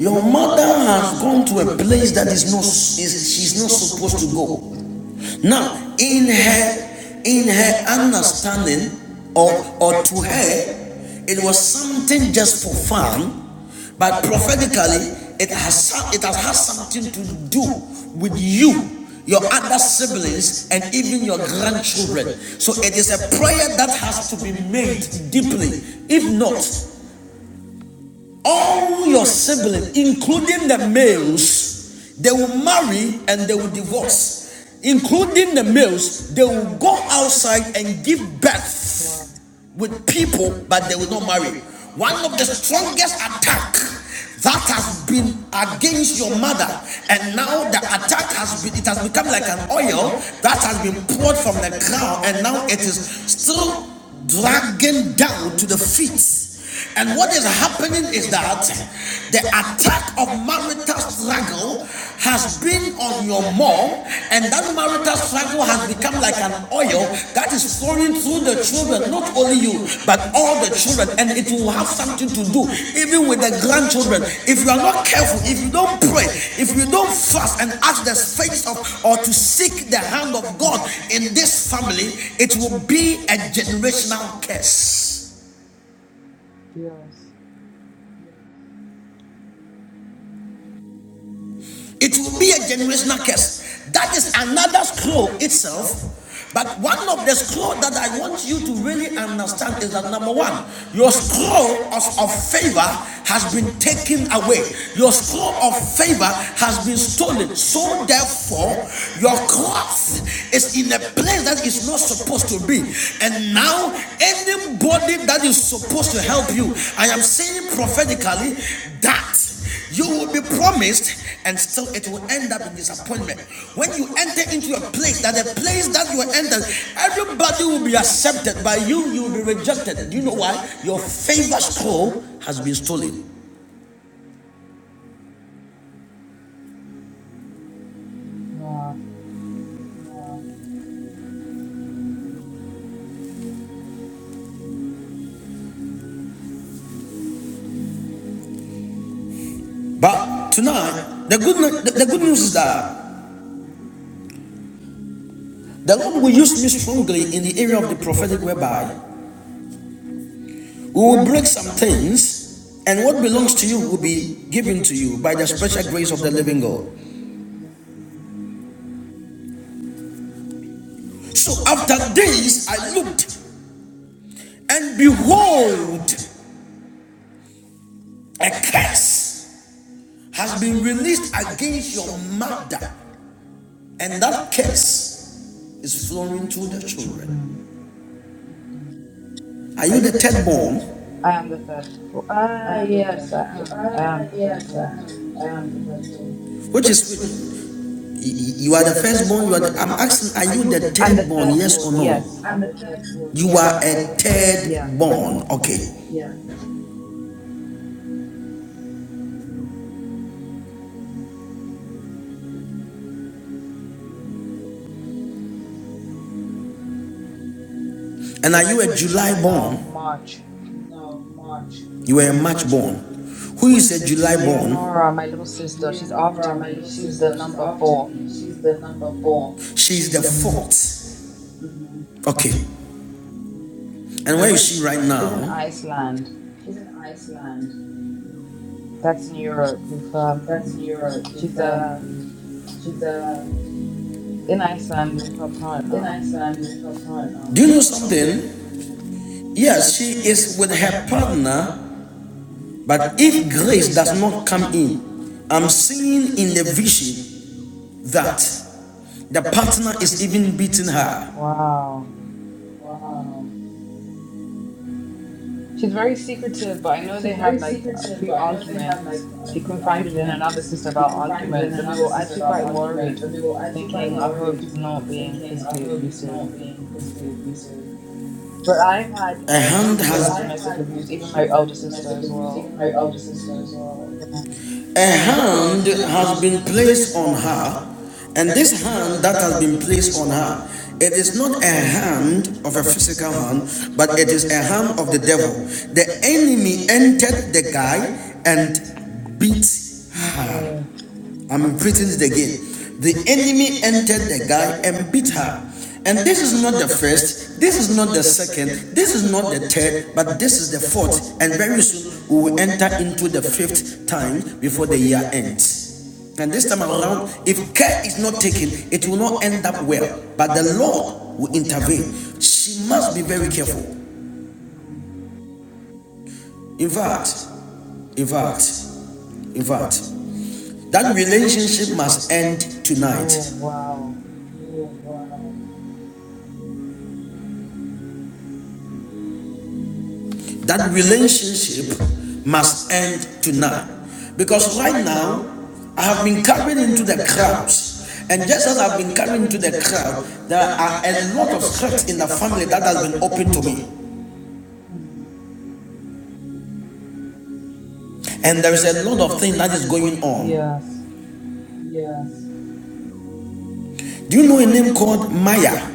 Speaker 1: Your mother has gone to a place that is not, is, she's not supposed to go. Now, in her in her understanding or or to her, it was something just for fun, but prophetically it has it has had something to do with you, your other siblings, and even your grandchildren. So it is a prayer that has to be made deeply. If not, all your siblings, including the males, they will marry and they will divorce. Including the males, they will go outside and give
Speaker 8: Wow.
Speaker 1: birth with people, but they will not marry. One of the strongest attack that has been against your mother and now the attack has been it has become like an oil that has been poured from the ground, and now it is still dragging down to the feet and what is happening is that the attack of marital struggle has been on your mom, and that marital struggle has become like an oil that is flowing through the children, not only you, but all the children, and it will have something to do even with the grandchildren. If you are not careful, if you don't pray, if you don't fast and ask the face of or to seek the hand of God
Speaker 8: Mm,
Speaker 1: in this family, it will be a generational curse.
Speaker 8: Yes.
Speaker 1: It will be a generational curse. That is another scroll itself. But one of the scroll that I want you to really understand is that number one, your scroll of, of favor has been taken away. Your scroll of favor has been stolen. So therefore, your cloth is in a place that is not supposed to be. And now, anybody that is supposed to help you, I am saying prophetically that you will be promised, and still it will end up in disappointment. When you enter into a place, that the place that you enter, everybody will be accepted by you, you will be rejected. Do you know
Speaker 8: Mm,
Speaker 1: why? Your favor scroll has been stolen.
Speaker 8: Wow.
Speaker 1: But tonight, the good, the, the good news
Speaker 8: Mm-hmm.
Speaker 1: is that the Lord will use me strongly in the area of the prophetic, whereby we will break some things and what belongs to you will be given to you by the special grace of the living
Speaker 8: Amen.
Speaker 1: God. So after this, I looked, And behold, a curse has been released against your mother, and that curse is flowing to the children.
Speaker 8: Mm-hmm.
Speaker 1: Are you the third born?
Speaker 8: I am the third. bo- Ah,
Speaker 1: I am the
Speaker 8: yes,
Speaker 1: first.
Speaker 8: I am. I
Speaker 1: Uh,
Speaker 8: am the third
Speaker 1: yes,
Speaker 8: born.
Speaker 1: I am. I am the first born. Which is you are the firstborn. You are. The, I'm asking, are you the
Speaker 8: I'm the
Speaker 1: third born?
Speaker 8: third
Speaker 1: Yes or
Speaker 8: born.
Speaker 1: no?
Speaker 8: Yes,
Speaker 1: I'm
Speaker 8: I'm
Speaker 1: the
Speaker 8: the third.
Speaker 1: third born. You are a
Speaker 8: Yeah.
Speaker 1: third born. Okay. Yeah. And are you a July
Speaker 8: No,
Speaker 1: born?
Speaker 8: March.
Speaker 1: No, March. You are a
Speaker 8: Mm-hmm.
Speaker 1: March born. Who is a July born?
Speaker 8: Leonora, my little sister,
Speaker 1: New
Speaker 8: she's after
Speaker 1: Nora, my
Speaker 8: me.
Speaker 1: little
Speaker 8: She's the
Speaker 1: sister, she's
Speaker 8: number
Speaker 1: after
Speaker 8: 4
Speaker 1: me. She's the number four. She's she's the the
Speaker 8: Mm-hmm.
Speaker 1: fourth. fourth. Okay. And where is she right
Speaker 8: She's in
Speaker 1: now?
Speaker 8: Iceland.
Speaker 1: She's in Iceland.
Speaker 8: That's in Europe. With
Speaker 1: That's
Speaker 8: um,
Speaker 1: Europe. She's
Speaker 8: she's uh
Speaker 1: um, she's uh,
Speaker 8: in Iceland with her
Speaker 1: in
Speaker 8: partner.
Speaker 1: Iceland with her partner. Do you know something? Yes, she is with her
Speaker 8: Mm-hmm.
Speaker 1: partner, but if grace does not come
Speaker 8: Mm.
Speaker 1: in, I'm seeing in the vision that the partner is even beating her.
Speaker 8: Wow.
Speaker 1: Wow.
Speaker 8: She's very secretive, but I know they
Speaker 1: She's very
Speaker 8: had like a
Speaker 1: secretive,
Speaker 8: few
Speaker 1: but I know they had like
Speaker 8: arguments.
Speaker 1: a
Speaker 8: She
Speaker 1: few
Speaker 8: confided in another
Speaker 1: arguments.
Speaker 8: sister
Speaker 1: He
Speaker 8: about
Speaker 1: confided in
Speaker 8: arguments, and we
Speaker 1: another
Speaker 8: were
Speaker 1: sister
Speaker 8: actually
Speaker 1: about
Speaker 8: quite worried,
Speaker 1: arguments, and we were actually quite
Speaker 8: thinking, "I
Speaker 1: worried,
Speaker 8: hope he's not being
Speaker 1: thinking, I
Speaker 8: physically
Speaker 1: hope he's
Speaker 8: abusive."
Speaker 1: not being physically abusive.
Speaker 8: But I've had
Speaker 1: A hand
Speaker 8: issues
Speaker 1: has
Speaker 8: with
Speaker 1: I've
Speaker 8: domestic
Speaker 1: had
Speaker 8: abuse, even my
Speaker 1: issues
Speaker 8: older
Speaker 1: with
Speaker 8: sister
Speaker 1: domestic
Speaker 8: as
Speaker 1: abuse,
Speaker 8: well.
Speaker 1: even my older sister as well. A hand has been placed on her, and this hand that has been placed on her, it is not a hand of a physical hand, but it is a hand of the devil. The enemy entered the guy and beat
Speaker 8: No
Speaker 1: her.
Speaker 8: way.
Speaker 1: I'm repeating it again. The enemy entered the guy and beat her. And this is not the first, this is not the second, this is not the third, but this is the fourth. And very soon we will enter into the fifth time before the year ends. And this time around, if care is not taken, it will not end up well. But the Lord will intervene. She must be very
Speaker 8: Mm.
Speaker 1: careful. In fact, in fact, in fact, that relationship must end tonight.
Speaker 8: Oh, wow.
Speaker 1: That relationship must end tonight. Because right now, I have been carried into the crowds. And just as I've been carried into the crowd, there are a lot of hurts in the family that has been opened to
Speaker 8: hmm
Speaker 1: me. And there is a lot of things that is going on.
Speaker 8: Yes.
Speaker 1: Yes. Do you know a name called Maya?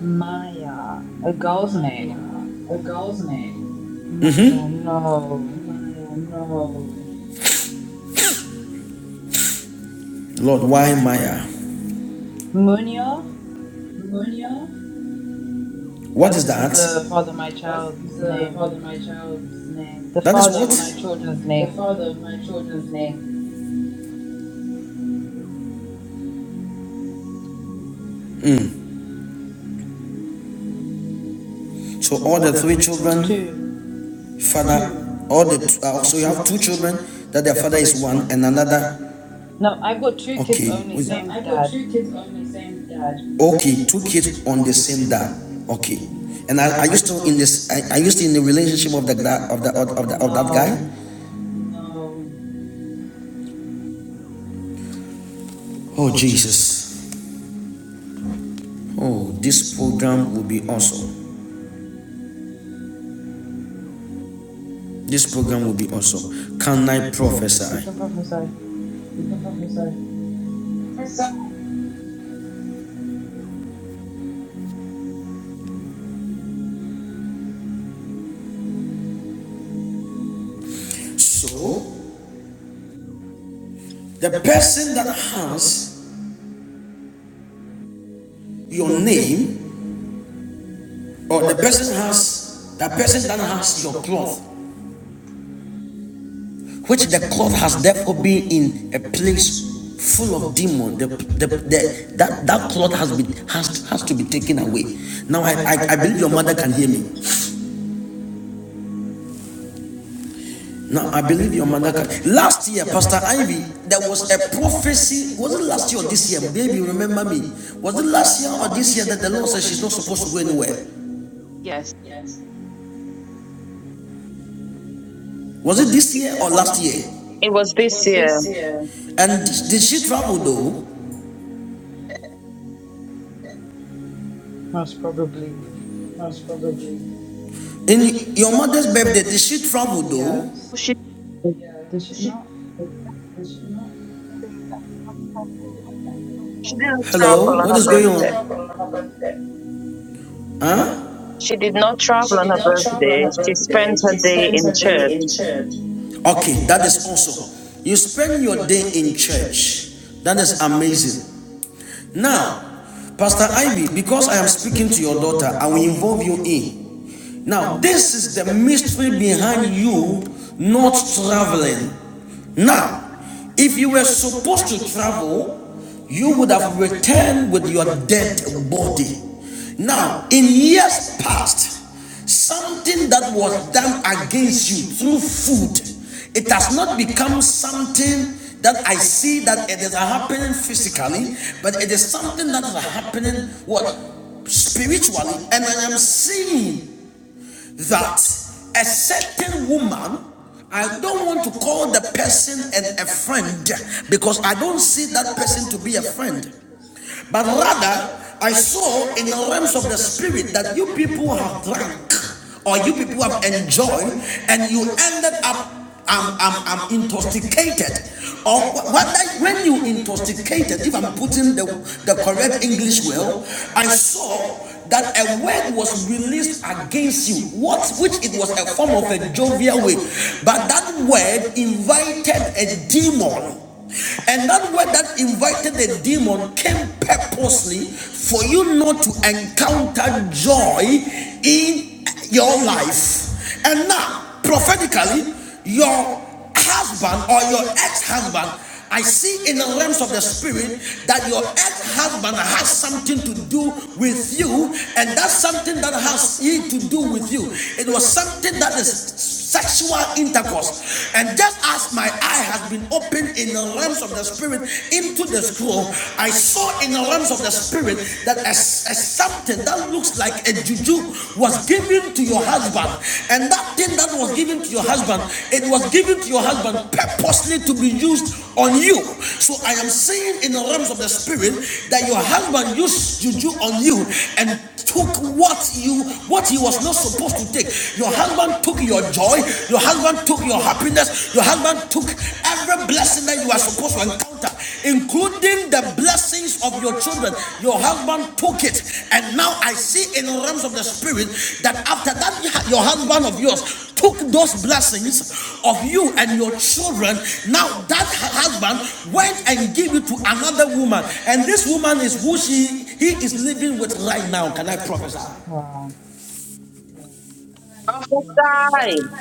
Speaker 8: Maya. A girl's
Speaker 1: Maya.
Speaker 8: name.
Speaker 1: A girl's name.
Speaker 8: Maya,
Speaker 1: Mm-hmm.
Speaker 8: no.
Speaker 1: Maya. No. Lord, why Maya?
Speaker 8: Munio?
Speaker 1: Maya? What is
Speaker 8: That's
Speaker 1: that?
Speaker 8: the father of my
Speaker 1: That's
Speaker 8: child's
Speaker 1: the father
Speaker 8: name.
Speaker 1: of my child's name.
Speaker 8: The
Speaker 1: That is
Speaker 8: father of
Speaker 1: what?
Speaker 8: my children's
Speaker 1: The
Speaker 8: name.
Speaker 1: father of my children's name. Mm. So so all the three children, children
Speaker 8: Two.
Speaker 1: father, all the t- uh, so you have two
Speaker 8: Mm.
Speaker 1: children that their father is one and another.
Speaker 8: No, I've got two kids
Speaker 1: Okay,
Speaker 8: only,
Speaker 1: No,
Speaker 8: same
Speaker 1: I got
Speaker 8: dad.
Speaker 1: two kids on the same dad. okay, two kids on the
Speaker 8: hmm
Speaker 1: same dad. Okay, and are, are you still in this? Are, are you still in the relationship of the of the of, the, of that guy?
Speaker 8: No.
Speaker 1: No. Oh Jesus! Oh, this program will be awesome. This program will be awesome. Can I
Speaker 8: You
Speaker 1: prophesy?
Speaker 8: can prophesy.
Speaker 1: So, the person that has your name, or the person has the person that has your cloth, which the cloth has therefore been in a place full of demon. The, the, the, that that cloth has been has has to be taken away. Now I, I I believe your mother can hear me. Now I believe your are Mandaka. Last year, Pastor Ivy, there was a prophecy. Was it last year or this year? Baby, remember me. Was it last year or this year that the Lord said she's not supposed to go anywhere? Yes. Was it this year or last year?
Speaker 2: It was this year.
Speaker 1: And did she travel though?
Speaker 8: Most probably.
Speaker 1: Most probably. In your mother's birthday, did she travel though?
Speaker 8: Yes.
Speaker 1: Yes.
Speaker 8: Did she not?
Speaker 2: She didn't
Speaker 1: Hello,
Speaker 2: travel on
Speaker 1: what
Speaker 2: her
Speaker 1: is going
Speaker 2: birthday.
Speaker 1: on? Huh?
Speaker 2: She did not travel on her birthday. She spent her day in church.
Speaker 1: in church. Okay, that is also. You spend your day in church. That is amazing. Now, Pastor Ivy, because I am speaking to your daughter, I will involve you in. Now, this is the mystery behind you not traveling. Now, if you were supposed to travel, you would have returned with your dead body. Now, in years past, something that was done against you through food, it has not become something that I see that it is happening physically, but it is something that is happening what spiritually, and I am seeing that a certain woman I don't want to call the person and a friend because I don't see that person to be a friend. But rather, I saw in the realms of the spirit that you people have drank or you people have enjoyed and you ended up I'm, I'm, I'm intoxicated. Or whether, when you intoxicated, if I'm putting the, the correct English well, I saw that a word was released against you, what which it was a form of a jovial way, but that word invited a demon and that word that invited the demon came purposely for you not to encounter joy in your life. And now, prophetically, your husband or your ex husband I see in the realms of the spirit that your ex husband has something to do with you, and that's something that has he to do with you. It was something that is sexual intercourse. And just as my eye has been opened in the realms of the spirit into the scroll, I saw in the realms of the spirit that a, a something that looks like a juju do was given to your husband, and that thing that was given to your husband, it was given to your husband purposely to be used on you. So I am saying in the realms of the spirit that your husband used juju on you and took what you what he was not supposed to take. Your husband took your joy, your husband took your happiness, your husband took every blessing that you are supposed to encounter, including the blessings of your children. Your husband took it, and now I see in the realms of the spirit that after that, your husband of yours took those blessings of you and your children. Now that husband went and gave it to another woman, and this woman is who she he is living with right now. Can I prophesy?
Speaker 8: Wow.
Speaker 2: After
Speaker 9: Amen.
Speaker 2: time.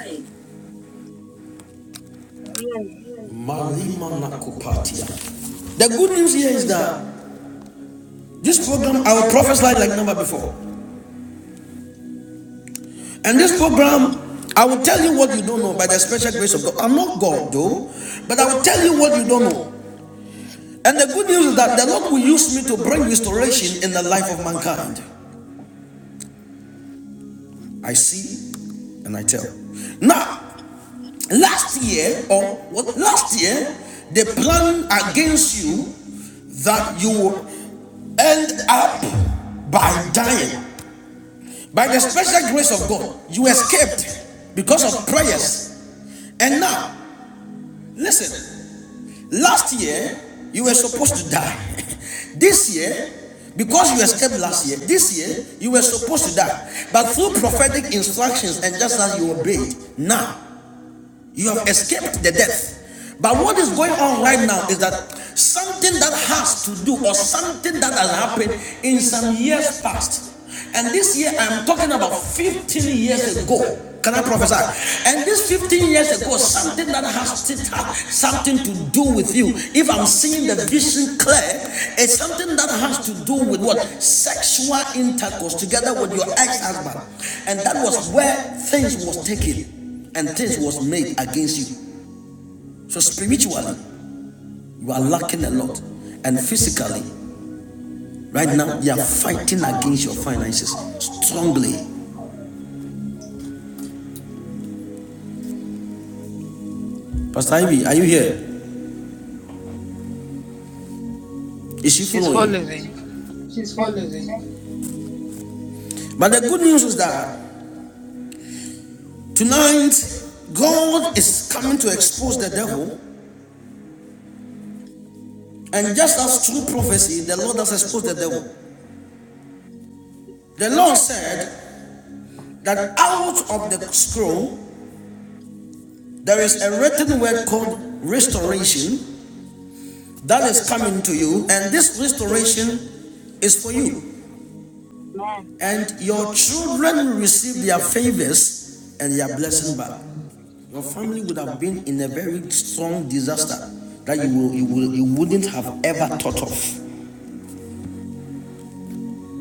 Speaker 1: The good news here is that this program, our prophets lied like never before. And this program, I will tell you what you don't know by the special grace of God. I'm not God though, but I will tell you what you don't know. And the good news is that the Lord will use me to bring restoration in the life of mankind. I see and I tell. Now, last year or what last year, they planned against you that you will end up by dying. By the special grace of God, you escaped because of prayers. And now, listen, Last year, you were supposed to die. [laughs] this year, because you escaped last year, this year, you were supposed to die. But through prophetic instructions and just as you obeyed, now you have escaped the death. But what is going on right now is that something that has to do or something that has happened in some years past. And this year, I'm talking about 15 years ago. Can I prophesy? And this 15 years ago, something that has it had something to do with you. If I'm seeing the vision clear, it's something that has to do with what? Sexual intercourse together with your ex-husband. And that was where things was taken and things was made against you. So spiritually, you are lacking a lot. And physically, right now, you are fighting against your finances strongly. Pastor Ivy, are you here? Is she
Speaker 8: She's
Speaker 1: following?
Speaker 8: following.
Speaker 1: She's following. But the good news is that tonight, God is coming to expose the devil. And just as through prophecy, the Lord has exposed the devil. The Lord said that out of the scroll, there is a written word called restoration that is coming to you. And this restoration is for you.
Speaker 9: Amen.
Speaker 1: and your children receive their favors and their blessing back.
Speaker 8: Amen.
Speaker 1: Your family would have been in a very strong disaster that you, will, you, will, you wouldn't have ever thought of.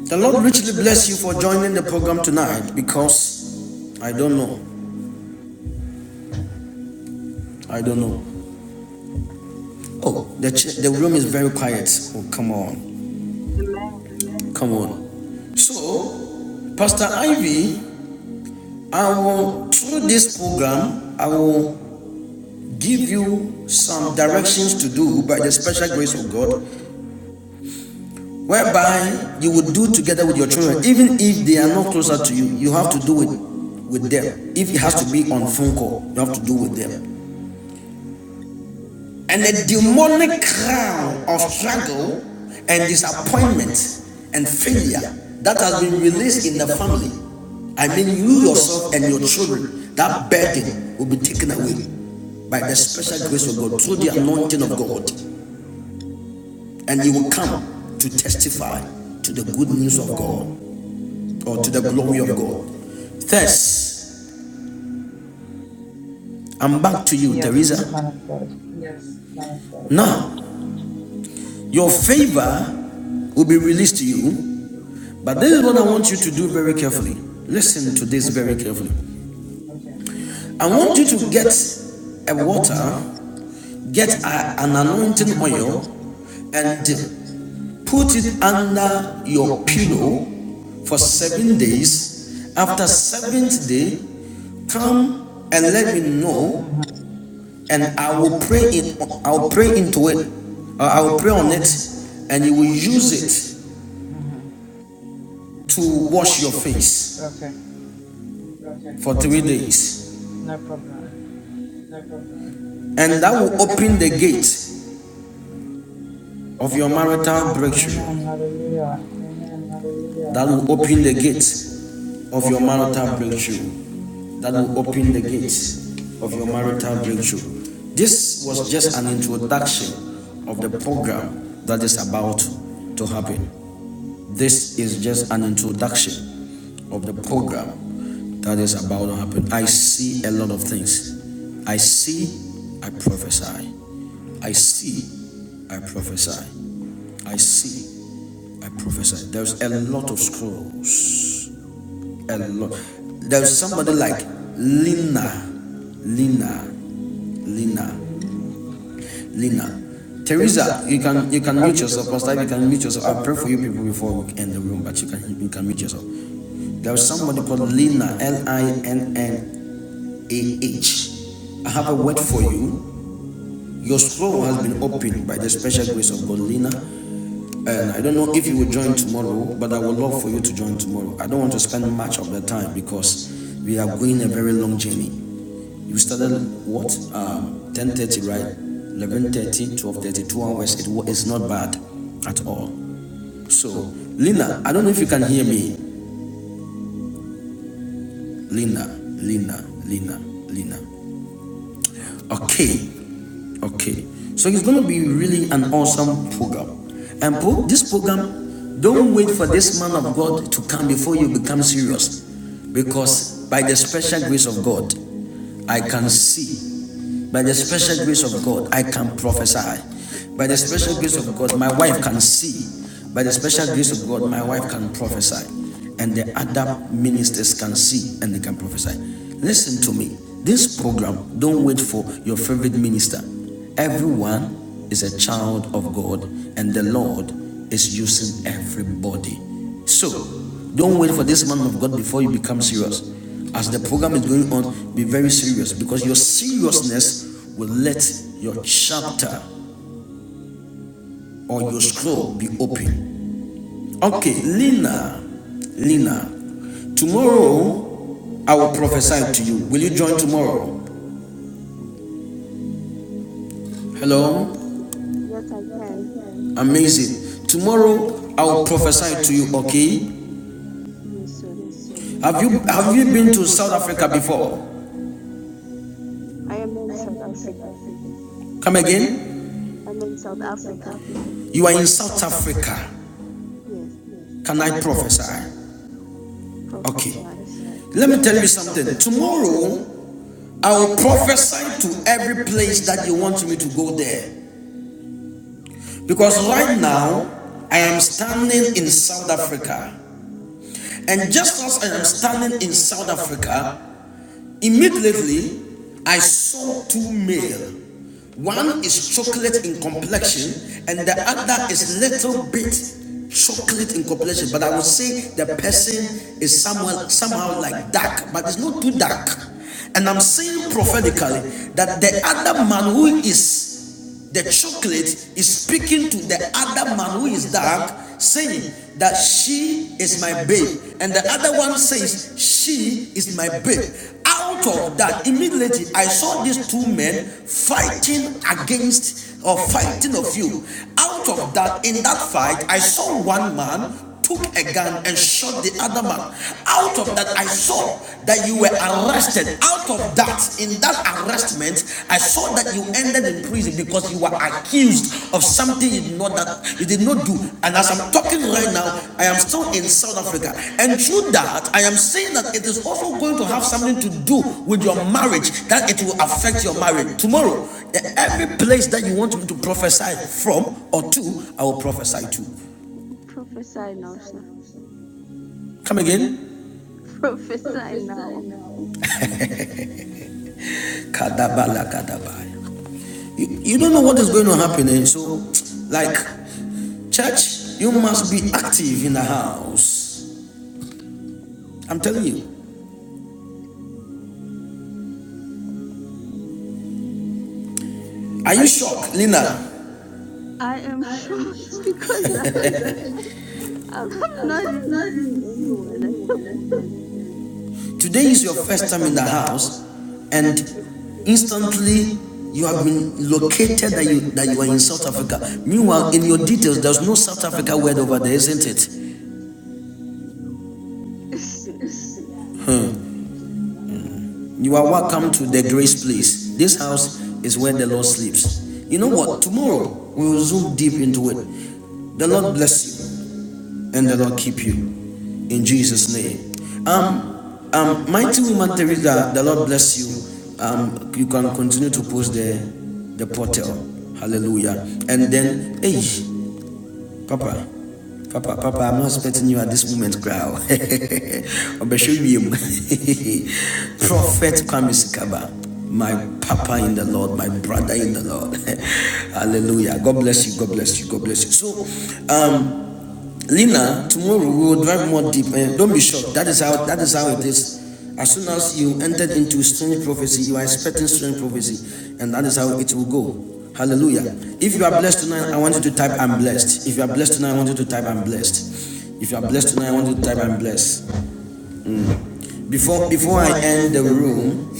Speaker 1: The Lord richly bless you for joining the program tonight because I don't know. I don't know. Oh, the, the room is very quiet. Oh, come on.
Speaker 9: Amen.
Speaker 1: Come on. So, Pastor Ivy, I will, through this program, I will give you some directions to do by the special grace of God whereby you would do together with your children, even if they are not closer to you. You have to do it with them. If it has to be on phone call, you have to do with them. And the demonic crown of struggle and disappointment and failure that has been released in the family, I mean you yourself and your children, that burden will be taken away by the special grace of God through the anointing of God, and you will come to testify to the good news of God.
Speaker 8: Amen.
Speaker 1: or to the glory of God. Thus, I'm back to you,
Speaker 8: Yes,
Speaker 1: Teresa.
Speaker 8: man of God.
Speaker 1: Yes, Now, your favor will be released to you, but this is what I want you to do very carefully. Listen to this
Speaker 8: Okay.
Speaker 1: very carefully. I want you to get a water,
Speaker 8: Mm-hmm.
Speaker 1: get a- an anointing
Speaker 8: Mm-hmm.
Speaker 1: oil, and put it under your
Speaker 8: Mm-hmm.
Speaker 1: pillow for seven days.
Speaker 8: Mm-hmm.
Speaker 1: After seventh day, come and let me know
Speaker 8: Mm-hmm.
Speaker 1: and I will pray it. I will pray into it. Uh, I will pray on it,
Speaker 8: Mm-hmm.
Speaker 1: and you will use it
Speaker 8: Mm-hmm.
Speaker 1: to wash your face
Speaker 8: Okay.
Speaker 1: for three days,
Speaker 8: No problem.
Speaker 1: and that will open the gate of your marital
Speaker 8: Amen.
Speaker 1: breakthrough.
Speaker 8: Hallelujah.
Speaker 1: That will open the gate of your marital breakthrough. That will open the gate of your marital breakthrough. This was just an introduction of the program that is about to happen. This is just an introduction of the program that is about to happen. I see a lot of things. I see, I prophesy. I see, I prophesy. I see, I prophesy. There's a lot of scrolls. A lot. There's somebody like Lina, Lina, Lina,
Speaker 8: Hallelujah.
Speaker 1: Lina. Teresa, you can you can mute
Speaker 8: Okay.
Speaker 1: yourself. Pastor, you can mute yourself. I pray for you people before we end the room, but you can you can mute yourself. There was somebody called Lina, L I N N A H. I have a word for you. Your soul has been opened by the special grace of God, Lina. And I don't know if you will join tomorrow, but I would love for you to join tomorrow. I don't want to spend much of the time because we are going a very long journey. You started what? Um, 10.30, right? 11.30, 12.30, two hours. it's not bad at all. So, Lina, I don't know if you can hear me. Lina, Lina, Lina, Lina. Okay. Okay, so it's going to be really an awesome program. And pro- this program, don't wait for this man of God to come before you become serious. Because by the special grace of God, I can see. By the special grace of God, I
Speaker 10: Yes, can
Speaker 1: can
Speaker 10: hear me?
Speaker 1: prophesy.
Speaker 10: I can
Speaker 1: By the
Speaker 10: hear you
Speaker 1: special
Speaker 10: now.
Speaker 1: grace of God, my wife can see. By the special grace of God, my wife can prophesy. And the other ministers can see and they can prophesy. Listen to me. This program, don't wait for your favorite minister. Everyone is a child of God, and the Lord is using everybody. So, don't wait for this man of God before you become serious. As the program is going on, be very serious because your seriousness will let your chapter or your scroll be open. Okay, Lina, Lina, tomorrow I will prophesy to you. Will you join tomorrow?
Speaker 10: Yes, I
Speaker 1: Hello?
Speaker 10: yes I can.
Speaker 1: Amazing. Tomorrow I will prophesy to you, okay?
Speaker 10: Yes, sir.
Speaker 1: Have you have you been to South Africa before?
Speaker 10: I am in South Africa.
Speaker 1: Come again?
Speaker 10: I'm in South Africa.
Speaker 1: You are in South Africa.
Speaker 10: Yes,
Speaker 1: Can I prophesy? Okay.
Speaker 10: prophesy,
Speaker 1: Let me tell you something. Tomorrow I will prophesy to every place that you want me to go there. Because right now I am standing in South Africa. And just as I am standing in South Africa, immediately I saw two male. One is chocolate in complexion, and the other is little bit chocolate in complexion. But I would say the person is someone somehow like dark, but it's not too dark. And I'm saying prophetically that the other man who is the chocolate is speaking to the other man who is dark, saying that she is my babe. And the other one says, She is my babe. Out of that, immediately I saw these two men fighting against or fighting of you. Out of that, in that fight, I saw one man took a gun and shot the other man. Out of that, I saw that you were arrested. Out of that, in that arrestment, I saw that you ended in prison because you were accused of something you did not that you did not do. And as I'm talking right now, I am still in South Africa. And through that, I am saying that it is also going to have something to do with your marriage, that it will affect your marriage. Tomorrow, every place that you want me to prophesy from or to, I will prophesy to.
Speaker 10: prophesy now, sir.
Speaker 1: Come again?
Speaker 10: [laughs] Prophesy
Speaker 1: Professor, I
Speaker 10: now.
Speaker 1: know. Kadabala kadabaya. You, you don't know what is going to happen, and so, like, church, you must be active in the house. I'm telling you. Are you shocked, Lina?
Speaker 10: I am
Speaker 1: I am
Speaker 10: sure it's [laughs]
Speaker 1: shocked. [laughs]
Speaker 10: because
Speaker 1: i
Speaker 10: I I'm not
Speaker 1: cannot
Speaker 10: even seeing
Speaker 1: even see
Speaker 10: anyone at the moment.
Speaker 1: anyone. Today is your first time in the house, and instantly you have been located that you that you are in South Africa. Meanwhile, in your details, there's no South Africa word over there, isn't it?
Speaker 10: Yes. [laughs]
Speaker 1: Hmm. You
Speaker 10: Oh
Speaker 1: are
Speaker 10: wow.
Speaker 1: welcome to the Grace Place. This house is where the Lord sleeps. You know what?
Speaker 10: Amen.
Speaker 1: Tomorrow we will zoom deep into it. The Lord bless you and the Lord keep you in
Speaker 10: Amen.
Speaker 1: Jesus' name.
Speaker 10: Amen.
Speaker 1: Um, um, mighty woman Teresa, the Lord bless you. Um, you can continue to post the the portal. Hallelujah. And then, hey, Papa. Papa, Papa, I'm not expecting you at this moment, girl. [laughs] I'll show you, [laughs] Prophet Kwame Sikaba, my Papa in the Lord, my brother in the Lord. [laughs] Hallelujah. God bless you. God bless you. God bless you. So, um, Lina, tomorrow we will drive more deep. And don't be shocked. That is how that is how it is. As soon as you entered into strange prophecy, you are expecting strange prophecy, and that is how it will go. Hallelujah. If you are
Speaker 10: Amen.
Speaker 1: blessed tonight, I want you to type I'm blessed. If you are blessed tonight, I want you to type I'm blessed. If you are blessed tonight, I want you to type I'm blessed. Before before I end the room,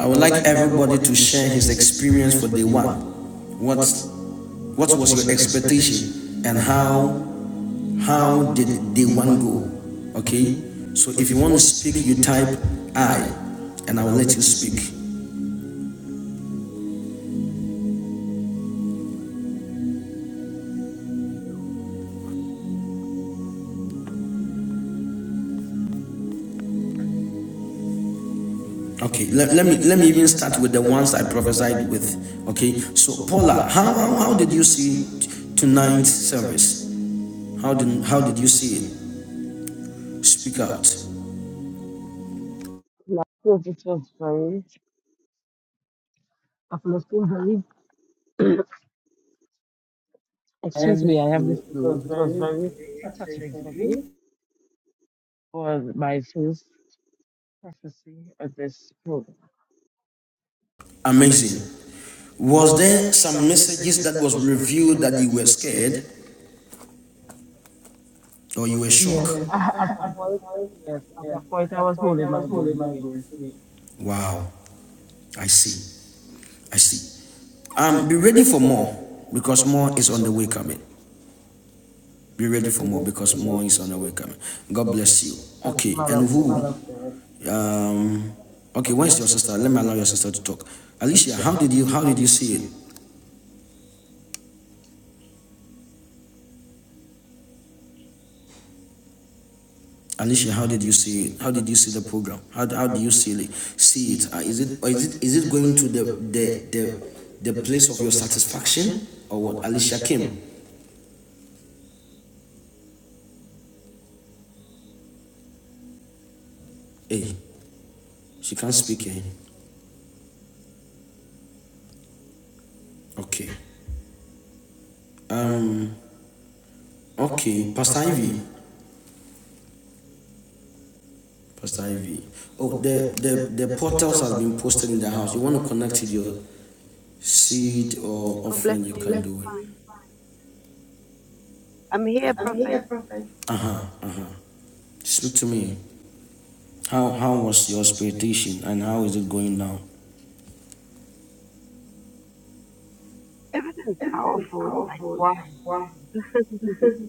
Speaker 1: I would like everybody to share his experience for day one. What what was your expectation and how how did day one go? Okay. So if you want to speak, you type I, and I will let you speak. Okay. Let, let me let me even start with the ones I prophesied with. Okay. So Paula, how how, how did you see tonight's service? How did how did you see it? Speak out.
Speaker 6: Last week it was very uplifting, very. [clears throat] Excuse
Speaker 1: And
Speaker 6: me, I have the
Speaker 1: uh, it
Speaker 6: flu.
Speaker 1: was
Speaker 6: It was
Speaker 1: very
Speaker 6: very, very
Speaker 1: touching
Speaker 6: touching
Speaker 1: for
Speaker 6: for me
Speaker 1: you.
Speaker 6: for my first prophecy at this program.
Speaker 1: Amazing. Was there some messages that was revealed that you were scared? Or you were shocked?
Speaker 6: Yes,
Speaker 1: Yes,
Speaker 6: [laughs]
Speaker 1: [laughs]
Speaker 6: at a
Speaker 1: at the
Speaker 6: point,
Speaker 1: point,
Speaker 6: yes, at
Speaker 1: yes,
Speaker 6: a
Speaker 1: at
Speaker 6: point I
Speaker 1: the
Speaker 6: was
Speaker 1: point I
Speaker 6: holding
Speaker 1: was
Speaker 6: my
Speaker 1: holding
Speaker 6: breath.
Speaker 1: my
Speaker 6: Yes,
Speaker 1: breath. Yes. Wow, I see. I see. Um, be ready for more because more is on the way coming. Be ready
Speaker 6: in
Speaker 1: for more
Speaker 6: Jesus'
Speaker 1: because
Speaker 6: name.
Speaker 1: more is on the way coming.
Speaker 6: Thank you,
Speaker 1: God bless you.
Speaker 6: thank you,
Speaker 1: Okay,
Speaker 6: man of
Speaker 1: and who?
Speaker 6: God.
Speaker 1: Um, okay, where's your sister? Let me allow your sister to talk. Alicia, how did you how did you see it? Alicia, how did you see it? How did you see the program? How, how do you see it? See it? Uh, is it or is it is it going to the the the, the place of your satisfaction or what? Alicia came. Hey, she can't speak. Eh? Okay. Um. Okay, Pastor Ivy. Pastor Ivy. Oh, the the the portals have been posted in the house. You want to connect with your seed or
Speaker 9: God bless
Speaker 1: offering? You
Speaker 9: you.
Speaker 1: can do it.
Speaker 9: I'm here, Prophet.
Speaker 1: Uh huh. Uh huh. Speak to me. How how was your expectation and how is it going now?
Speaker 9: Everything's powerful. It's like,
Speaker 1: powerful. It's
Speaker 9: wow.
Speaker 1: like wow.
Speaker 9: [laughs]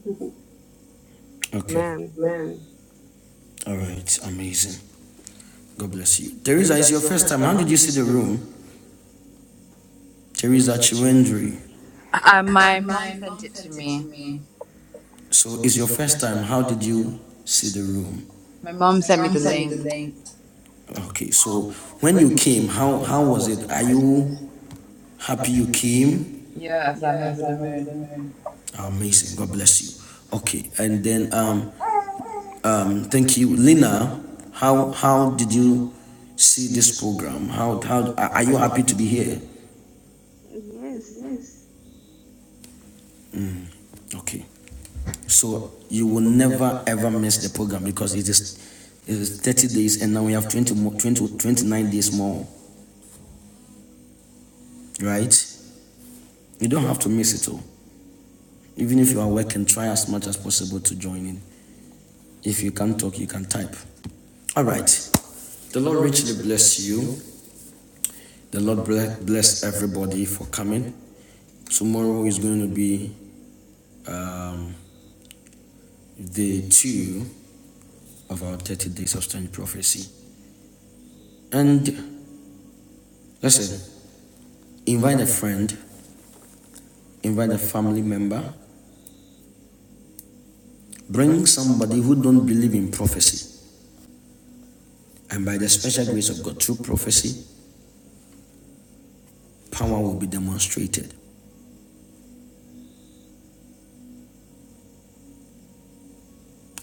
Speaker 1: Okay.
Speaker 9: Amen.
Speaker 1: Amen. All right. Amazing. God bless you. Teresa, it's your first time. How did you see the room? Teresa Chiwendri.
Speaker 8: Uh,
Speaker 1: Uh,
Speaker 8: my mom
Speaker 1: my
Speaker 8: sent
Speaker 1: mom
Speaker 8: it to
Speaker 1: sent it to
Speaker 8: me.
Speaker 1: me. So it's your first time. How did you see the room?
Speaker 8: My mom
Speaker 1: My
Speaker 8: sent me
Speaker 1: mom
Speaker 8: the
Speaker 1: sent me the
Speaker 8: link.
Speaker 1: link. Okay. So when you came, how how was it? Are you happy you came?
Speaker 8: Yes, I'm over
Speaker 1: Yes,
Speaker 8: the
Speaker 1: I'm over the
Speaker 8: moon.
Speaker 1: moon. Amazing. God bless you. Okay. And then um Um, thank you, Lina. How how did you see this program? How how are are you happy to be here?
Speaker 10: Yes.
Speaker 1: Mm, Okay, so you will never ever miss the program because it is it is 30 days and now we have 20 more 20 29 days more, right? You don't have to miss it all. Even if you are working, try as much as possible to join in. If you can't talk, you can type. All right. The Lord richly bless you. The Lord bless, bless everybody for coming. Tomorrow is going to be um, day two of our 30 day sustained prophecy. And listen, invite a friend, invite a family member, bring somebody who don't believe in prophecy. And by the special grace of God, through prophecy, power will be demonstrated.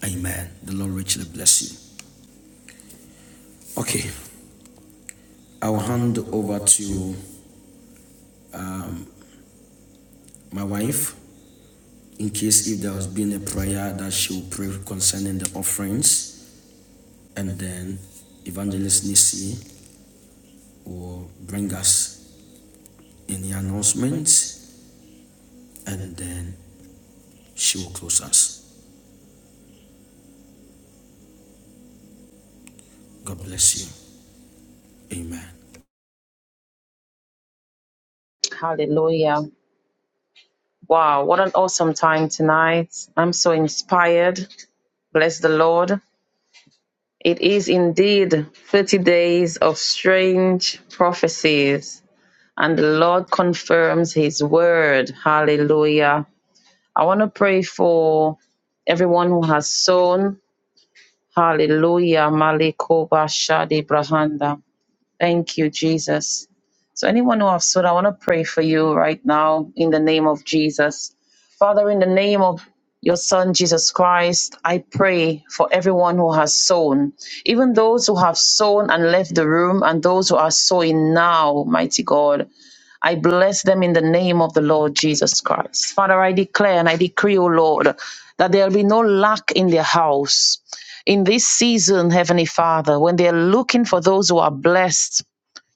Speaker 1: Amen. The Lord richly bless you. Okay, I'll hand over to um, my wife in case if there has been a prayer that she will pray concerning the offerings, and then Evangelist Nisi will bring us in the announcements and then she will close us. God bless you. Amen.
Speaker 2: Hallelujah. Wow, what an awesome time tonight. I'm so inspired. Bless the Lord. It is indeed 30 days of strange prophecies, and the Lord confirms his word. Hallelujah. I want to pray for everyone who has sown. Hallelujah. Malikoba Shadi Brahanda. Thank you, Jesus. So, anyone who have stood, I want to pray for you right now in the name of Jesus. Father, in the name of your son Jesus Christ, I pray for everyone who has sown, even those who have sown and left the room, and those who are sowing now, mighty God. I bless them in the name of the Lord Jesus Christ. Father, I declare and I decree, O Lord, that there will be no lack in their house. In this season, Heavenly Father, when they are looking for those who are blessed,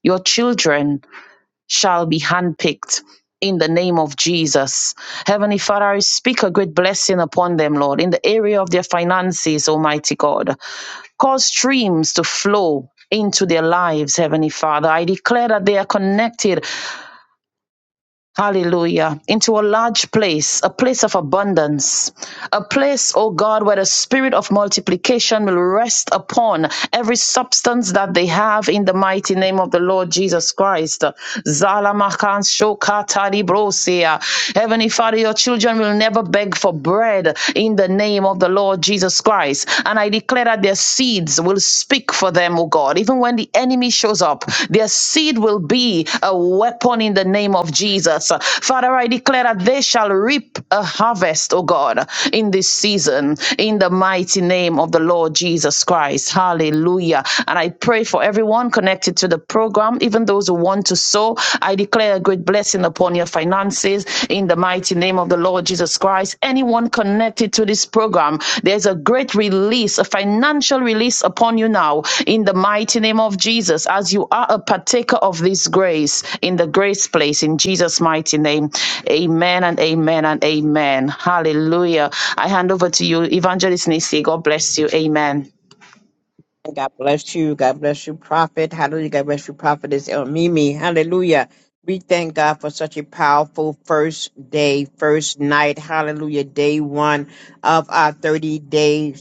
Speaker 2: your children, shall be handpicked in the name of Jesus. Heavenly Father, I speak a great blessing upon them, Lord, in the area of their finances, Almighty God. Cause streams to flow into their lives, Heavenly Father. I declare that they are connected Hallelujah. Into a large place, a place of abundance, a place, oh God, where the spirit of multiplication will rest upon every substance that they have in the mighty name of the Lord Jesus Christ. Zalamakan shokatari brosia. Heavenly Father, your children will never beg for bread in the name of the Lord Jesus Christ. And I declare that their their seeds will speak for them, oh God. Even when the enemy shows up, their seed will be a weapon in the name of Jesus. Father, I declare that they shall reap a harvest, oh God, in this season, in the mighty name of the Lord Jesus Christ. Hallelujah. And I pray for everyone connected to the program, even those who want to sow. I declare a great blessing upon your finances in the mighty name of the Lord Jesus Christ. Anyone connected to this program, there's a great release, a financial release upon you now in the mighty name of Jesus as you are a partaker of this grace in the grace place in Jesus' mighty name. Amen and amen and amen. Hallelujah. I hand over to you, Evangelist Nisi. God bless you. Amen.
Speaker 3: And God bless you. God bless you, Prophet. Hallelujah. God bless you, Prophetess El Mimi. Hallelujah. We thank God for such a powerful first day, first night. Hallelujah. Day one of our 30 days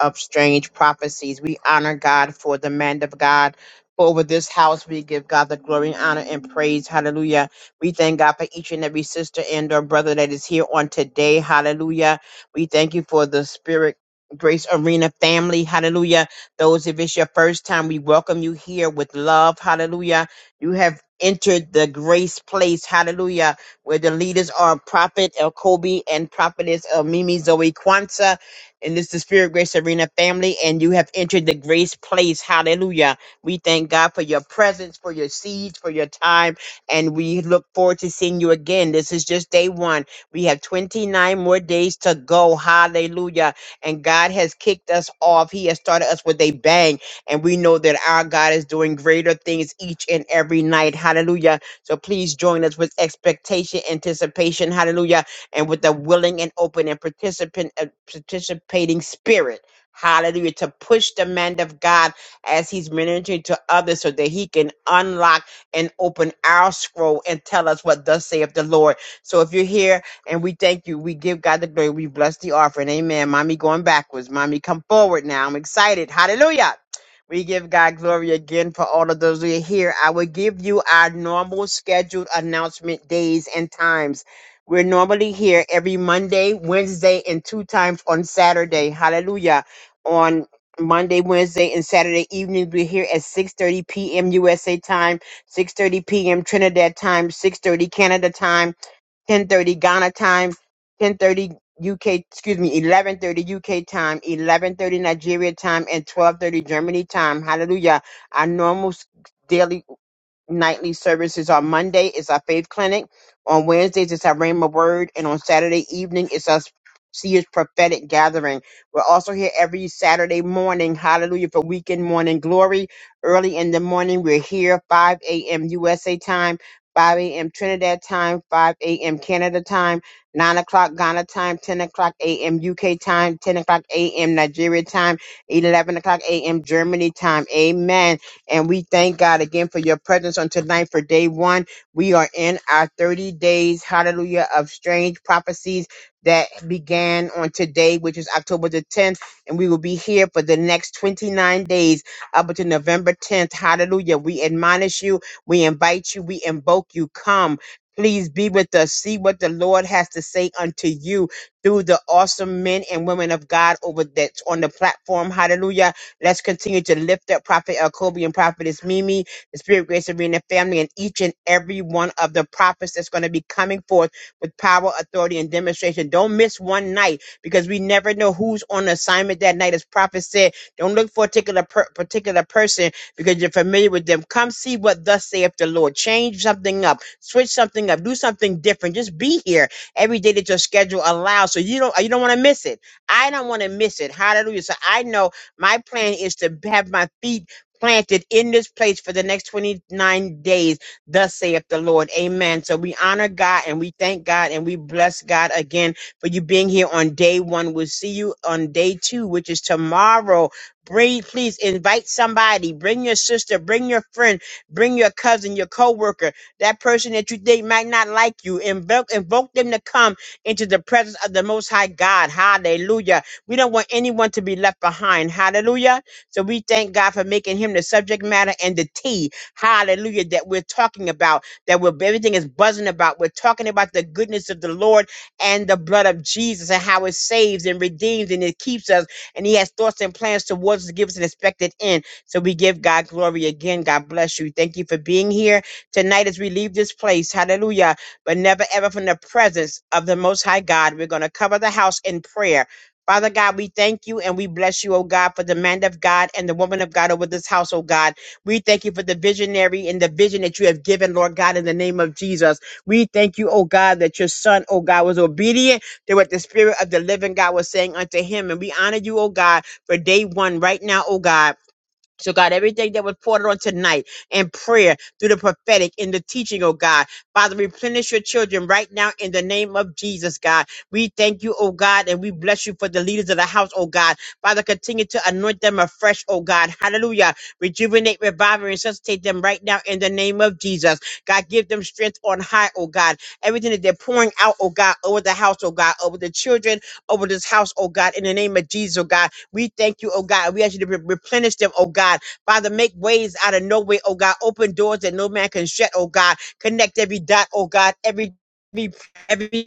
Speaker 3: of strange prophecies. We honor God for the man of God. For over this house, we give God the glory, honor, and praise. Hallelujah. We thank God for each and every sister and or brother that is here on today. Hallelujah. We thank you for the spirit. Grace Arena family, hallelujah. Those, if it's your first time, we welcome you with hallelujah. You have entered the grace place, hallelujah, where the leaders are Prophet El Kobe and Prophetess El Mimi Zoe Kwanzaa. Grace Arena family, and you have entered the grace place. Hallelujah. We thank your presence for each time and look forward to day one. We have 29 and gang. and that our God is doing greater things each and every night. Hallelujah. So please join us with expectation, anticipation, hallelujah, and with a willing and open and participant uh, participating spirit. Hallelujah. To push the man of God as he's ministering to others so that he can unlock and open our scroll and tell us what thus saith the Lord. So if you're here and we thank you, we give God the glory, we bless the offering. Amen. Mommy going backwards. Mommy, come forward now. I'm excited. Hallelujah. We give God glory again for all of those who are here. I will give you our normal scheduled announcement days and times. We're normally here every Monday, Wednesday, and two times on Saturday. Hallelujah. On Monday, Wednesday, and Saturday evening, we're here at 6.30 p.m. USA time, 6.30 p.m. Trinidad time, 6.30 Canada time, 10:30 Ghana time, 10:30 UK, excuse me, 11:30 UK time, 11:30 Nigeria time, and 12:30 Germany time. Hallelujah! Our normal s- daily nightly services on Monday is our faith clinic. On Wednesdays it's our Rhema Word, and on Saturday evening it's our Seers prophetic gathering. We're also here every Saturday morning, hallelujah, for weekend morning glory. Early in the morning, we're here 5 a.m. USA time, 5 a.m. Trinidad time, 5 a.m. Canada time, 9 o'clock Ghana time, 10 o'clock a.m. UK time, 10 o'clock a.m. Nigeria time, 11 o'clock a.m. Germany time. Amen. And we thank God again for your presence on tonight for day one. We are in our 30 days, hallelujah, of strange prophecies that began on today, which is October the 10th. And we will be here for the next 29 days up until November 10th. Hallelujah. We admonish you. We invite you. We invoke you. Come. Please be with us. See what the Lord has to say unto you through the awesome men and women of God over that's on the platform. Hallelujah Let's continue to lift up Prophet El Kobe and Prophetess Mimi, the Spirit, Grace, Arena family, and each and every one of the prophets that's going to be coming forth with power, authority, and demonstration. Don't miss one night because we never know who's on assignment that night. As prophet said, don't look for a particular, per- particular person because you're familiar with them. Come see what thus saith the Lord. Change something up, switch something up, do something different. Just be here every day that your schedule allows. So you don't you don't want to miss it. I don't want to miss it. Hallelujah. So I know my plan is to have my feet planted in this place for the next 29 days, thus saith the Lord. Amen. So we honor God and we thank God and we bless God again for you being here on day one. We'll see you on day two, which is tomorrow. Bring, please invite somebody, bring your sister, bring your friend, bring your cousin, your coworker, that person that you think might not like you. Invoke, invoke them to come into the presence of the Most High God. Hallelujah we don't want anyone to be left behind. Hallelujah. So we thank God for making him the subject matter and the tea. Hallelujah. That we're talking about, that we're, everything is buzzing about. We're talking about the goodness of the Lord and the blood of Jesus and how it saves and redeems and it keeps us. And he has thoughts and plans towards us to give us an expected end. So we give God glory again. God bless you. Thank you for being here tonight as we leave this place. Hallelujah. But never ever from the presence of the Most High God. We're going to cover the house in prayer. Father God, we thank you and we bless you, oh God, for the man of God and the woman of God over this house, oh God. We thank you for the visionary and the vision that you have given, Lord God, in the name of Jesus. We thank you, oh God, that your son, oh God, was obedient to what the spirit of the living God was saying unto him. And we honor you, oh God, for day one right now, oh God. So, God, everything that was poured on tonight in prayer through the prophetic in the teaching, oh God. Father, replenish your children right now in the name of Jesus, God. We thank you, oh God, and we bless you for the leaders of the house, oh God. Father, continue to anoint them afresh, oh God. Hallelujah. Rejuvenate, revive, and resuscitate them right now in the name of Jesus. God, give them strength on high, oh God. Everything that they're pouring out, oh God, over the house, oh God, over the children, over this house, oh God, in the name of Jesus, oh God. We thank you, oh God. We ask you to re- replenish them, oh God. Father, make ways out of no way, oh God. Open doors that no man can shut, oh God. Connect every dot, oh God. Every every every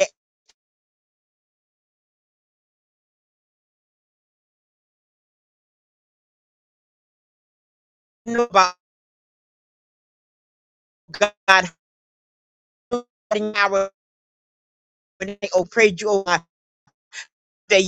Speaker 3: no, God. God, harden our oh, praise you, oh God.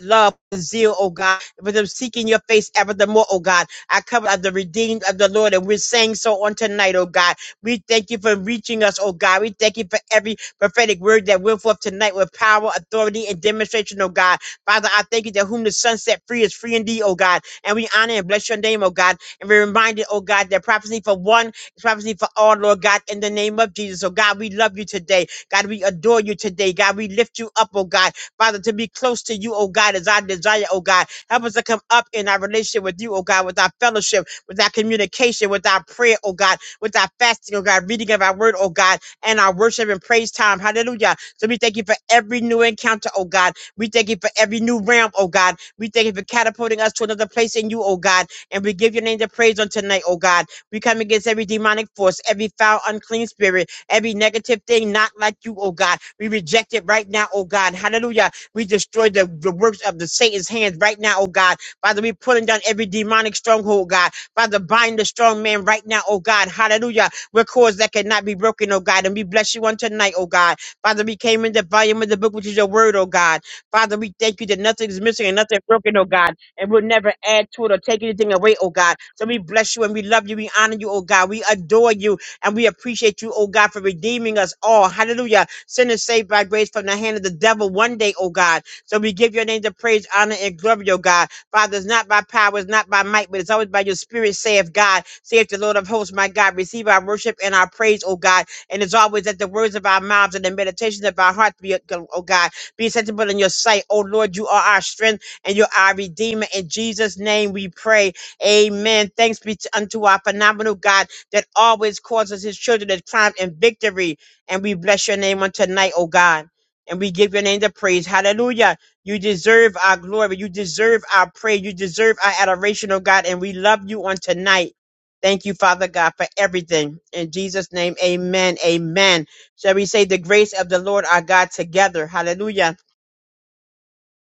Speaker 3: love and zeal, oh God. But I'm seeking your face ever the more, oh God. I cover uh, the redeemed of the Lord, and we're saying so on tonight, oh God. We thank you for reaching us, oh God. We thank you for every prophetic word that went forth tonight with power, authority, and demonstration, oh God. Father, I thank you that whom the Son set free is free indeed, oh God. And we honor and bless your name, oh God. And we're reminded, oh God, that prophecy for one is prophecy for all, Lord God, in the name of Jesus. Oh God, we love you today. God, we adore you today. God, we lift you up, oh God. Father, to be close to you, oh God, as our desire, oh God. Help us to come up in our relationship with you, oh God, with our fellowship, with our communication, with our prayer, oh God, with our fasting, oh God, reading of our word, oh God, and our worship and praise time. Hallelujah. So we thank you for every new encounter, oh God. We thank you for every new realm, oh God. We thank you for catapulting us to another place in you, oh God. And we give your name the praise on tonight, oh God. We come against every demonic force, every foul, unclean spirit, every negative thing not like you, oh God. We reject it right now, oh God. Hallelujah we destroy the, the works of the Satan's hands right now, oh God. Father, we pulling down every demonic stronghold, God. Father, bind the strong man right now, oh God. Hallelujah. We're cords that cannot be broken, oh God. And we bless you on tonight, oh God. Father, we came in the volume of the book, which is your word, oh God. Father, we thank you that nothing is missing and nothing broken, oh God. And we'll never add to it or take anything away, oh God. So we bless you and we love you. We honor you, oh God. We adore you and we appreciate you, oh God, for redeeming us all. Hallelujah. Sinners saved by grace from the hand of the devil one day, oh God. So we give your name the praise, honor, and glory, oh God. Father, it's not by power, it's not by might, but it's always by your spirit, saith God, saith the Lord of hosts, my God. Receive our worship and our praise, oh God. And it's always that the words of our mouths and the meditations of our hearts be, oh God, be acceptable in your sight. Oh Lord, you are our strength and you're our redeemer. In Jesus' name we pray. Amen. Thanks be to, unto our phenomenal God that always causes his children to triumph in victory. And we bless your name on tonight, oh God. And we give your name the praise. Hallelujah. You deserve our glory. You deserve our praise. You deserve our adoration, oh God. And we love you on tonight. Thank you, Father God, for everything. In Jesus' name, amen. Amen. Shall we say the grace of the Lord our God together? Hallelujah.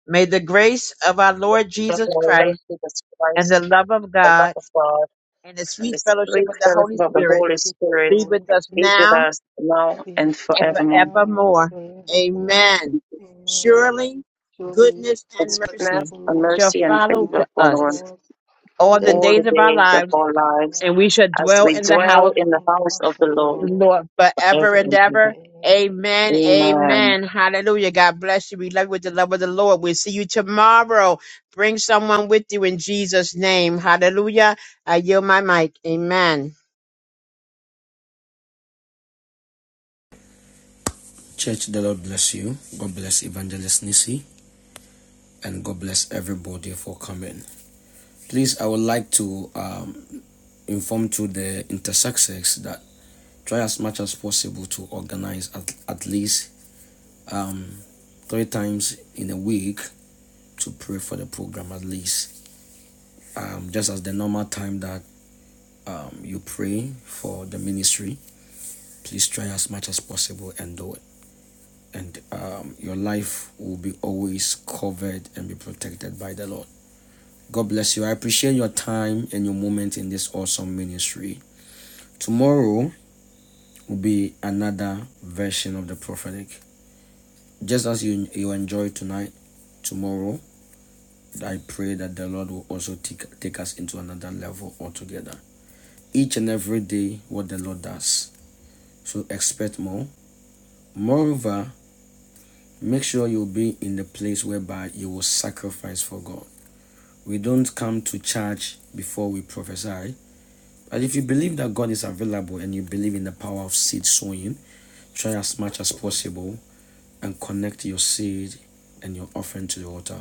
Speaker 3: May the grace of our Lord Jesus Christ and the love of God and the
Speaker 2: and the
Speaker 3: sweet
Speaker 2: sweet
Speaker 3: fellowship of the Holy
Speaker 2: fellowship of the
Speaker 4: This
Speaker 3: Spirit
Speaker 4: is
Speaker 2: Holy
Speaker 4: it of the
Speaker 2: Spirit
Speaker 3: be with
Speaker 4: Holy
Speaker 3: us
Speaker 2: be
Speaker 4: Spirit
Speaker 2: with
Speaker 3: now
Speaker 2: us now
Speaker 4: is
Speaker 2: and
Speaker 3: and
Speaker 4: that
Speaker 2: forevermore.
Speaker 4: now and
Speaker 3: forevermore.
Speaker 4: forevermore.
Speaker 3: Amen.
Speaker 4: Amen.
Speaker 3: Surely
Speaker 4: Surely
Speaker 3: goodness and
Speaker 2: God's
Speaker 4: His grace
Speaker 2: goodness
Speaker 3: mercy
Speaker 4: and
Speaker 2: and
Speaker 3: shall
Speaker 2: mercy
Speaker 4: mercy
Speaker 2: and
Speaker 3: follow
Speaker 4: will
Speaker 2: favor
Speaker 3: to
Speaker 2: follow us
Speaker 3: us
Speaker 4: follow us
Speaker 3: all
Speaker 4: all
Speaker 3: the
Speaker 4: the
Speaker 9: Today
Speaker 2: all the
Speaker 3: days of
Speaker 4: days
Speaker 3: our
Speaker 2: days
Speaker 4: and
Speaker 2: of
Speaker 3: lives,
Speaker 4: days
Speaker 2: our
Speaker 4: of our
Speaker 2: lives
Speaker 3: and we
Speaker 4: life
Speaker 3: shall
Speaker 2: as
Speaker 3: dwell
Speaker 2: we
Speaker 4: as
Speaker 3: in
Speaker 4: we
Speaker 3: the
Speaker 2: dwell
Speaker 3: house,
Speaker 2: in
Speaker 4: dwell
Speaker 2: the
Speaker 4: in the
Speaker 2: house of
Speaker 4: house
Speaker 2: the
Speaker 4: of the
Speaker 2: Lord
Speaker 3: of the
Speaker 4: Lord
Speaker 3: Lord, forever
Speaker 2: forever
Speaker 3: and
Speaker 2: and
Speaker 4: forever
Speaker 2: ever.
Speaker 3: ever.
Speaker 4: and ever.
Speaker 3: Amen.
Speaker 4: Amen.
Speaker 2: Amen.
Speaker 3: Amen. Hallelujah. God bless you. We love you with the love of the Lord. We'll see you tomorrow. Bring someone with you in Jesus' name. Hallelujah. I yield my mic. Amen.
Speaker 1: Church, the Lord bless you. God bless Evangelist Nisi and God bless everybody for coming. Please, I would like to um, inform to the intersexes that try as much as possible to organize at, at least um, three times in a week to pray for the program at least. Um, just as the normal time that um, you pray for the ministry, please try as much as possible and do it. And um, your life will be always covered and be protected by the Lord. God bless you. I appreciate your time and your moment in this awesome ministry. Tomorrow will be another version of the prophetic. Just as you, you enjoy tonight, tomorrow, I pray that the Lord will also take, take us into another level altogether. Each and every day, what the Lord does. So expect more. Moreover, Make sure you will be in the place whereby you will sacrifice for God. We don't come to church before we prophesy. But if you believe that God is available and you believe in the power of seed sowing, try as much as possible and connect your seed and your offering to the altar.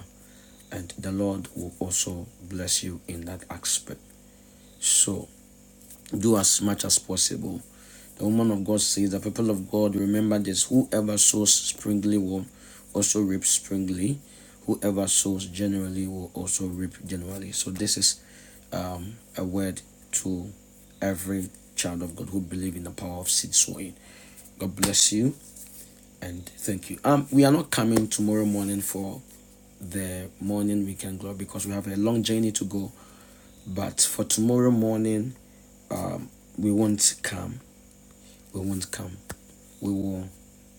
Speaker 1: And the Lord will also bless you in that aspect. So do as much as possible The woman of God says, The people of God, remember this whoever sows springly will also reap springly. Whoever sows generally will also reap generally. So, this is um, a word to every child of God who believe in the power of seed sowing. God bless you and thank you. Um, we are not coming tomorrow morning for the morning weekend glory because we have a long journey to go. But for tomorrow morning, um, we won't come we won't come. We will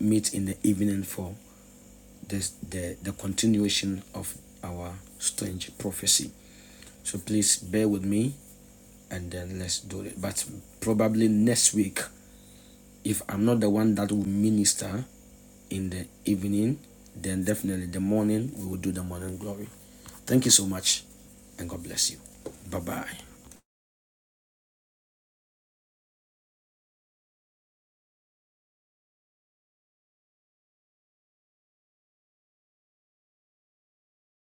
Speaker 1: meet in the evening for this the, the continuation of our strange prophecy. So please bear with me and then let's do it. But probably next week, if I'm not the one that will minister in the evening, then definitely the morning we will do the morning glory. Thank you so much and God bless you. Bye bye.